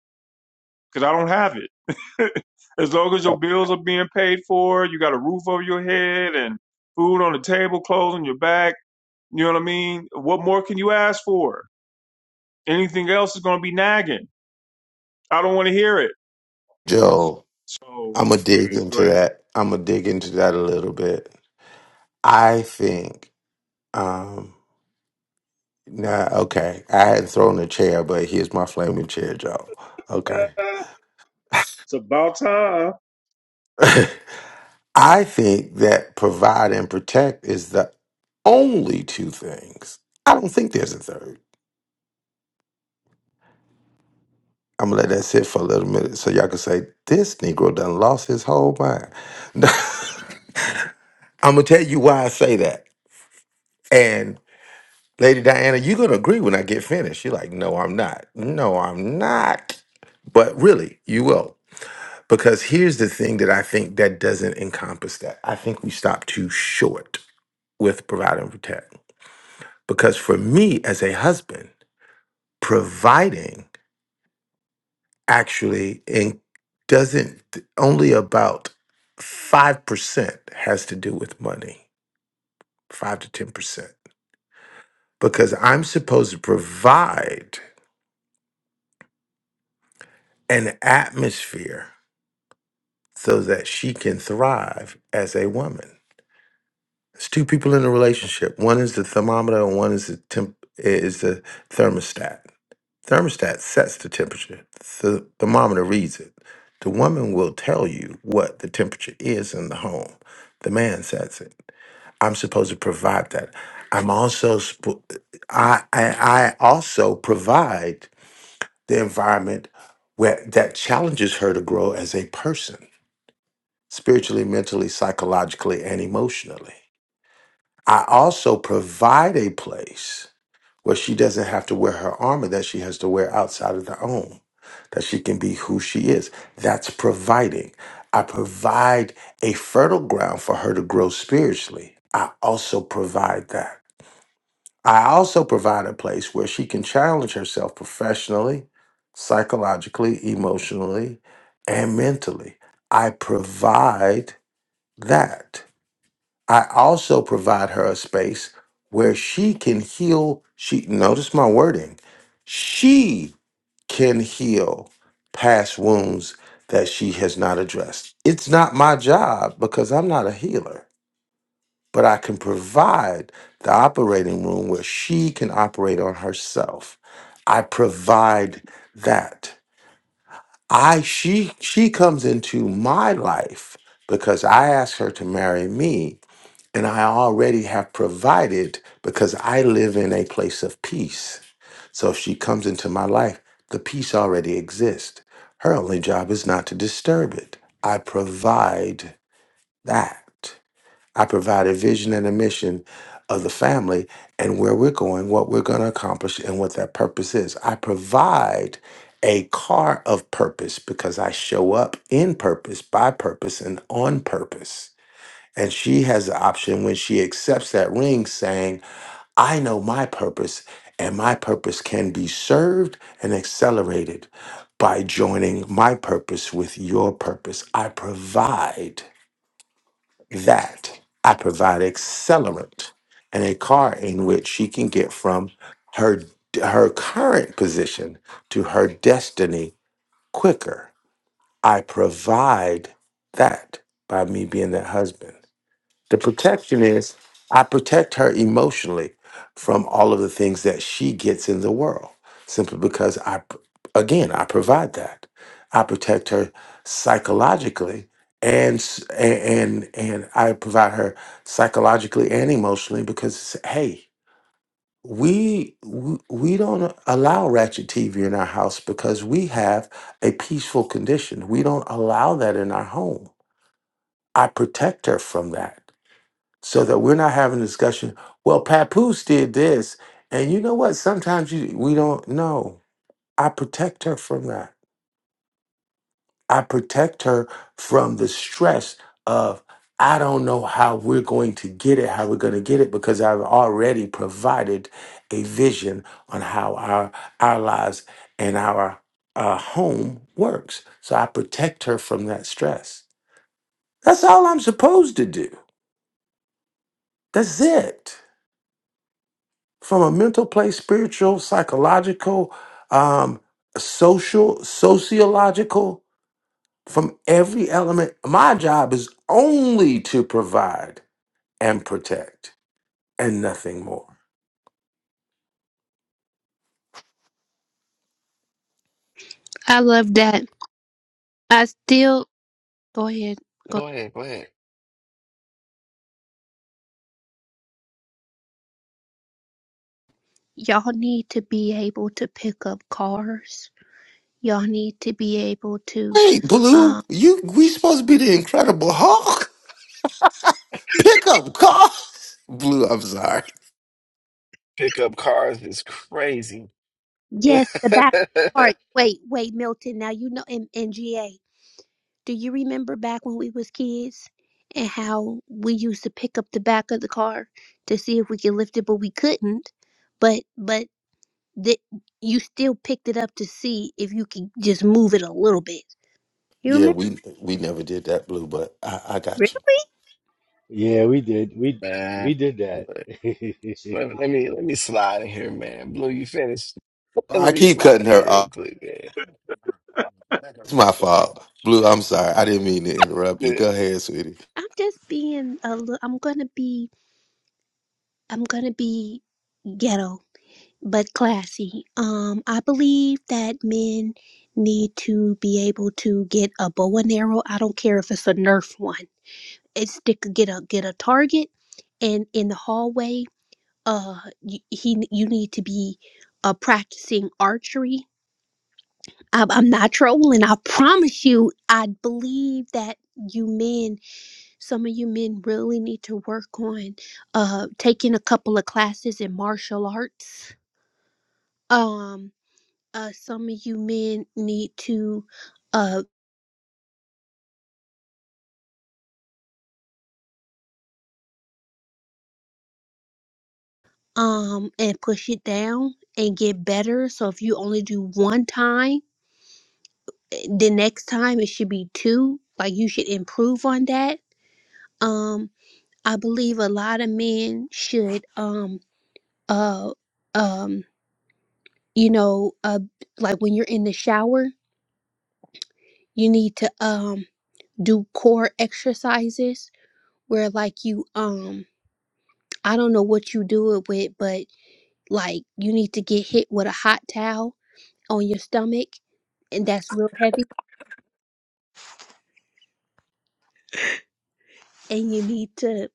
Speaker 2: because I don't have it. as long as your bills are being paid for, you got a roof over your head and food on the table, clothes on your back. You know what I mean? What more can you ask for? Anything else is going to be nagging. I don't want to hear it.
Speaker 11: Joe,
Speaker 2: So
Speaker 11: I'm gonna dig
Speaker 2: go
Speaker 11: into that. I'm gonna dig into that a little bit. I think. Um, nah, okay. I hadn't thrown a chair, but here's my flaming chair, Joe. Okay.
Speaker 2: ahead. It's about time.
Speaker 11: I think that provide and protect is the only two things. I don't think there's a third. I'm gonna let that sit for a little minute so y'all can say this Negro done lost his whole mind. I'm gonna tell you why I say that. And Lady Diana, you're gonna agree when I get finished. You're like, no, I'm not. No, I'm not. But really, you will. Because here's the thing that I think that doesn't encompass that. I think we stop too short with provide and protect. Because for me as a husband, providing actually and doesn't only about 5% has to do with money 5 to 10% because i'm supposed to provide an atmosphere so that she can thrive as a woman it's two people in a relationship one is the thermometer and one is the temp is the thermostat thermostat sets the temperature. The thermometer reads it. The woman will tell you what the temperature is in the home. The man sets it. I'm supposed to provide that. I'm also sp- I, I I also provide the environment where that challenges her to grow as a person, spiritually, mentally, psychologically, and emotionally. I also provide a place where she doesn't have to wear her armor that she has to wear outside of the home, that she can be who she is. That's providing. I provide a fertile ground for her to grow spiritually. I also provide that. I also provide a place where she can challenge herself professionally, psychologically, emotionally, and mentally. I provide that. I also provide her a space where she can heal. She notice my wording. She can heal past wounds that she has not addressed. It's not my job because I'm not a healer, but I can provide the operating room where she can operate on herself. I provide that. I she she comes into my life because I ask her to marry me and I already have provided because I live in a place of peace. So if she comes into my life, the peace already exists. Her only job is not to disturb it. I provide that. I provide a vision and a mission of the family and where we're going, what we're going to accomplish, and what that purpose is. I provide a car of purpose because I show up in purpose, by purpose, and on purpose. And she has the option when she accepts that ring saying, I know my purpose, and my purpose can be served and accelerated by joining my purpose with your purpose. I provide that. I provide accelerant and a car in which she can get from her her current position to her destiny quicker. I provide that by me being that husband. The protection is I protect her emotionally from all of the things that she gets in the world simply because I, p- again, I provide that. I protect her psychologically and s- a- and and I provide her psychologically and emotionally because hey, we we we don't allow ratchet TV in our house because we have a peaceful condition. We don't allow that in our home. I protect her from that so that we're not having a discussion. Well, Papoose did this, and you know what? Sometimes you we don't know. I protect her from that. I protect her from the stress of I don't know how we're going to get it, how we're going to get it, because I've already provided a vision on how our our lives and our uh, home works. So I protect her from that stress. That's all I'm supposed to do. That's it. from a mental place, spiritual, psychological, um, social, sociological, from every element. My job is only to provide and protect and nothing more.
Speaker 9: I love that. I still go ahead. Go.
Speaker 6: Go ahead. Go ahead.
Speaker 9: Y'all need to be able to pick up cars. Y'all need to be able to.
Speaker 11: Wait, Blue,
Speaker 9: Um,
Speaker 11: you we supposed to be the Incredible Hulk pickup car? Blue, I'm sorry.
Speaker 6: Pickup cars is crazy.
Speaker 9: yes, the back part. Wait, wait, Milton. Now you know in NGA. Do you remember back when we was kids and how we used to pick up the back of the car to see if we could lift it, but we couldn't. But but that you still picked it up to see if you could just move it a little bit. You
Speaker 11: Yeah,
Speaker 9: remember?
Speaker 11: we we never did that, Blue, but I, I
Speaker 9: Really?
Speaker 11: got you.
Speaker 10: Yeah, we did. We we
Speaker 6: man.
Speaker 10: did that.
Speaker 6: Let, let me let me slide in here, man. Blue, you finished. Let
Speaker 11: I
Speaker 6: me
Speaker 11: keep
Speaker 6: slide
Speaker 11: cutting
Speaker 6: in
Speaker 11: her
Speaker 6: here real
Speaker 11: off.
Speaker 6: quick, man.
Speaker 11: It's my fault, Blue. I'm sorry. I didn't mean to interrupt you.
Speaker 6: Good.
Speaker 11: Go ahead, sweetie.
Speaker 9: I'm just being a little. I'm gonna be. I'm gonna be ghetto, but classy. Um, I believe that men need to be able to get a bow and arrow. I don't care if it's a Nerf one. It's stick. Get a get a target, and in the hallway, uh, y- he you need to be uh practicing archery I, I'm not trolling. I promise you, I believe that you men, some of you men, really need to work on uh, taking a couple of classes in martial arts. Um, uh, some of you men need to uh, um, and push it down and get better. So if you only do one time, eh, the next time it should be two. Like you should improve on that. Um, I believe a lot of men should um uh um you know, uh, like when you're in the shower, you need to um do core exercises where like you um I don't know what you do it with, but like you need to get hit with a hot towel on your stomach, and that's real heavy, and you need to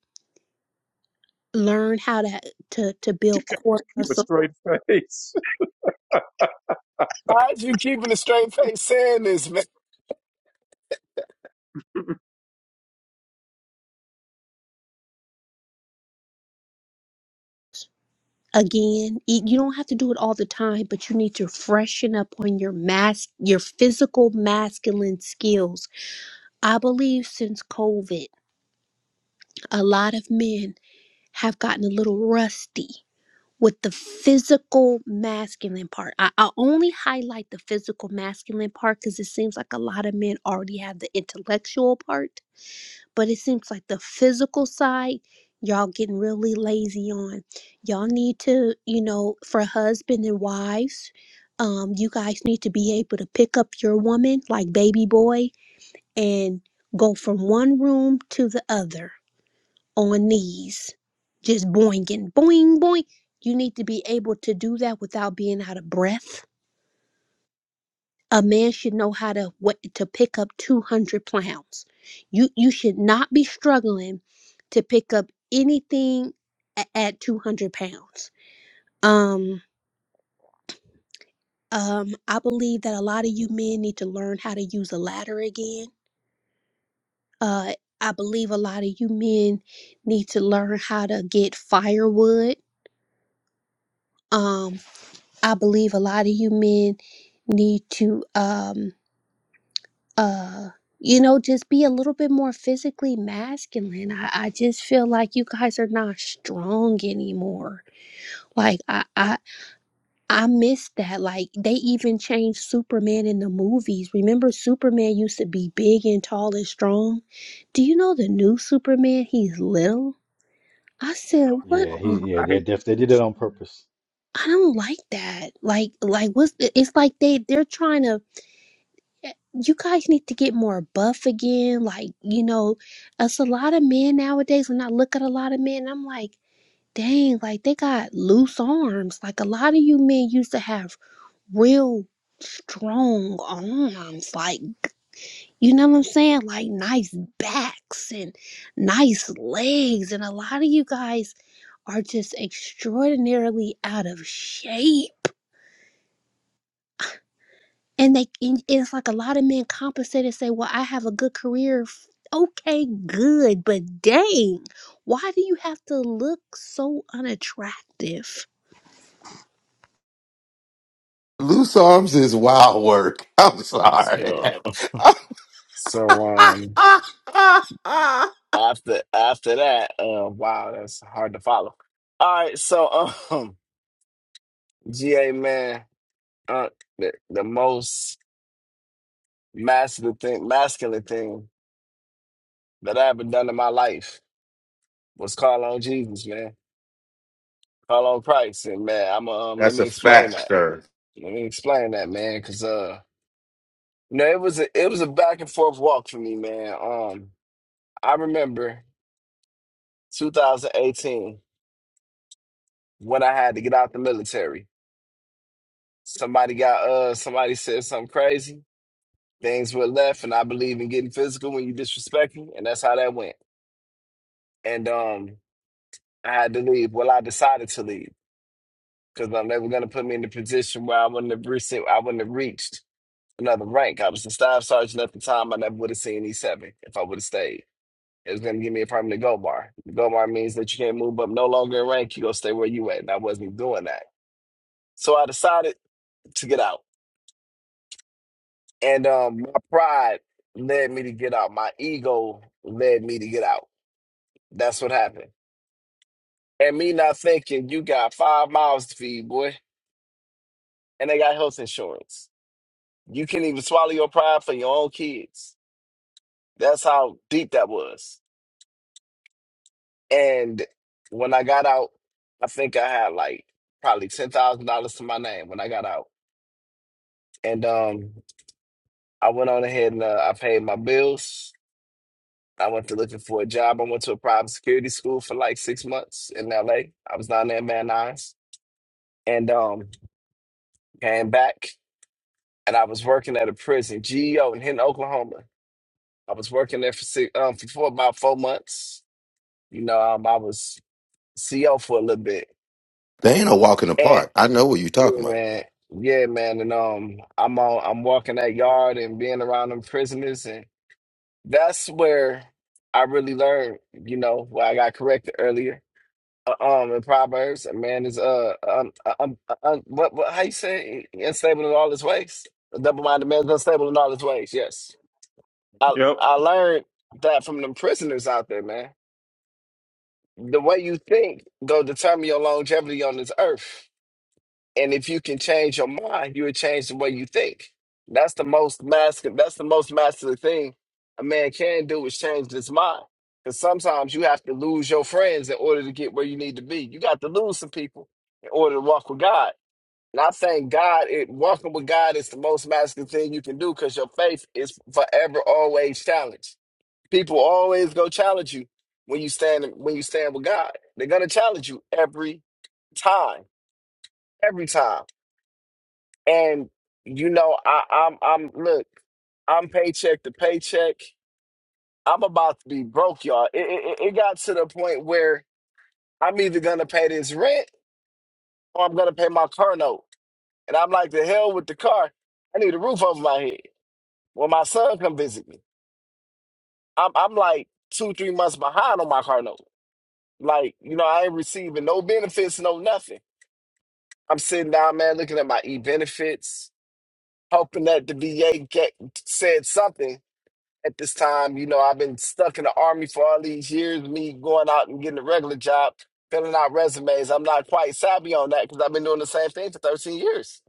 Speaker 9: learn how to to to
Speaker 2: You
Speaker 9: build
Speaker 2: can't
Speaker 9: core
Speaker 2: even keep a
Speaker 9: muscle
Speaker 2: straight face.
Speaker 6: Why is you keeping a straight face saying this, man?
Speaker 9: again. Y- You don't have to do it all the time, but you need to freshen up on your mask, your physical masculine skills. I believe since COVID. a lot of men have gotten a little rusty with the physical masculine part. I, I only highlight the physical masculine part because it seems like a lot of men already have the intellectual part, but it seems like the physical side, y'all getting really lazy on. Y'all need to, you know, for husband and wives, um, you guys need to be able to pick up your woman like baby boy and go from one room to the other on knees, just boinging, boing, boing. You need to be able to do that without being out of breath. A man should know how to what, to pick up 200 pounds. You you should not be struggling to pick up anything at, at 200 pounds. Um, um, I believe that a lot of you men need to learn how to use a ladder again. Uh, I believe a lot of you men need to learn how to get firewood. Um. I believe a lot of you men need to um uh you know just be a little bit more physically masculine. I, I just feel like you guys are not strong anymore. Like I I I miss that. Like they even changed Superman in the movies. Remember Superman used to be big and tall and strong? Do you know the new Superman? He's little. I said, what?
Speaker 10: Yeah, he yeah,
Speaker 2: I
Speaker 10: they
Speaker 2: hate this
Speaker 10: def they
Speaker 2: new
Speaker 10: did it on
Speaker 2: Superman.
Speaker 10: purpose.
Speaker 9: I don't like that. Like, like what's? the, It's like they they're trying to you guys need to get more buff again. Like, you know, it's a lot of men nowadays. When I look at a lot of men, I'm like, dang, like they got loose arms. Like, a lot of you men used to have real strong arms. Like, you know what I'm saying? Like, nice backs and nice legs. And a lot of you guys are just extraordinarily out of shape and they and it's like a lot of men compensate and say well i have a good career F- okay good but dang why do you have to look so unattractive
Speaker 11: Loose arms is wild work. I'm sorry.
Speaker 6: So, so um after after that, uh wow, that's hard to follow. All right, so um GA man, uh the, the most masculine thing masculine thing that I ever done in my life was call on Jesus, man. Call on Christ, and man, I'm um. Let
Speaker 11: That's a
Speaker 6: me explain
Speaker 11: fact,
Speaker 6: that.
Speaker 11: sir.
Speaker 6: Let me explain that, man, because uh, you know, it was a it was a back and forth walk for me, man. Um, I remember 2018 when I had to get out the military. Somebody got uh, somebody said something crazy. Things were left, and I believe in getting physical when you disrespect me, and that's how that went. And um, I had to leave. Well, I decided to leave because um, they were gonna put me in a position where I wouldn't have reached. I wouldn't have reached. another rank. I was the staff sergeant at the time. I never would have seen E7 if I would have stayed. It was going to give me a permanent gold bar. The gold bar means that you can't move up no longer in rank. you going to stay where you at. And I wasn't doing that. So I decided to get out. And um, my pride led me to get out. My ego led me to get out. That's what happened. And me not thinking, you got five miles to feed, boy. And they got health insurance. You can't even swallow your pride for your own kids. That's how deep that was. And when I got out, I think I had like probably ten thousand dollars to my name when I got out. And um, I went on ahead and uh, I paid my bills. I went to looking for a job. I went to a private security school for like six months in LA. I was down there in Van Nuys, and um, came back and I was working at a prison, GEO in Hinton, Oklahoma. I was working there for six, um, for four, about four months. You know, um, I was CO for a little bit,
Speaker 11: They ain't a walk in the park. I know what you're talking
Speaker 6: Yeah,
Speaker 11: about.
Speaker 6: man. Yeah, man. And um, I'm on, I'm walking that yard and being around them prisoners, and that's where I really learned. You know, where I got corrected earlier. Uh, um, in Proverbs, a man is uh, um, um, um what, what, how you say, it? unstable in all his ways. A double-minded man is unstable in all his ways. Yes, I
Speaker 2: Yep.
Speaker 6: I learned that from them prisoners out there, man. The way you think go determine your longevity on this earth. And if you can change your mind, you would change the way you think. That's the most masculine. That's the most masculine thing a man can do is change his mind. Because sometimes you have to lose your friends in order to get where you need to be. You got to lose some people in order to walk with God. Not saying God, it, walking with God is the most masculine thing you can do because your faith is forever, always challenged. People always go challenge you when you stand when you stand with God. They're gonna challenge you every time, every time. And you know, I, I'm I'm look, I'm paycheck to paycheck. I'm about to be broke, y'all. It, it it it got to the point where I'm either gonna pay this rent or I'm gonna pay my car note. And I'm like, the hell with the car. I need a roof over my head. When my son come visit me, I'm I'm like two three months behind on my car note. Like you know, I ain't receiving no benefits, no nothing. I'm sitting down, man, looking at my e benefits, hoping that the VA get, said something at this time. You know, I've been stuck in the army for all these years, me going out and getting a regular job, filling out resumes. I'm not quite savvy on that because I've been doing the same thing for 13 years.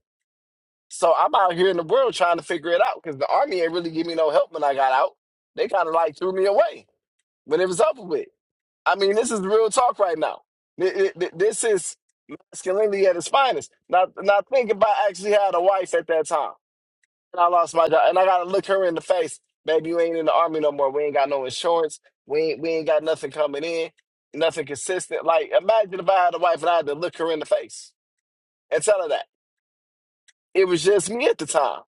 Speaker 6: So I'm out here in the world trying to figure it out because the army ain't really give me no help when I got out. They kind of like threw me away when it was over with. I mean, this is real talk right now. Th- th- th- This is masculinity at its finest. Now, now think about I actually had a wife at that time. And I lost my job. And I gotta look her in the face. Baby, you ain't in the army no more. We ain't got no insurance. We ain't we ain't got nothing coming in, nothing consistent. Like imagine if I had a wife and I had to look her in the face and tell her that. It was just me at the time.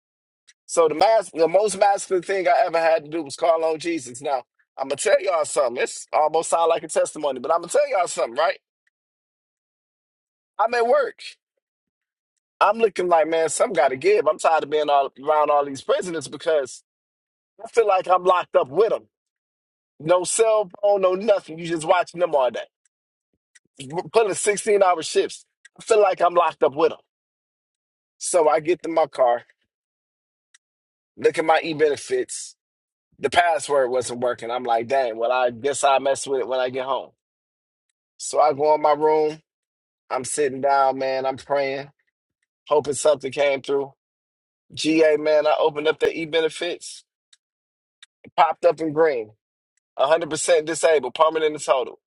Speaker 6: So the mas- the most masculine thing I ever had to do was call on Jesus. Now, I'm gonna tell y'all something. It's almost sound like a testimony, but I'm gonna tell y'all something, right? I'm at work. I'm looking like, man, some gotta give. I'm tired of being all around all these prisoners because I feel like I'm locked up with them. No cell phone, no nothing. You just watching them all day. Putting 16 hour shifts. I feel like I'm locked up with them. So I get to my car, look at my e benefits. The password wasn't working. I'm like, dang, well, I guess I mess with it when I get home. So I go in my room. I'm sitting down, man. I'm praying, hoping something came through. GA, man, I opened up the e benefits, popped up in green. 100% disabled, permanent and total.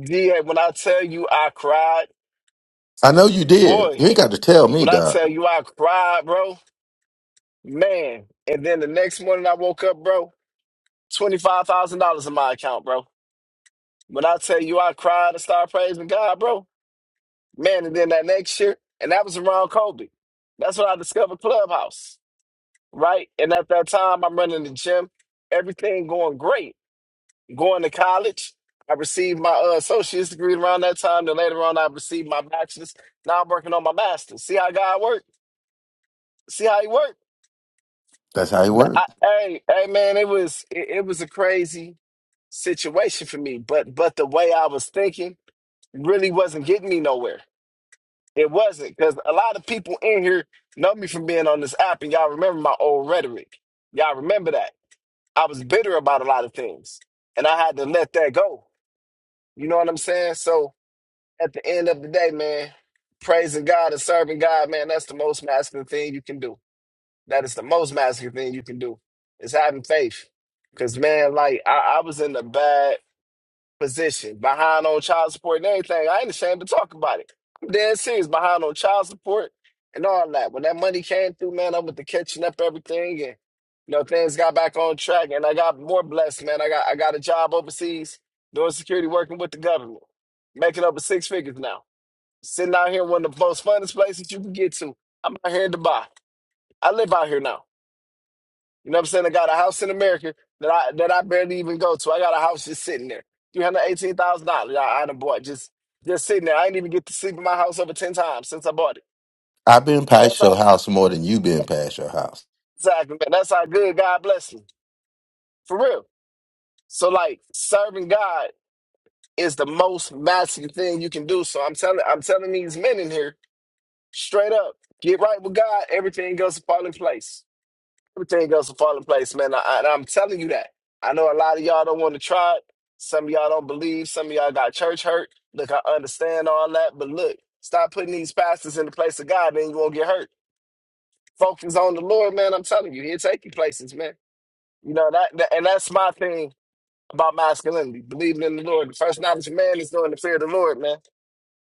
Speaker 6: GA, when I tell you I cried,
Speaker 11: I know you did.
Speaker 6: boy.
Speaker 11: You ain't got to tell me,
Speaker 6: When I tell
Speaker 11: Doc.
Speaker 6: you I cried, bro, man. And then the next morning I woke up, bro, $25,000 in my account, bro. When I tell you I cried and started praising God, bro, man. And then that next year, and that was around Kobe. That's when I discovered Clubhouse, right? And at that time, I'm running the gym, everything going great. Going to college, I received my uh, associate's degree around that time. Then later on, I received my bachelor's. Now I'm working on my master's. See how God works? See how He works?
Speaker 11: That's how it
Speaker 6: Th- I,
Speaker 11: worked.
Speaker 6: hey, hey, man, it was it, it was a crazy situation for me, but but the way I was thinking really wasn't getting me nowhere. It wasn't because a lot of people in here know me from being on this app, and y'all remember my old rhetoric. Y'all remember that I was bitter about a lot of things, and I had to let that go. You know what I'm saying? So at the end of the day, man, praising God and serving God, man, that's the most masculine thing you can do. That is the most masculine thing you can do is having faith. Cause man, like I, I was in a bad position, behind on child support and everything. I ain't ashamed to talk about it. I'm dead serious, behind on child support and all that. When that money came through, man, I went to catching up everything and you know things got back on track and I got more blessed, man. I got I got a job overseas doing security working with the government, making up to six figures now. Sitting out here in one of the most funnest places you can get to. I'm out here in Dubai. I live out here now. You know what I'm saying? I got a house in America that I that I barely even go to. I got a house just sitting there. Three hundred eighteen thousand dollars. I, I done bought just just sitting there. I ain't even get to sleep in my house over ten times since I bought it.
Speaker 11: I've been
Speaker 6: That's
Speaker 11: past your
Speaker 6: how
Speaker 11: house more than you been past your house.
Speaker 6: exactly. man. That's how good God bless me for real. So like serving God is the most massive thing you can do. So I'm telling I'm telling these men in here straight up, get right with God. Everything else will fall in place. everything else will fall in place, man. I, I, I'm telling you that. I know a lot of y'all don't want to try it. Some of y'all don't believe. Some of y'all got church hurt. Look, I understand all that, but look, stop putting these pastors in the place of God, then you won't get hurt. Focus on the Lord, man. I'm telling you, He'll take you places, man. You know that, that- and that's my thing about masculinity: believing in the Lord. The first knowledge of man is knowing the fear of the Lord, man.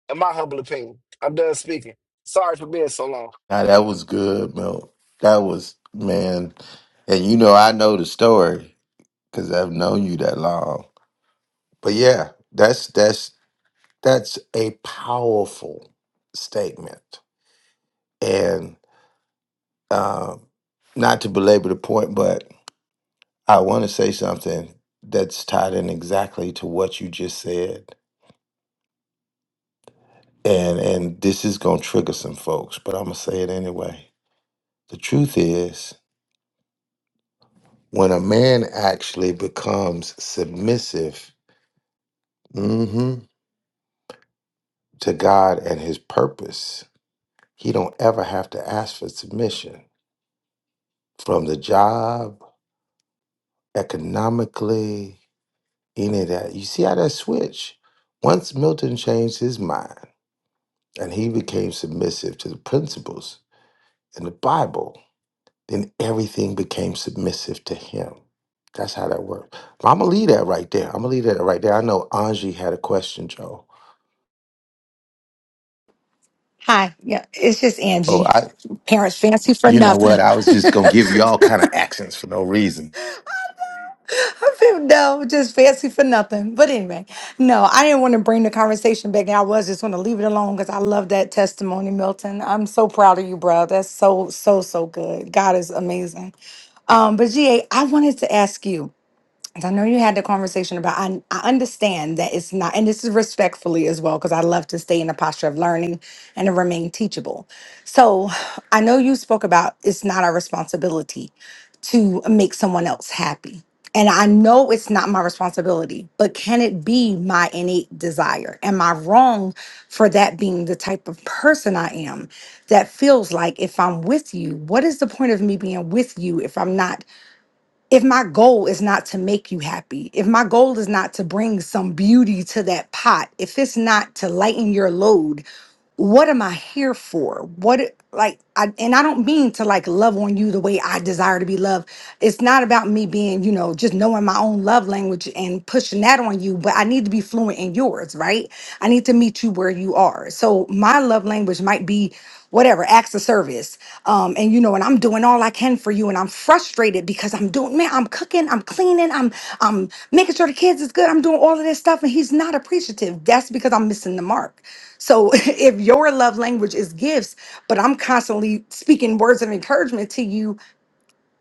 Speaker 6: In my humble opinion, I'm done speaking. Sorry for being so long.
Speaker 11: Now that was good, Mel. That was man. And you know I know the story because I've known you that long. But yeah, that's that's that's a powerful statement. And Um, not to belabor the point, but I want to say something that's tied in exactly to what you just said. And and this is gonna trigger some folks, but I'm gonna say it anyway. The truth is, when a man actually becomes submissive mhm, to God and his purpose, he don't ever have to ask for submission from the job, economically, any of that. You see how that switch? Once Milton changed his mind. and he became submissive to the principles in the Bible, then everything became submissive to him. That's how that works. I'm gonna leave that right there. I'm gonna leave that right there. I know Angie had a question, Joe.
Speaker 13: Hi. Yeah, it's just
Speaker 11: Oh,
Speaker 13: Angie.
Speaker 11: I.
Speaker 13: Parents fancy for
Speaker 11: You know
Speaker 13: nothing.
Speaker 11: what? I was just gonna give you all kind of accents for no reason.
Speaker 13: no, just fancy for nothing. But anyway, no, I didn't want to bring the conversation back. I was just going to leave it alone because I love that testimony, Milton. I'm so proud of you, bro. That's so, so, so good. God is amazing. Um, but GA, I wanted to ask you. I know you had the conversation about, I, I understand that it's not, and this is respectfully as well, because I love to stay in the posture of learning and to remain teachable. So I know you spoke about it's not our responsibility to make someone else happy. And I know it's not my responsibility, but can it be my innate desire? Am I wrong for that being the type of person I am that feels like if I'm with you, what is the point of me being with you if I'm not? if my goal is not to make you happy, if my goal is not to bring some beauty to that pot, if it's not to lighten your load, what am I here for? What it- like I and I don't mean to like love on you the way I desire to be loved. It's not about me being, you know, just knowing my own love language and pushing that on you, but I need to be fluent in yours, right? I need to meet you where you are. So my love language might be whatever acts of service um and you know and i'm doing all i can for you and i'm frustrated because i'm doing man i'm cooking i'm cleaning i'm i'm making sure the kids is good i'm doing all of this stuff and he's not appreciative that's because i'm missing the mark so if your love language is gifts, but I'm constantly speaking words of encouragement to you,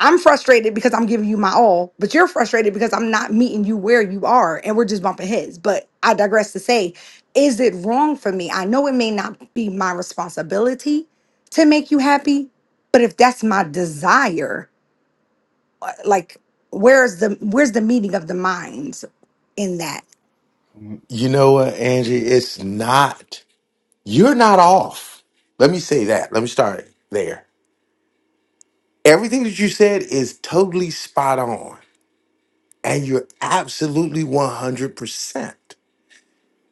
Speaker 13: I'm frustrated because I'm giving you my all, but you're frustrated because I'm not meeting you where you are and we're just bumping heads. But I digress to say, is it wrong for me? I know it may not be my responsibility to make you happy, but if that's my desire, uh, like where's the where's the meeting of the minds in that?
Speaker 11: You know what, Angie? It's not. You're not off. Let me say that. Let me start there. Everything that you said is totally spot on, and you're absolutely 100%.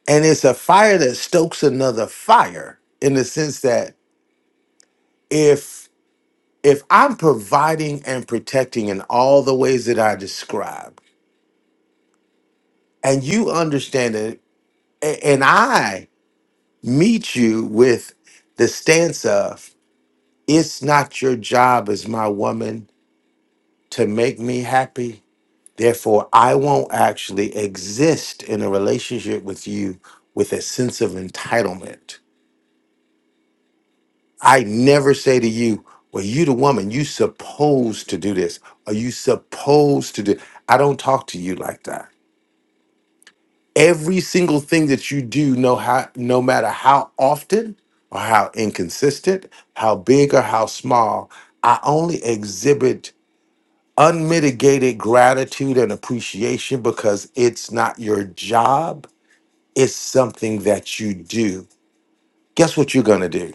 Speaker 11: and it's a fire that stokes another fire in the sense that if if i'm providing and protecting in all the ways that i described and you understand it a- and i meet you with the stance of it's not your job as my woman to make me happy therefore i won't actually exist in a relationship with you with a sense of entitlement I never say to you, well, you the woman, you supposed to do this, or you supposed to do. I don't talk to you like that. Every single thing that you do, no how no matter how often or how inconsistent, how big or how small, I only exhibit unmitigated gratitude and appreciation because it's not your job, it's something that you do. Guess what you're gonna do?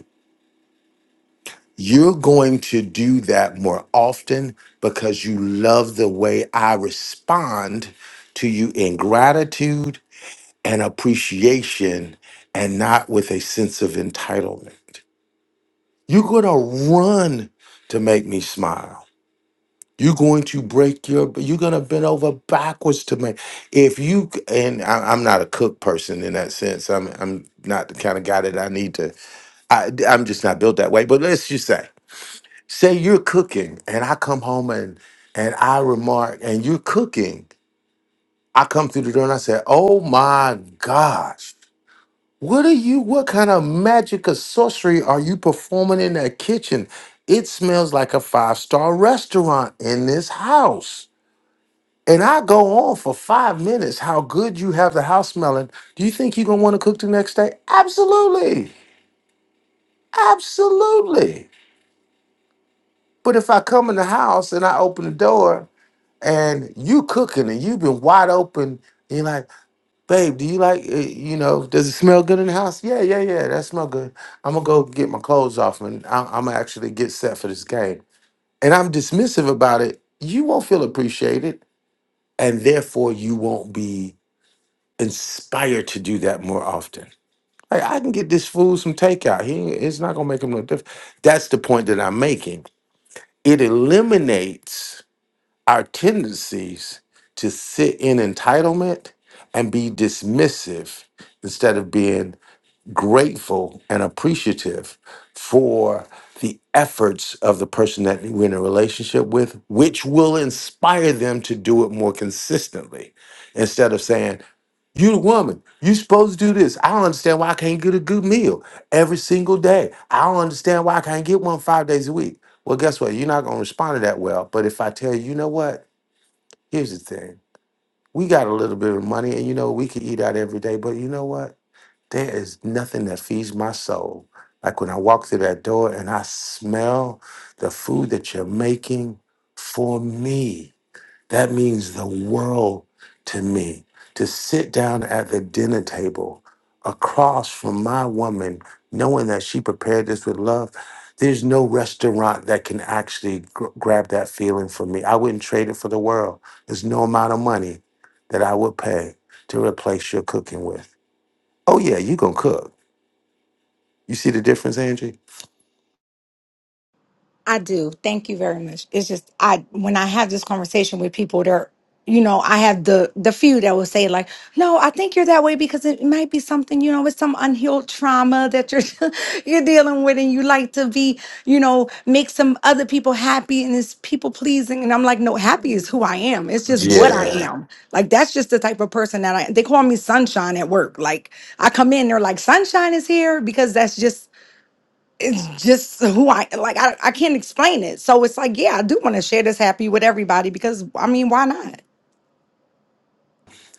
Speaker 11: You're going to do that more often because you love the way I respond to you in gratitude and appreciation and not with a sense of entitlement. You're going to run to make me smile. You're going to break your, you're going to bend over backwards to make. If you, and I, I'm not a cook person in that sense. I'm, I'm not the kind of guy that I need to, I, I'm just not built that way. But let's just say, say you're cooking and I come home and and I remark and you're cooking. I come through the door and I say, "Oh my gosh. What are you what kind of magic or sorcery are you performing in that kitchen? It smells like a five-star restaurant in this house." And I go on for 5 minutes how good you have the house smelling. Do you think you're going to want to cook the next day? Absolutely. Absolutely. But if I come in the house and I open the door and you cooking and you've been wide open. And you're like, babe, do you like, uh, you know, does it smell good in the house? Yeah, yeah, yeah, that smell good. I'm gonna go get my clothes off and I'm, I'm gonna actually get set for this game. And I'm dismissive about it. You won't feel appreciated, and therefore you won't be inspired to do that more often. Like I can get this fool some takeout. He, it's not gonna make him no difference. That's the point that I'm making. It eliminates our tendencies to sit in entitlement and be dismissive instead of being grateful and appreciative for the efforts of the person that we're in a relationship with, which will inspire them to do it more consistently instead of saying, you the woman, you supposed to do this. I don't understand why I can't get a good meal every single day. I don't understand why I can't get one five days a week. Well, guess what? You're not going to respond to that well. But if I tell you, you know what? Here's the thing. We got a little bit of money and you know we could eat out every day, but you know what? There is nothing that feeds my soul. Like when I walk through that door and I smell the food that you're making for me. That means the world to me to sit down at the dinner table across from my woman, knowing that she prepared this with love. There's no restaurant that can actually gr- grab that feeling for me. I wouldn't trade it for the world. There's no amount of money that I would pay to replace your cooking with. Oh, yeah, you going to cook. You see the difference, Angie?
Speaker 13: I do. Thank you very much. It's just I when I have this conversation with people, they're you know I have the the few that will say like, no, I think you're that way because it might be something you know it's some unhealed trauma that you're you're dealing with, and you like to be you know make some other people happy and it's people pleasing, and I'm like, no, happy is who I am. It's just what I
Speaker 11: Yeah.
Speaker 13: am. Like that's just the type of person that I. They call me sunshine at work. Like I come in, they're like, sunshine is here because that's just it's just who I like. I, I can't explain it. So it's like, yeah, I do want to share this happy with everybody because I mean, why not?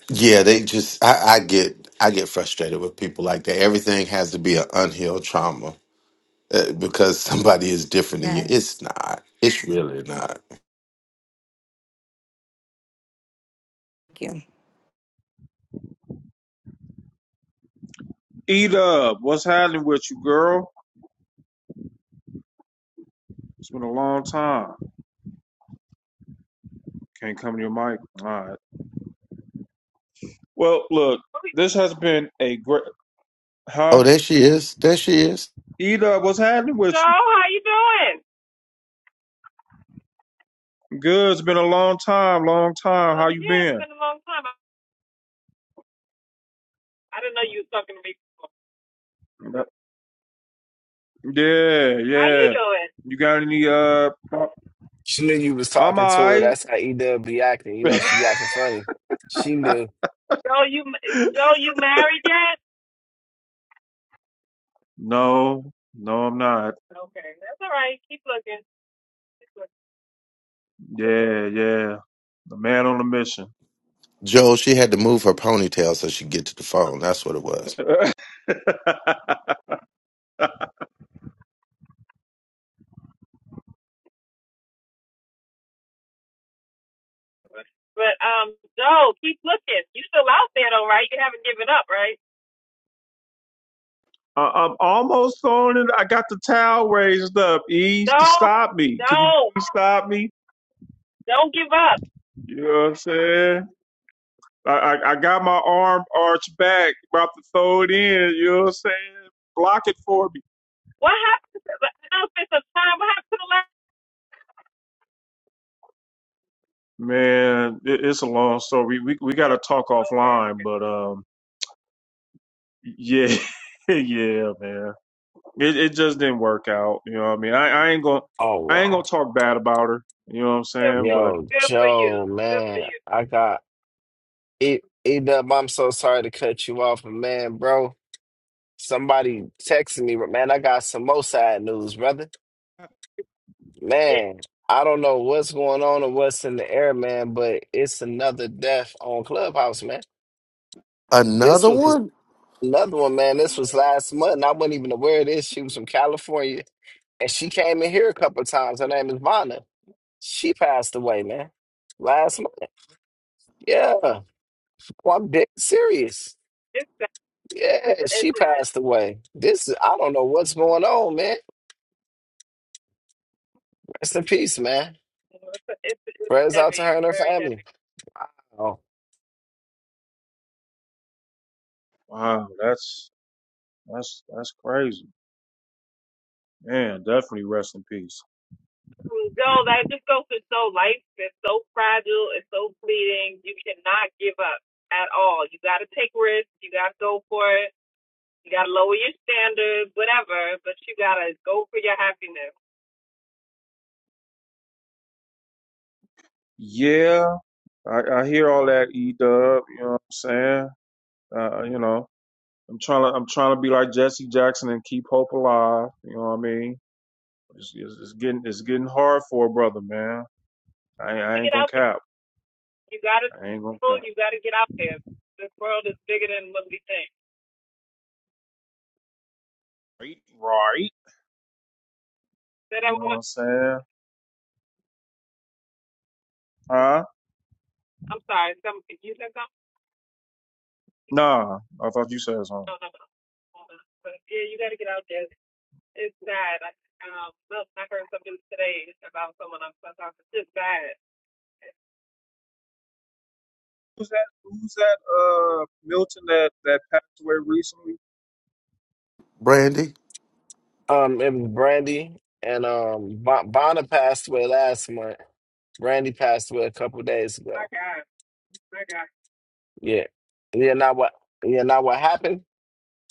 Speaker 11: Yeah, they just I, I get I get frustrated with people like that. Everything has to be an unhealed trauma. uh, because somebody is different than you. It's
Speaker 13: Yes.
Speaker 11: not. It's really not.
Speaker 13: Thank you.
Speaker 2: Eat up. What's happening with you, girl? It's been a long time. Can't come to your mic. All right. Well, look,
Speaker 14: Hey,
Speaker 2: this has been a great. Huh?
Speaker 11: Oh, there she is. There she is.
Speaker 2: Eat up. What's happening with you?
Speaker 14: Joe, how you doing?
Speaker 2: Good. It's been a long time. Long time.
Speaker 14: Um,
Speaker 2: How you
Speaker 14: yeah, it's
Speaker 2: been?
Speaker 14: been a long time. I, I didn't know you was talking to me. Before.
Speaker 2: Yep. Yeah.
Speaker 14: How you
Speaker 2: Yeah.
Speaker 14: doing?
Speaker 2: You got any? Uh. pro-
Speaker 6: She knew you was
Speaker 2: I'm
Speaker 6: talking to her.
Speaker 2: alright.
Speaker 6: That's how E Dub be acting. You know she be acting funny. She knew.
Speaker 14: Joe, you Joe, you married yet?
Speaker 2: no. No, I'm not.
Speaker 14: Okay, that's all right. Keep looking. Keep looking.
Speaker 2: Yeah. Yeah. The man on a mission.
Speaker 11: Joel, she had to move her ponytail so she could get to the phone. That's what it was.
Speaker 14: Okay. But um, Joe, keep looking. You still out there though, right? You haven't given up, right?
Speaker 2: I, I'm almost on it. I got the towel raised up. Ease to
Speaker 14: Joe,
Speaker 2: stop me. Could you
Speaker 14: Joe,
Speaker 2: please stop me?
Speaker 14: don't, give up.
Speaker 2: You know what I'm saying? I, I, I got my arm arched back, about to throw it in. You know what I'm saying? Block it for me,
Speaker 14: What happened? To, I know it's been some time. What happened to the last?
Speaker 2: man. It, it's a long story. We we got to talk
Speaker 14: Okay,
Speaker 2: offline,
Speaker 14: okay.
Speaker 2: but um, yeah, yeah, man. It it just didn't work out. You know what I mean? I, I ain't gonna
Speaker 6: Oh
Speaker 2: I ain't
Speaker 6: wow.
Speaker 2: gonna talk bad about her. You know what I'm
Speaker 14: good for
Speaker 2: saying?
Speaker 14: you.
Speaker 2: but.
Speaker 6: Yo,
Speaker 14: Good for you.
Speaker 6: Joe,
Speaker 14: Good for
Speaker 6: man.
Speaker 14: you.
Speaker 6: I got it E Dub, I'm so sorry to cut you off, but man, bro. Somebody texted me, but man, I got some more side news, brother.
Speaker 2: Uh,
Speaker 14: Yeah,
Speaker 6: Man, I don't know what's going on or what's in the air, man, but it's another death on Clubhouse, man. This
Speaker 11: Another
Speaker 6: was
Speaker 11: one,
Speaker 6: another one, man. This was last month, and I wasn't even aware of this. She was from California. And she came in here a couple of times. Her name is Vonna. She passed away, man. Last month. Yeah. Well, I'm dead serious.
Speaker 14: it's,
Speaker 6: Yeah, she
Speaker 14: it's,
Speaker 6: passed away. This is I don't know what's going on, man. Rest in peace, man.
Speaker 14: Well, It's, it's, it's
Speaker 6: Prayers out to
Speaker 14: heavy,
Speaker 6: her and her
Speaker 14: very
Speaker 6: family.
Speaker 14: heavy.
Speaker 6: Wow.
Speaker 2: Wow, that's that's that's crazy, man. Definitely rest in peace.
Speaker 14: No, that just goes to show life is so fragile, it's so fleeting. You cannot give up at all. You got to take risks. You got to go for it. You got to lower your standards, whatever. But you got to go for your happiness.
Speaker 2: Yeah, I, I hear all that, E Dub. You know what I'm saying? Uh, you know. I'm trying to I'm trying to be like Jesse Jackson and keep hope alive. You know what I mean? It's, it's, it's getting it's getting hard for a brother, man. I, ain't-
Speaker 14: To
Speaker 2: I ain't
Speaker 14: get
Speaker 2: gonna
Speaker 14: out there,
Speaker 2: cap.
Speaker 14: you got to.
Speaker 2: I ain't gonna cap.
Speaker 14: You got to get out there. This world is bigger than what we think.
Speaker 2: Right, right.
Speaker 14: Say that
Speaker 2: You know what
Speaker 14: one.
Speaker 2: I'm saying? Huh?
Speaker 14: I'm sorry. Some, you said something?
Speaker 2: Nah. I thought you said something.
Speaker 14: No, no, no. Yeah, you got to get out there. It's bad. I, um, look, I heard something today about someone I'm supposed to It's bad.
Speaker 2: Who's that? Who's that? Uh, Milton that that passed away recently.
Speaker 11: Brandy.
Speaker 6: Um, it was Brandy and um Bon- Vonna passed away last month. Brandy passed away a couple days
Speaker 14: My
Speaker 6: ago.
Speaker 14: God. My God.
Speaker 6: Yeah. Yeah, now what yeah, now what happened?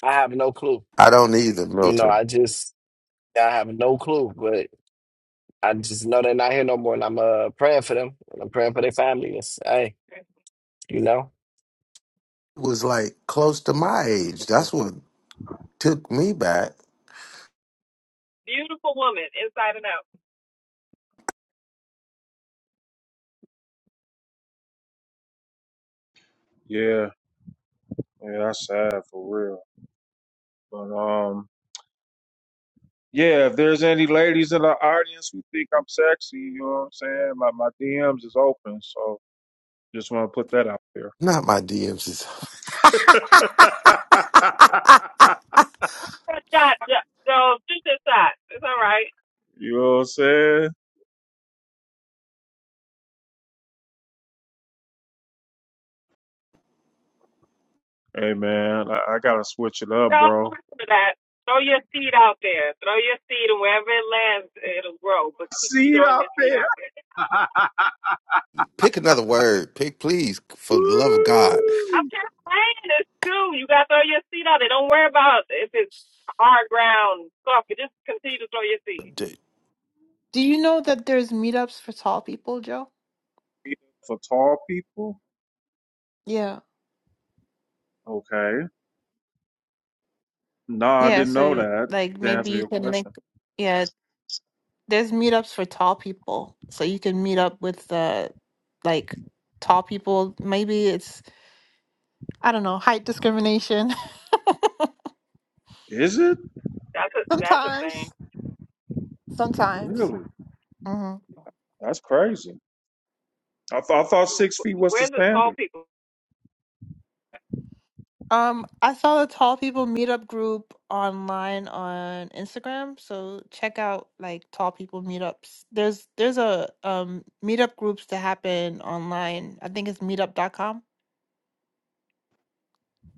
Speaker 6: I have no clue.
Speaker 11: I don't either,
Speaker 6: You know,
Speaker 11: Milton.
Speaker 6: I just I have no clue, I just know they're not here no more, and I'm uh praying for them. And I'm praying for their families. Hey, you know,
Speaker 11: It was like close to my
Speaker 2: Yeah,
Speaker 11: age. That's what took me back.
Speaker 14: Beautiful woman, inside and out.
Speaker 2: Yeah, yeah, that's sad for real. But um, yeah, if there's any ladies in the audience who think I'm sexy, you know what I'm saying? My my DMs is open, so just want to put that out there.
Speaker 11: Not my DMs. is-
Speaker 14: Just shot. so just this shot. It's all right.
Speaker 2: you know what I'm saying? Hey man, I, I gotta switch it up,
Speaker 14: Y'all don't
Speaker 2: bro.
Speaker 14: listen to that. Throw your seed out there. Throw your seed, and wherever it lands, it'll grow. But keep throwing your seed out there.
Speaker 11: Pick another word. Pick, please, for the love of God.
Speaker 14: I'm
Speaker 2: Woo!
Speaker 14: just saying this too. You gotta throw your seed out there. Don't worry about if it's hard ground, soft. Just continue to throw your seed.
Speaker 11: D-
Speaker 12: Do you know that there's meetups for tall people, Joe?
Speaker 2: For tall people?
Speaker 12: Yeah.
Speaker 2: Okay. No, I
Speaker 12: Yeah,
Speaker 2: didn't know
Speaker 12: so
Speaker 2: that.
Speaker 12: like
Speaker 2: To
Speaker 12: maybe
Speaker 2: answer
Speaker 12: you
Speaker 2: your
Speaker 12: can link
Speaker 2: question,
Speaker 12: yeah, there's meetups for tall people. So you can meet up with uh like tall people. Maybe it's I don't know, height discrimination.
Speaker 2: is it
Speaker 14: That's a that's a thing.
Speaker 12: Sometimes, sometimes.
Speaker 2: really?
Speaker 12: hmm
Speaker 2: That's crazy. I thought I thought six feet was the
Speaker 14: Where's it called
Speaker 2: standard.
Speaker 14: people?
Speaker 12: Um, I saw the Tall People Meetup group online on Instagram, so check out like Tall People Meetups. There's there's a um meetup groups that happen online. I think it's Meetup dot com.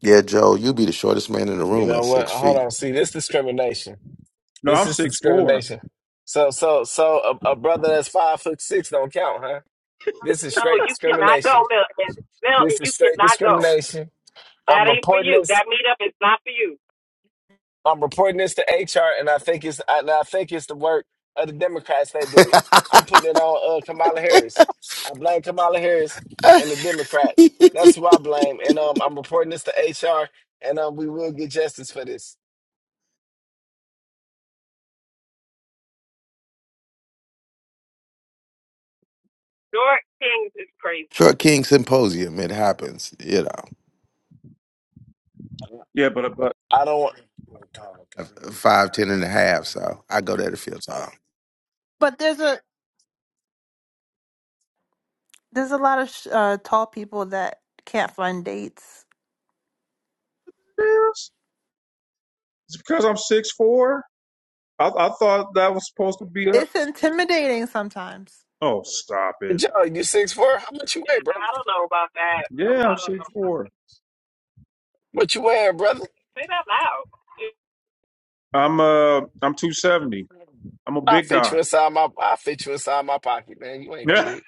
Speaker 11: Yeah, Joel, you be the shortest man in the
Speaker 6: you
Speaker 11: room
Speaker 6: know
Speaker 11: at
Speaker 6: what?
Speaker 11: six
Speaker 6: Hold
Speaker 11: feet.
Speaker 6: on. See, this discrimination.
Speaker 2: No, I'm
Speaker 6: This is
Speaker 2: six four.
Speaker 6: discrimination. So, so, so a, a brother that's five foot six don't count, huh? This is
Speaker 14: No,
Speaker 6: straight
Speaker 14: you cannot
Speaker 6: discrimination.
Speaker 14: go, Milton. Milton,
Speaker 6: This
Speaker 14: you
Speaker 6: is straight
Speaker 14: cannot go.
Speaker 6: discrimination.
Speaker 14: That
Speaker 6: I'm
Speaker 14: ain't for
Speaker 6: reporting
Speaker 14: you.
Speaker 6: this.
Speaker 14: That meetup is not for you.
Speaker 6: I'm reporting this to HR, and I think it's I, and I think it's the work of the Democrats that did it. I'm putting it on uh, Kamala Harris. I blame Kamala Harris and the Democrats. That's who I blame, and um, I'm reporting this to HR, and um, we will get justice for this.
Speaker 14: York Kings is crazy.
Speaker 11: Short King Symposium. It happens, you know.
Speaker 2: Yeah, but but
Speaker 6: I don't.
Speaker 11: five, ten and a half. So I go there to field time.
Speaker 12: But there's a there's a lot of sh- uh, tall people that can't find dates.
Speaker 2: yes, it's because I'm six four. I, I thought that was supposed to be a.
Speaker 12: It's intimidating sometimes.
Speaker 2: Oh, stop it.
Speaker 6: Joe, you six four? How much you weigh,
Speaker 14: Yeah,
Speaker 6: bro?
Speaker 14: I don't know about that.
Speaker 2: Yeah,
Speaker 14: I
Speaker 2: I'm
Speaker 14: don't
Speaker 2: six
Speaker 14: know.
Speaker 2: four.
Speaker 6: What you wearing, brother?
Speaker 14: Say that loud.
Speaker 2: I'm uh I'm two seventy. I'm a
Speaker 6: I
Speaker 2: big
Speaker 6: fit
Speaker 2: guy.
Speaker 6: you inside my. I fit you inside my pocket, man. You ain't big.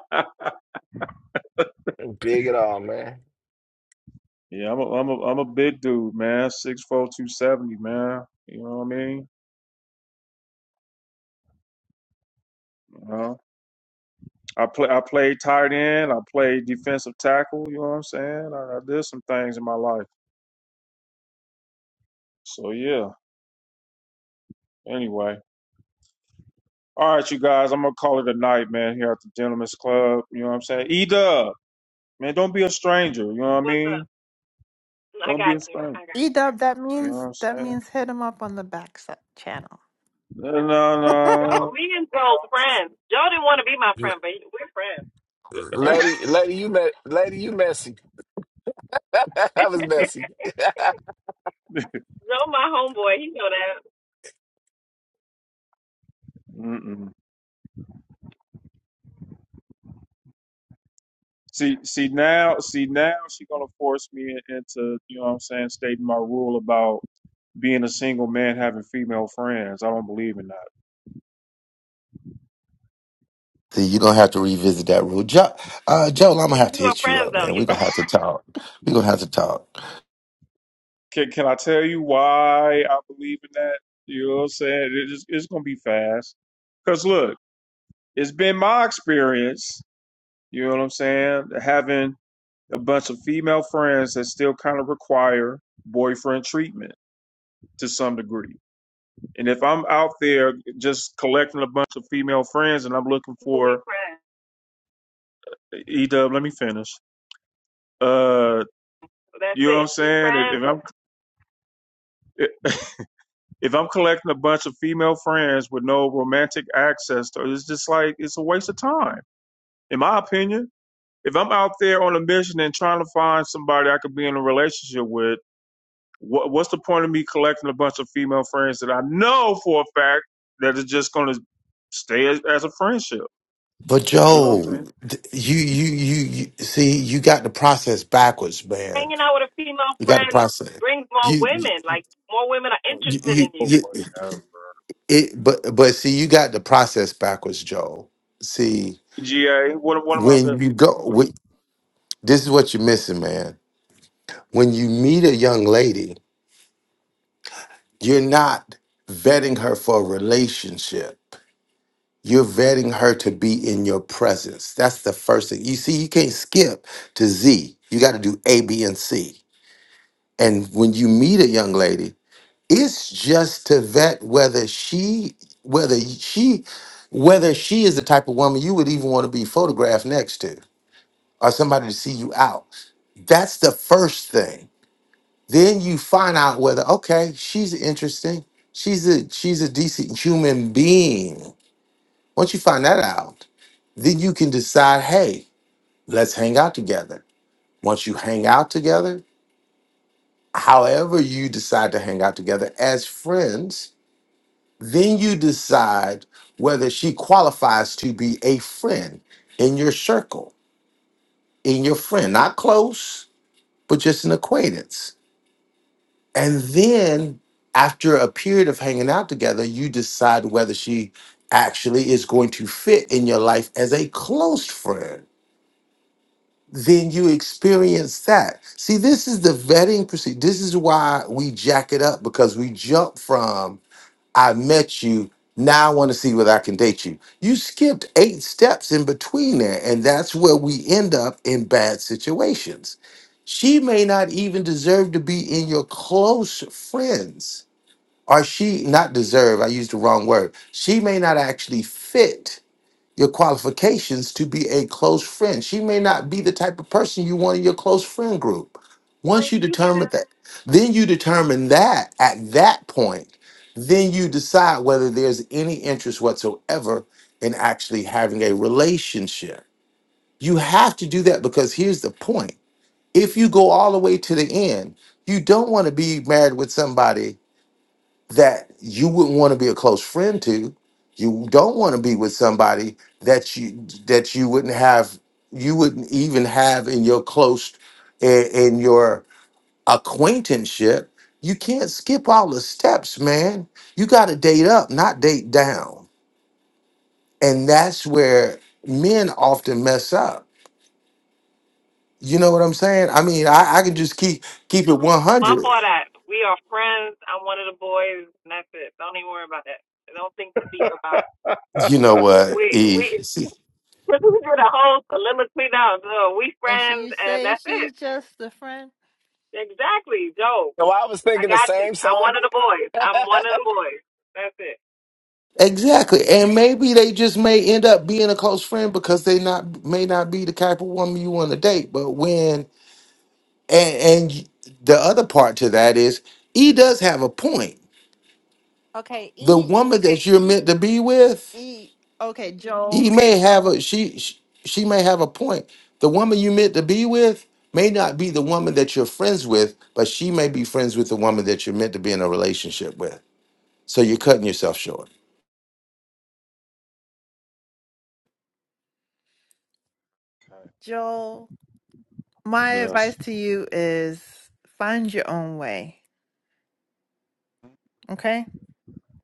Speaker 6: You ain't big at all, man.
Speaker 2: Yeah, I'm a, I'm a, I'm a big dude, man. Six four two seventy, man. You know what I mean? Uh, I play, I played tight end. I played defensive tackle. You know what I'm saying? I, I did some things in my life. So yeah. Anyway, all right, you guys. I'm gonna call it a night, man. Here at the Gentlemen's Club. You know what I'm saying? E Dub, man. Don't be a stranger. You know what I
Speaker 14: What's up?
Speaker 2: mean?
Speaker 14: I
Speaker 2: Don't be
Speaker 14: got
Speaker 2: a
Speaker 14: you.
Speaker 2: stranger.
Speaker 14: I got you.
Speaker 12: Edub, that
Speaker 2: You know what
Speaker 12: means
Speaker 2: I'm
Speaker 12: that
Speaker 2: saying?
Speaker 12: means hit him up on the back s- channel.
Speaker 2: No,
Speaker 14: Yo,
Speaker 2: no,
Speaker 14: me and Joe friends. Joe didn't want to be my friend, but he- we're friends.
Speaker 2: no.
Speaker 6: Lady, lady, you met, lady, you messy. that was messy.
Speaker 14: Joe, my homeboy, he know that.
Speaker 2: Mm-mm. See, see now, see now, she gonna force me in- into, you know what I'm saying, stating my rule about being a single man having female friends. I don't believe in that.
Speaker 11: See, you're gonna have to revisit that rule. Joe, uh, Joel, I'm gonna have
Speaker 14: We
Speaker 11: to
Speaker 14: are
Speaker 11: hit you
Speaker 14: friends
Speaker 11: up,
Speaker 14: though.
Speaker 11: man.
Speaker 14: You,
Speaker 11: We're gonna have to talk. We're gonna have to talk.
Speaker 2: Can can I tell you why I believe in that? You know what I'm saying? It just, it's gonna be fast. Cause look, it's been my experience. You know what I'm saying? Having a bunch of female friends that still kind of require boyfriend treatment to some degree. And if I'm out there just collecting a bunch of female friends and I'm looking
Speaker 14: we
Speaker 2: for
Speaker 14: friends.
Speaker 2: E Dub, let me finish. Uh,
Speaker 14: So that's
Speaker 2: you know what I'm
Speaker 14: it. We
Speaker 2: saying? If,
Speaker 14: friends.
Speaker 2: if I'm if I'm collecting a bunch of female friends with no romantic access, to, it's just like it's a waste of time, in my opinion. If I'm out there on a mission and trying to find somebody I could be in a relationship with, what, what's the point of me collecting a bunch of female friends that I know for a fact that is just going to stay as, as a friendship?
Speaker 11: But
Speaker 2: You know what I'm
Speaker 11: Joel,
Speaker 2: saying?
Speaker 11: th- you, you, you, you, see, you got the process backwards, man.
Speaker 14: Hanging out with a female
Speaker 11: You got the
Speaker 14: friend
Speaker 11: process.
Speaker 14: brings more
Speaker 11: You,
Speaker 14: women. Like more women are
Speaker 11: you,
Speaker 14: interested
Speaker 11: you,
Speaker 14: in you.
Speaker 2: Oh,
Speaker 11: you
Speaker 2: whatever.
Speaker 11: it, but, but see, you got the process backwards, Joel. See,
Speaker 2: GA, what one of my
Speaker 11: when
Speaker 2: best.
Speaker 11: you go, when, this is what you're missing, man. When you meet a young lady, You're not vetting her for a relationship. You're vetting her to be in your presence. That's the first thing. You see, you can't skip to Z. You got to do A, B, and C. And when you meet a young lady, it's just to vet whether she, whether she, whether she is the type of woman you would even want to be photographed next to, or somebody to see you out. That's the first thing Then you find out whether okay, she's interesting. She's a she's a decent human being. Once you find that out, then you can decide, hey, let's hang out together. Once you hang out together, however you decide to hang out together as friends, then you decide whether she qualifies to be a friend in your circle, in your friend, not close, but just an acquaintance And then after a period of hanging out together, you decide whether she actually is going to fit in your life as a close friend. Then you experience that. See, this is the vetting procedure. This is why we jack it up because we jump from I met you, now I want to see whether I can date you. You skipped eight steps in between there, and that's where we end up in bad situations. She may not even deserve to be in your close friends or she not deserve i used the wrong word she may not actually fit your qualifications to be a close friend she may not be the type of person you want in your close friend group once
Speaker 14: Lady,
Speaker 11: you
Speaker 14: you hear
Speaker 11: determine
Speaker 14: that?
Speaker 11: that then you determine that at that point then you decide whether there's any interest whatsoever in actually having a relationship you have to do that because here's the point if you go all the way to the end you don't want to be married with somebody that you wouldn't want to be a close friend to. You don't want to be with somebody that you that you wouldn't have you wouldn't even have in your close in, in your acquaintanceship. You can't skip all the steps, man. You got to date up, not date down. And that's where men often mess up. You know what I'm saying? I mean, I, I can just keep keep it
Speaker 14: Bump
Speaker 11: 100.
Speaker 14: all that. We are friends. I'm one of the boys, and that's it. Don't even worry about that. Don't think to speak about.
Speaker 11: You know
Speaker 14: It.
Speaker 11: what?
Speaker 14: We
Speaker 11: E.
Speaker 14: we we did a whole soliloquy now. So we
Speaker 12: And she
Speaker 14: friends, and
Speaker 12: say
Speaker 14: that's
Speaker 12: she's
Speaker 14: it.
Speaker 12: just a friend.
Speaker 14: Exactly, Joe.
Speaker 6: no, I was
Speaker 14: I
Speaker 6: thinking the
Speaker 14: got you.
Speaker 6: same
Speaker 14: I'm
Speaker 6: song.
Speaker 14: one of the boys. I'm one of the boys. That's it.
Speaker 11: Exactly. And maybe they just may end up being a close friend because they not may not be the type of woman you want to date. But when and and the other part to that is he does have a point.
Speaker 12: Okay,
Speaker 11: The
Speaker 12: E
Speaker 11: woman that you're meant to be with,
Speaker 12: E. Okay, Joel.
Speaker 11: he may have a she she she may have a point. The woman you meant to be with may not be the woman that you're friends with, but she may be friends with the woman that you're meant to be in a relationship with. So you're cutting yourself short.
Speaker 12: Joel, my
Speaker 2: Yes.
Speaker 12: advice to you is find your own way. Okay,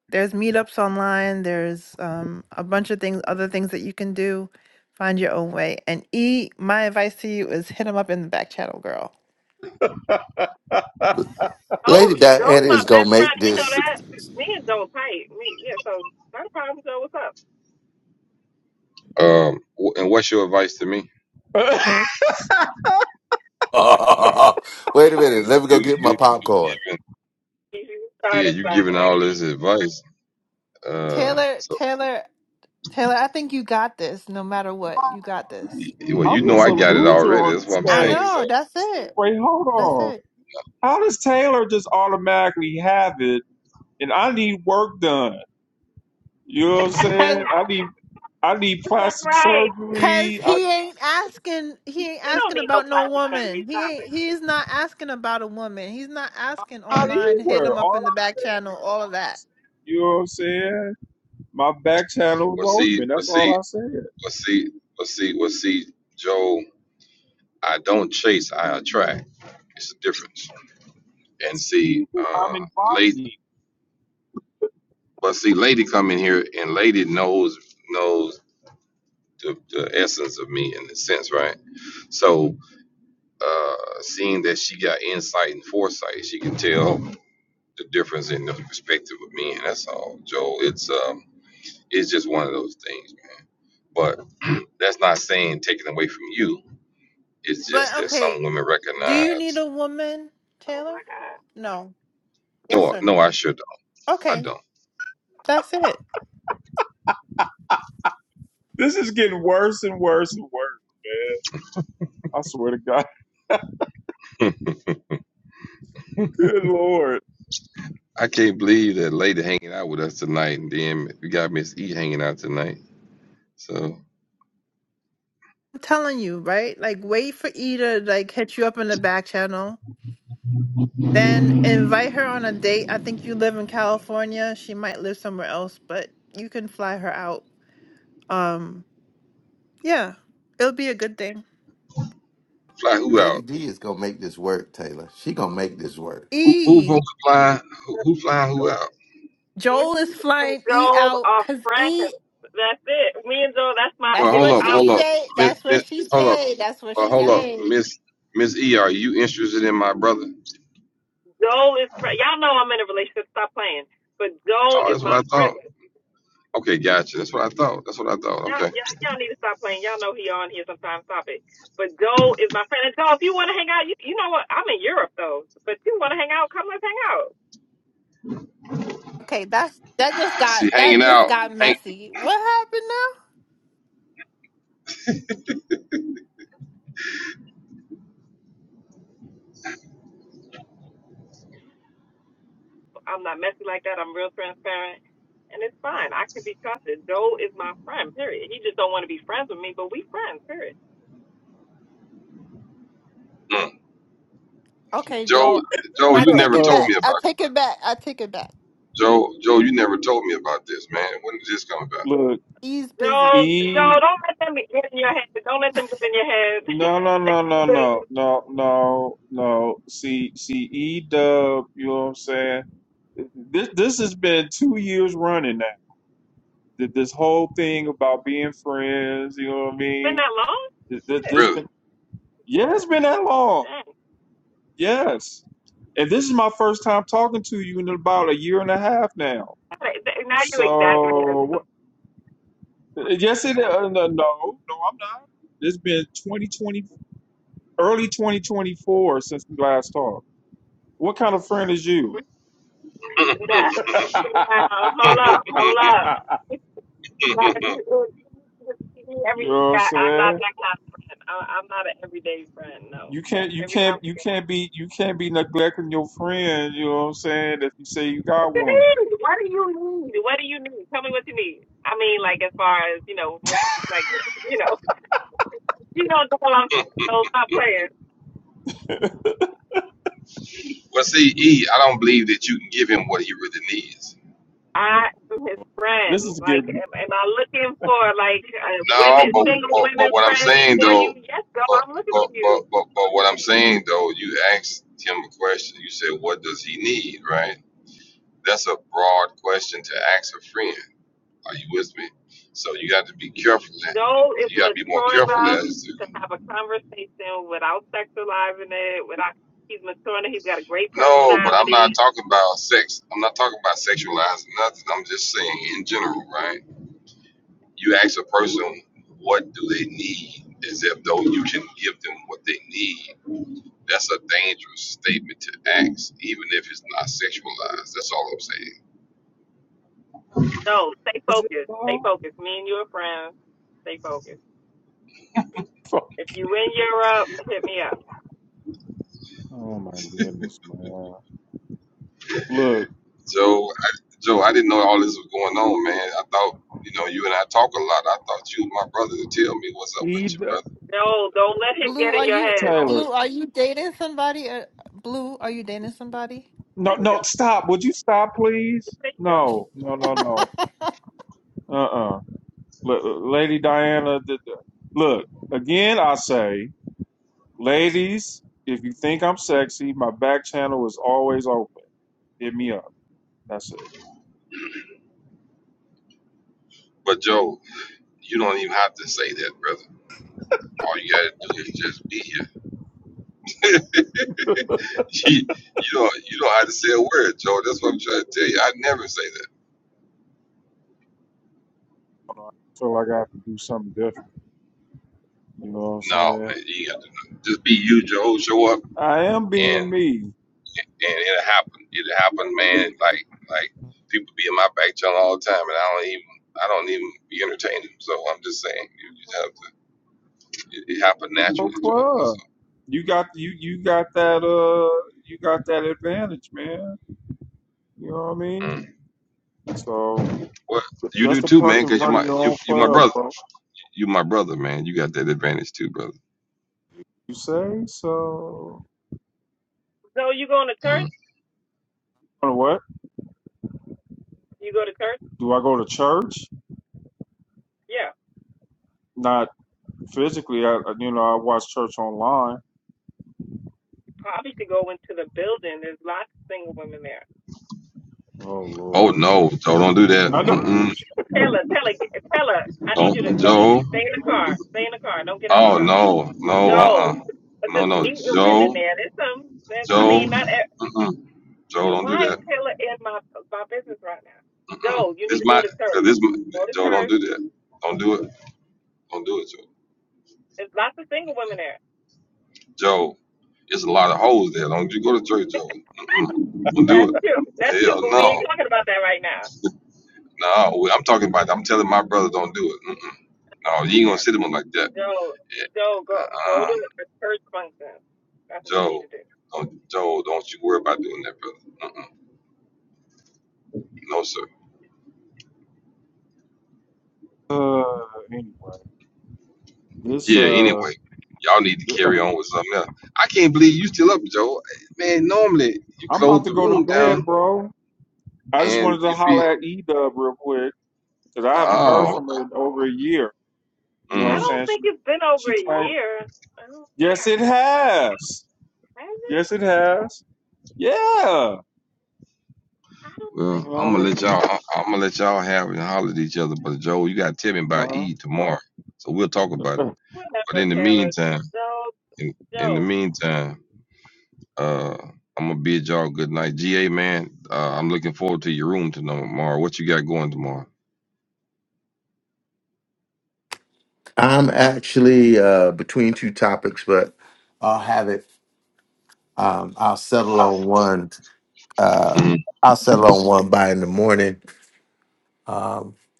Speaker 12: there's meetups online. There's um a bunch of things, other things that you can do. Find your own way. And E, my advice to you is hit him up in the back channel, girl.
Speaker 14: Oh,
Speaker 11: Lady
Speaker 14: Joe's
Speaker 11: Diana is
Speaker 14: my
Speaker 11: gonna
Speaker 14: best
Speaker 11: make
Speaker 14: friend. He know
Speaker 3: Advice
Speaker 11: this.
Speaker 3: to-
Speaker 14: that. Me and Joe tight. Me, yeah. So not a problem, Joe. What's up?
Speaker 3: Um, wh- and what's your advice to me?
Speaker 11: Wait a minute. Let me go
Speaker 3: You,
Speaker 11: get my
Speaker 3: you,
Speaker 11: popcorn.
Speaker 14: You
Speaker 3: yeah,
Speaker 14: started
Speaker 3: you
Speaker 14: by.
Speaker 3: giving all
Speaker 14: Um,
Speaker 3: this advice. Uh,
Speaker 12: Taylor,
Speaker 3: so,
Speaker 12: Taylor, Taylor, I think you got this no matter what. You got this.
Speaker 3: well,
Speaker 2: I'm
Speaker 3: you know,
Speaker 2: just
Speaker 3: I
Speaker 2: a
Speaker 3: got it
Speaker 2: loser
Speaker 3: already.
Speaker 2: on
Speaker 3: That's what
Speaker 2: this
Speaker 3: I'm
Speaker 12: I
Speaker 3: saying.
Speaker 2: thing.
Speaker 3: So.
Speaker 12: know. That's it.
Speaker 2: Wait, hold
Speaker 12: That's
Speaker 2: on.
Speaker 12: it.
Speaker 2: How does Taylor just automatically have it and I need work done? You know what I'm saying? I need I need
Speaker 14: it's all
Speaker 2: plastic
Speaker 14: right.
Speaker 12: Cause
Speaker 2: surgery. I
Speaker 12: he
Speaker 2: need
Speaker 12: ain't asking he ain't
Speaker 14: You don't
Speaker 12: asking
Speaker 14: need no
Speaker 12: about no
Speaker 14: plastic
Speaker 12: woman.
Speaker 14: surgery.
Speaker 12: He
Speaker 14: Stop
Speaker 12: ain't
Speaker 14: it.
Speaker 12: he's not asking about a woman. He's not asking
Speaker 2: not
Speaker 12: online, hit
Speaker 2: either.
Speaker 12: him up
Speaker 2: All
Speaker 12: in the
Speaker 2: I
Speaker 12: back channel,
Speaker 2: said
Speaker 12: all of that.
Speaker 2: was, you know what I'm saying? My back channel
Speaker 3: Well,
Speaker 2: was
Speaker 3: see,
Speaker 2: open.
Speaker 3: well,
Speaker 2: That's
Speaker 3: see,
Speaker 2: all I said.
Speaker 3: well, see, well, see, well, see, Joe, I don't chase, I attract. It's a difference. And
Speaker 2: It's
Speaker 3: see,
Speaker 2: either
Speaker 3: uh,
Speaker 2: I'm
Speaker 3: late,
Speaker 2: inviting.
Speaker 3: but see, lady come in here and lady knows knows the, the essence of me in a sense, right? So, uh, seeing that she got insight and foresight, she can tell the difference in the perspective of me, and that's all, Joe. It's um, it's just one of those things, man. But that's not saying taking away from you. It's just
Speaker 12: But
Speaker 3: that
Speaker 12: okay,
Speaker 3: some women
Speaker 12: do you need
Speaker 3: recognize.
Speaker 12: a woman,
Speaker 14: Oh
Speaker 12: Taylor?
Speaker 14: my God.
Speaker 12: No. Yes
Speaker 3: No,
Speaker 12: or
Speaker 3: no,
Speaker 12: no?
Speaker 3: I should. I
Speaker 12: Okay.
Speaker 3: don't.
Speaker 12: That's it.
Speaker 2: This is getting worse and worse and worse, man. I swear to God.
Speaker 3: Hmm.
Speaker 2: Good lord.
Speaker 3: I can't believe that lady hanging out with us tonight, and then we got Miss E hanging out tonight. So
Speaker 12: I'm telling you, right? Like wait for E to like hit you up in the back channel. Then invite her on a date. I think you live in California. She might live somewhere else, but you can fly her out. Um yeah. It'll be a good thing.
Speaker 3: fly who out?
Speaker 11: Lady D is gonna make this work, Taylor. She gonna make this work.
Speaker 3: Who, who
Speaker 12: E.
Speaker 3: supposed to fly? Who, who flying
Speaker 14: Oh,
Speaker 3: who out?
Speaker 12: Joel is
Speaker 14: Me and
Speaker 12: flying E
Speaker 14: Joel
Speaker 12: out
Speaker 14: are
Speaker 12: because E.
Speaker 14: friends. That's it. Me and Joel, that's my.
Speaker 3: Well,
Speaker 12: That's
Speaker 3: hold
Speaker 14: it's,
Speaker 12: what
Speaker 3: up,
Speaker 14: I,
Speaker 12: she
Speaker 3: hold up,
Speaker 12: said.
Speaker 3: Miss,
Speaker 12: That's
Speaker 3: Miss
Speaker 12: what she
Speaker 3: hold up,
Speaker 12: said. That's what
Speaker 3: uh,
Speaker 12: she
Speaker 3: hold up,
Speaker 12: said.
Speaker 3: Miss Miss E. Are you interested in my brother?
Speaker 14: Joel is. fri- Y'all know I'm in a relationship. Stop playing. But Joel
Speaker 3: Oh,
Speaker 14: is
Speaker 3: that's what
Speaker 14: my
Speaker 3: I thought.
Speaker 14: friend.
Speaker 3: Okay, gotcha. That's what I thought. That's what I thought.
Speaker 14: Y'all,
Speaker 3: Okay.
Speaker 14: y'all, y'all need to stop playing. Y'all know he on here sometimes. Stop it. But Joel is my friend. And Joel, if you want to hang out, you, you know what? I'm in Europe though. But if you want to hang out? Come let's hang out.
Speaker 12: Okay, that's that just
Speaker 3: See,
Speaker 12: got that
Speaker 3: hanging
Speaker 12: just
Speaker 3: out.
Speaker 12: got
Speaker 3: Hang,
Speaker 12: messy. What happened now?
Speaker 14: I'm not messy like that. I'm real transparent, and it's fine. I can be trusted. Joel is my friend. Period. He just don't want to be friends with me, but we friends. Period.
Speaker 3: mm.
Speaker 12: Okay,
Speaker 3: Joe,
Speaker 12: Joel,
Speaker 3: Joe,
Speaker 12: I
Speaker 3: you
Speaker 12: take
Speaker 3: never
Speaker 12: it
Speaker 3: told
Speaker 2: Uh,
Speaker 12: back.
Speaker 3: me about.
Speaker 12: I take it back. I take it back.
Speaker 3: Joe, Joe, you never told me about this, man. When did this come about?
Speaker 2: look,
Speaker 12: E's busy.
Speaker 14: No, no,
Speaker 2: E.
Speaker 14: don't let them get in your head. Don't let them get in your head.
Speaker 2: No, no, no, no,
Speaker 14: it's
Speaker 2: no, no, no, no. See, see, E Dub. You know what I'm saying? This, this has been two years running now. Th- This whole thing about being friends. You know what I
Speaker 14: been
Speaker 2: mean?
Speaker 14: that long?
Speaker 2: Th- th-
Speaker 14: Shit,
Speaker 2: This
Speaker 3: Really?
Speaker 2: been, yeah, it's been that long. Yes, and this is my first time talking to you in about a year and a half now.
Speaker 14: Dang. Now you exaggerated.
Speaker 2: So, what- yes, it. Uh, no, no, no, I'm not. It's been twenty twenty. early 2024 since we last talked. What kind of friend is
Speaker 14: Yeah.
Speaker 2: you? you
Speaker 14: Now, hold up, hold up. Now, you see me every
Speaker 2: know what
Speaker 14: day.
Speaker 2: I'm
Speaker 14: I, am not
Speaker 2: saying?
Speaker 14: that kind of friend. I, I'm not an everyday friend, no.
Speaker 2: You can't you
Speaker 14: Every time I
Speaker 2: can't you
Speaker 14: forget.
Speaker 2: can't be you can't be neglecting your friend, you know what I'm saying, if you say you
Speaker 14: What
Speaker 2: got
Speaker 14: do you
Speaker 2: one.
Speaker 14: need? What do you need? What do you need? Tell me what you need. I mean, like, as far as, you know, what, you- like, you know, you know, the hell I'm saying, so stop playing.
Speaker 3: Well, see, E, I don't believe that you can give him what he really needs.
Speaker 14: I am his friend.
Speaker 2: This is
Speaker 14: Like,
Speaker 2: getting
Speaker 14: am, am I looking for like uh,
Speaker 3: No,
Speaker 14: women,
Speaker 3: but
Speaker 14: single
Speaker 3: but, but
Speaker 14: women
Speaker 3: what I'm
Speaker 14: friends
Speaker 3: saying
Speaker 14: for you?
Speaker 3: though,
Speaker 14: Yes, girl,
Speaker 3: but,
Speaker 14: I'm looking
Speaker 3: but
Speaker 14: for
Speaker 3: but
Speaker 14: you.
Speaker 3: but but what I'm saying though, you asked him a question. You said, "What does he need?" Right? That's a broad question to ask a friend. Are you with me? So you got to be careful. That,
Speaker 14: Joel is
Speaker 3: you got to be more
Speaker 14: mature
Speaker 3: careful
Speaker 14: enough
Speaker 3: as to.
Speaker 14: to have a conversation without sexualizing it. Without he's mature enough. He's got a great
Speaker 3: No, but I'm not
Speaker 14: personality.
Speaker 3: talking about sex. I'm not talking about sexualizing nothing. I'm just saying in general, right? You ask a person what do they need, as if though you can give them what they need. That's a dangerous statement to ask, even if it's not sexualized. That's all I'm saying.
Speaker 14: No, stay
Speaker 2: is it
Speaker 14: focused. Stay
Speaker 2: low?
Speaker 14: focused. Me and you are friends. Stay focused.
Speaker 2: Fuck.
Speaker 14: If you in Europe, hit me up.
Speaker 2: Oh my goodness, man. Look,
Speaker 3: Joe, Joe, I didn't know all this was going on, man. I thought, you know, you and I talk a lot. I thought you was my brother to tell me what's up with
Speaker 2: he's
Speaker 3: you,
Speaker 2: the-
Speaker 3: brother.
Speaker 14: No, don't let him
Speaker 12: Blue,
Speaker 14: get in
Speaker 12: are
Speaker 14: your
Speaker 12: you
Speaker 14: head.
Speaker 2: Taylor.
Speaker 12: Blue? Are you dating somebody? Or, Blue, are you dating somebody?
Speaker 2: No
Speaker 14: There you go.
Speaker 2: no stop. Would you stop please?
Speaker 14: There you go.
Speaker 2: No, no, no, no. Uh uh L- Lady Diana did the- look, again I say Ladies, if you think I'm sexy, my back channel is always open. Hit me up. That's it.
Speaker 3: But Joe, you don't even have to say that, brother. All you gotta do is just be here. you don't, you don't have to say a word, Joe. That's what I'm trying to tell you. I never say that.
Speaker 2: Feel like I have to do something different. You know what I'm
Speaker 3: No,
Speaker 2: saying?
Speaker 3: man, you ain't got to. Just be you, Joe. Show up
Speaker 2: I am
Speaker 3: and
Speaker 2: being me.
Speaker 3: and it happened. It happened, man. Like like people be in my back channel all the time, and I don't even I don't even be entertaining. So I'm just saying, you, you just have to. It, it happened
Speaker 2: No
Speaker 3: naturally, Joe.
Speaker 2: club.
Speaker 3: So,
Speaker 2: You got you you got that uh you got that advantage, man. You know what I mean?
Speaker 3: mm.
Speaker 2: So
Speaker 3: Well, you
Speaker 2: that's
Speaker 3: do
Speaker 2: the
Speaker 3: too,
Speaker 2: perk
Speaker 3: man.
Speaker 2: of
Speaker 3: because you my
Speaker 2: running your
Speaker 3: you
Speaker 2: own
Speaker 3: you my
Speaker 2: club,
Speaker 3: brother.
Speaker 2: bro.
Speaker 3: You my brother, man. You got that advantage too, brother.
Speaker 2: You say so.
Speaker 14: So you going to church?
Speaker 3: Mm.
Speaker 2: You know what?
Speaker 14: You go to church?
Speaker 2: Do I go to church?
Speaker 14: Yeah.
Speaker 2: Not physically. I I- you know I watch church online.
Speaker 14: probably should go into the building. There's lots of single women there.
Speaker 2: Oh
Speaker 3: Oh
Speaker 2: Lord.
Speaker 3: no, Joe, don't do that.
Speaker 2: I know.
Speaker 3: Mm-mm.
Speaker 14: Tell her, tell her, tell her. I need you to
Speaker 3: Don't,
Speaker 14: go.
Speaker 3: Joe.
Speaker 14: stay in the car. Stay in the car. Don't get out the
Speaker 3: Oh
Speaker 14: car.
Speaker 3: no, no, uh,
Speaker 14: Go.
Speaker 3: uh
Speaker 14: But
Speaker 3: no,
Speaker 14: just
Speaker 3: no,
Speaker 14: meet the women
Speaker 3: Joe,
Speaker 14: there. There's some. There's, I
Speaker 3: Joe,
Speaker 14: mean, not. e-
Speaker 3: mm-mm. Joe, don't do
Speaker 14: Why
Speaker 3: that.
Speaker 14: is Taylor in my my business right now? Go.
Speaker 3: Mm.
Speaker 14: You need
Speaker 3: This
Speaker 14: to go
Speaker 3: my
Speaker 14: to
Speaker 3: so
Speaker 14: church.
Speaker 3: this
Speaker 14: Go to
Speaker 3: Joe. Don't
Speaker 14: church.
Speaker 3: do that. Don't do it. Don't do it, Joe.
Speaker 14: There's lots of single women there.
Speaker 3: Joe, it's a lot of hoes there. Don't you go to church, Joe? Mm-mm. Don't do
Speaker 14: That's true. That's
Speaker 3: it.
Speaker 14: true.
Speaker 3: Hell
Speaker 14: But we ain't
Speaker 3: no,
Speaker 14: talking about that right now.
Speaker 3: no. I'm talking about. I'm telling my brother, don't do it. Mm-mm.
Speaker 14: Oh
Speaker 3: No, you
Speaker 14: my
Speaker 3: ain't gonna
Speaker 14: God.
Speaker 3: sit him like that.
Speaker 14: Go.
Speaker 3: Yeah,
Speaker 14: Go. Go. Go
Speaker 3: uh,
Speaker 14: to a church function. That's what you need
Speaker 3: Joe.
Speaker 14: to do.
Speaker 3: Don't, Joe, don't you worry about doing that, brother. No, sir.
Speaker 2: Uh, anyway, this
Speaker 3: Yeah.
Speaker 2: uh,
Speaker 3: Anyway, y'all need to carry on with something else. I can't believe you still up, Joe. Man, normally you
Speaker 2: I'm about
Speaker 3: close
Speaker 2: to
Speaker 3: the
Speaker 2: go to
Speaker 3: room
Speaker 2: bed,
Speaker 3: down
Speaker 2: bro. I just
Speaker 3: and
Speaker 2: wanted to
Speaker 3: you be
Speaker 2: holler at E Dub real quick because I haven't heard
Speaker 3: oh.
Speaker 2: from her in over a year. You know what
Speaker 3: mm.
Speaker 2: I'm
Speaker 14: I don't
Speaker 2: saying?
Speaker 14: think
Speaker 2: She
Speaker 14: it's been over
Speaker 2: she
Speaker 14: a
Speaker 2: claimed.
Speaker 14: year. I don't think
Speaker 2: Yes, it has.
Speaker 14: has it?
Speaker 2: Yes, it has. Yeah.
Speaker 14: I don't
Speaker 2: You
Speaker 14: think
Speaker 3: Well,
Speaker 2: know what I
Speaker 3: I'm
Speaker 14: so.
Speaker 3: gonna let
Speaker 2: mean?
Speaker 3: y'all. I, I'm gonna let y'all have it and holler at each other. But Joe, you gotta tell me about
Speaker 2: No.
Speaker 3: E tomorrow, so we'll talk about it. But
Speaker 14: Whatever,
Speaker 3: in the
Speaker 14: Taylor.
Speaker 3: meantime,
Speaker 14: So
Speaker 3: in, in the
Speaker 14: Joe.
Speaker 3: meantime, uh, I'm gonna bid y'all good night. Ga man, uh, I'm looking forward to your room tomorrow. What you got going tomorrow?
Speaker 11: I'm actually uh, between two topics, but I'll have it. Um, I'll settle on one. I'll settle on one by in the morning.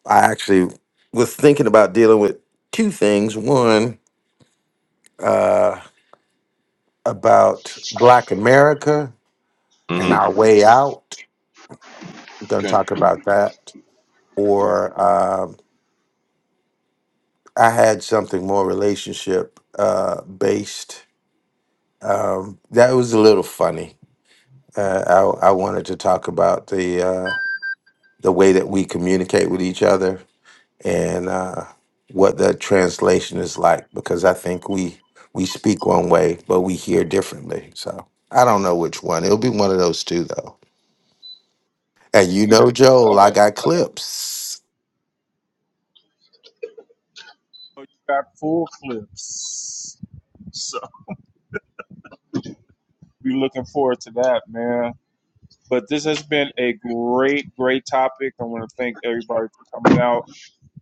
Speaker 11: I actually was thinking about dealing with two things. One about Black America and
Speaker 3: Mm-hmm.
Speaker 11: our way out. We're gonna
Speaker 3: Okay.
Speaker 11: talk about that. Or um, I had something more relationship uh, based. Um, that was a little funny. Uh, I, I wanted to talk about the uh, the way that we communicate with each other and uh, what the translation is like because I think we we speak one way but we hear differently. So I don't know which one. It'll be one of those two though. And you know, Joel, I
Speaker 3: Okay.
Speaker 11: got clips.
Speaker 2: You got full clips. So be looking forward to that, man. But this has been a great, great topic. I want to thank everybody for coming out.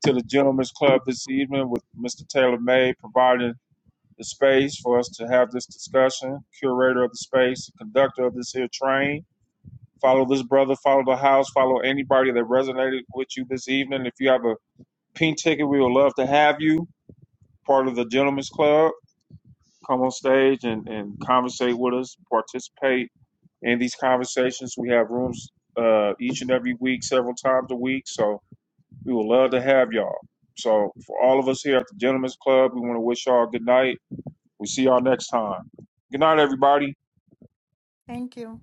Speaker 2: to the Gentlemen's Club this evening with Mr. Taylor May providing the space for us to have this discussion, curator of the space, conductor of this here train. Follow this brother, follow the house, follow anybody that resonated with you this evening. If you have a pink ticket, we would love to have you part of the Gentlemen's Club. Come on stage and, and conversate with us, participate in these conversations. We have rooms uh, each and every week, several times a week. So we would love to have y'all. So for all of us here at the Gentlemen's Club, we want to wish y'all good night. We'll see y'all next time. Good night, everybody.
Speaker 12: Thank you.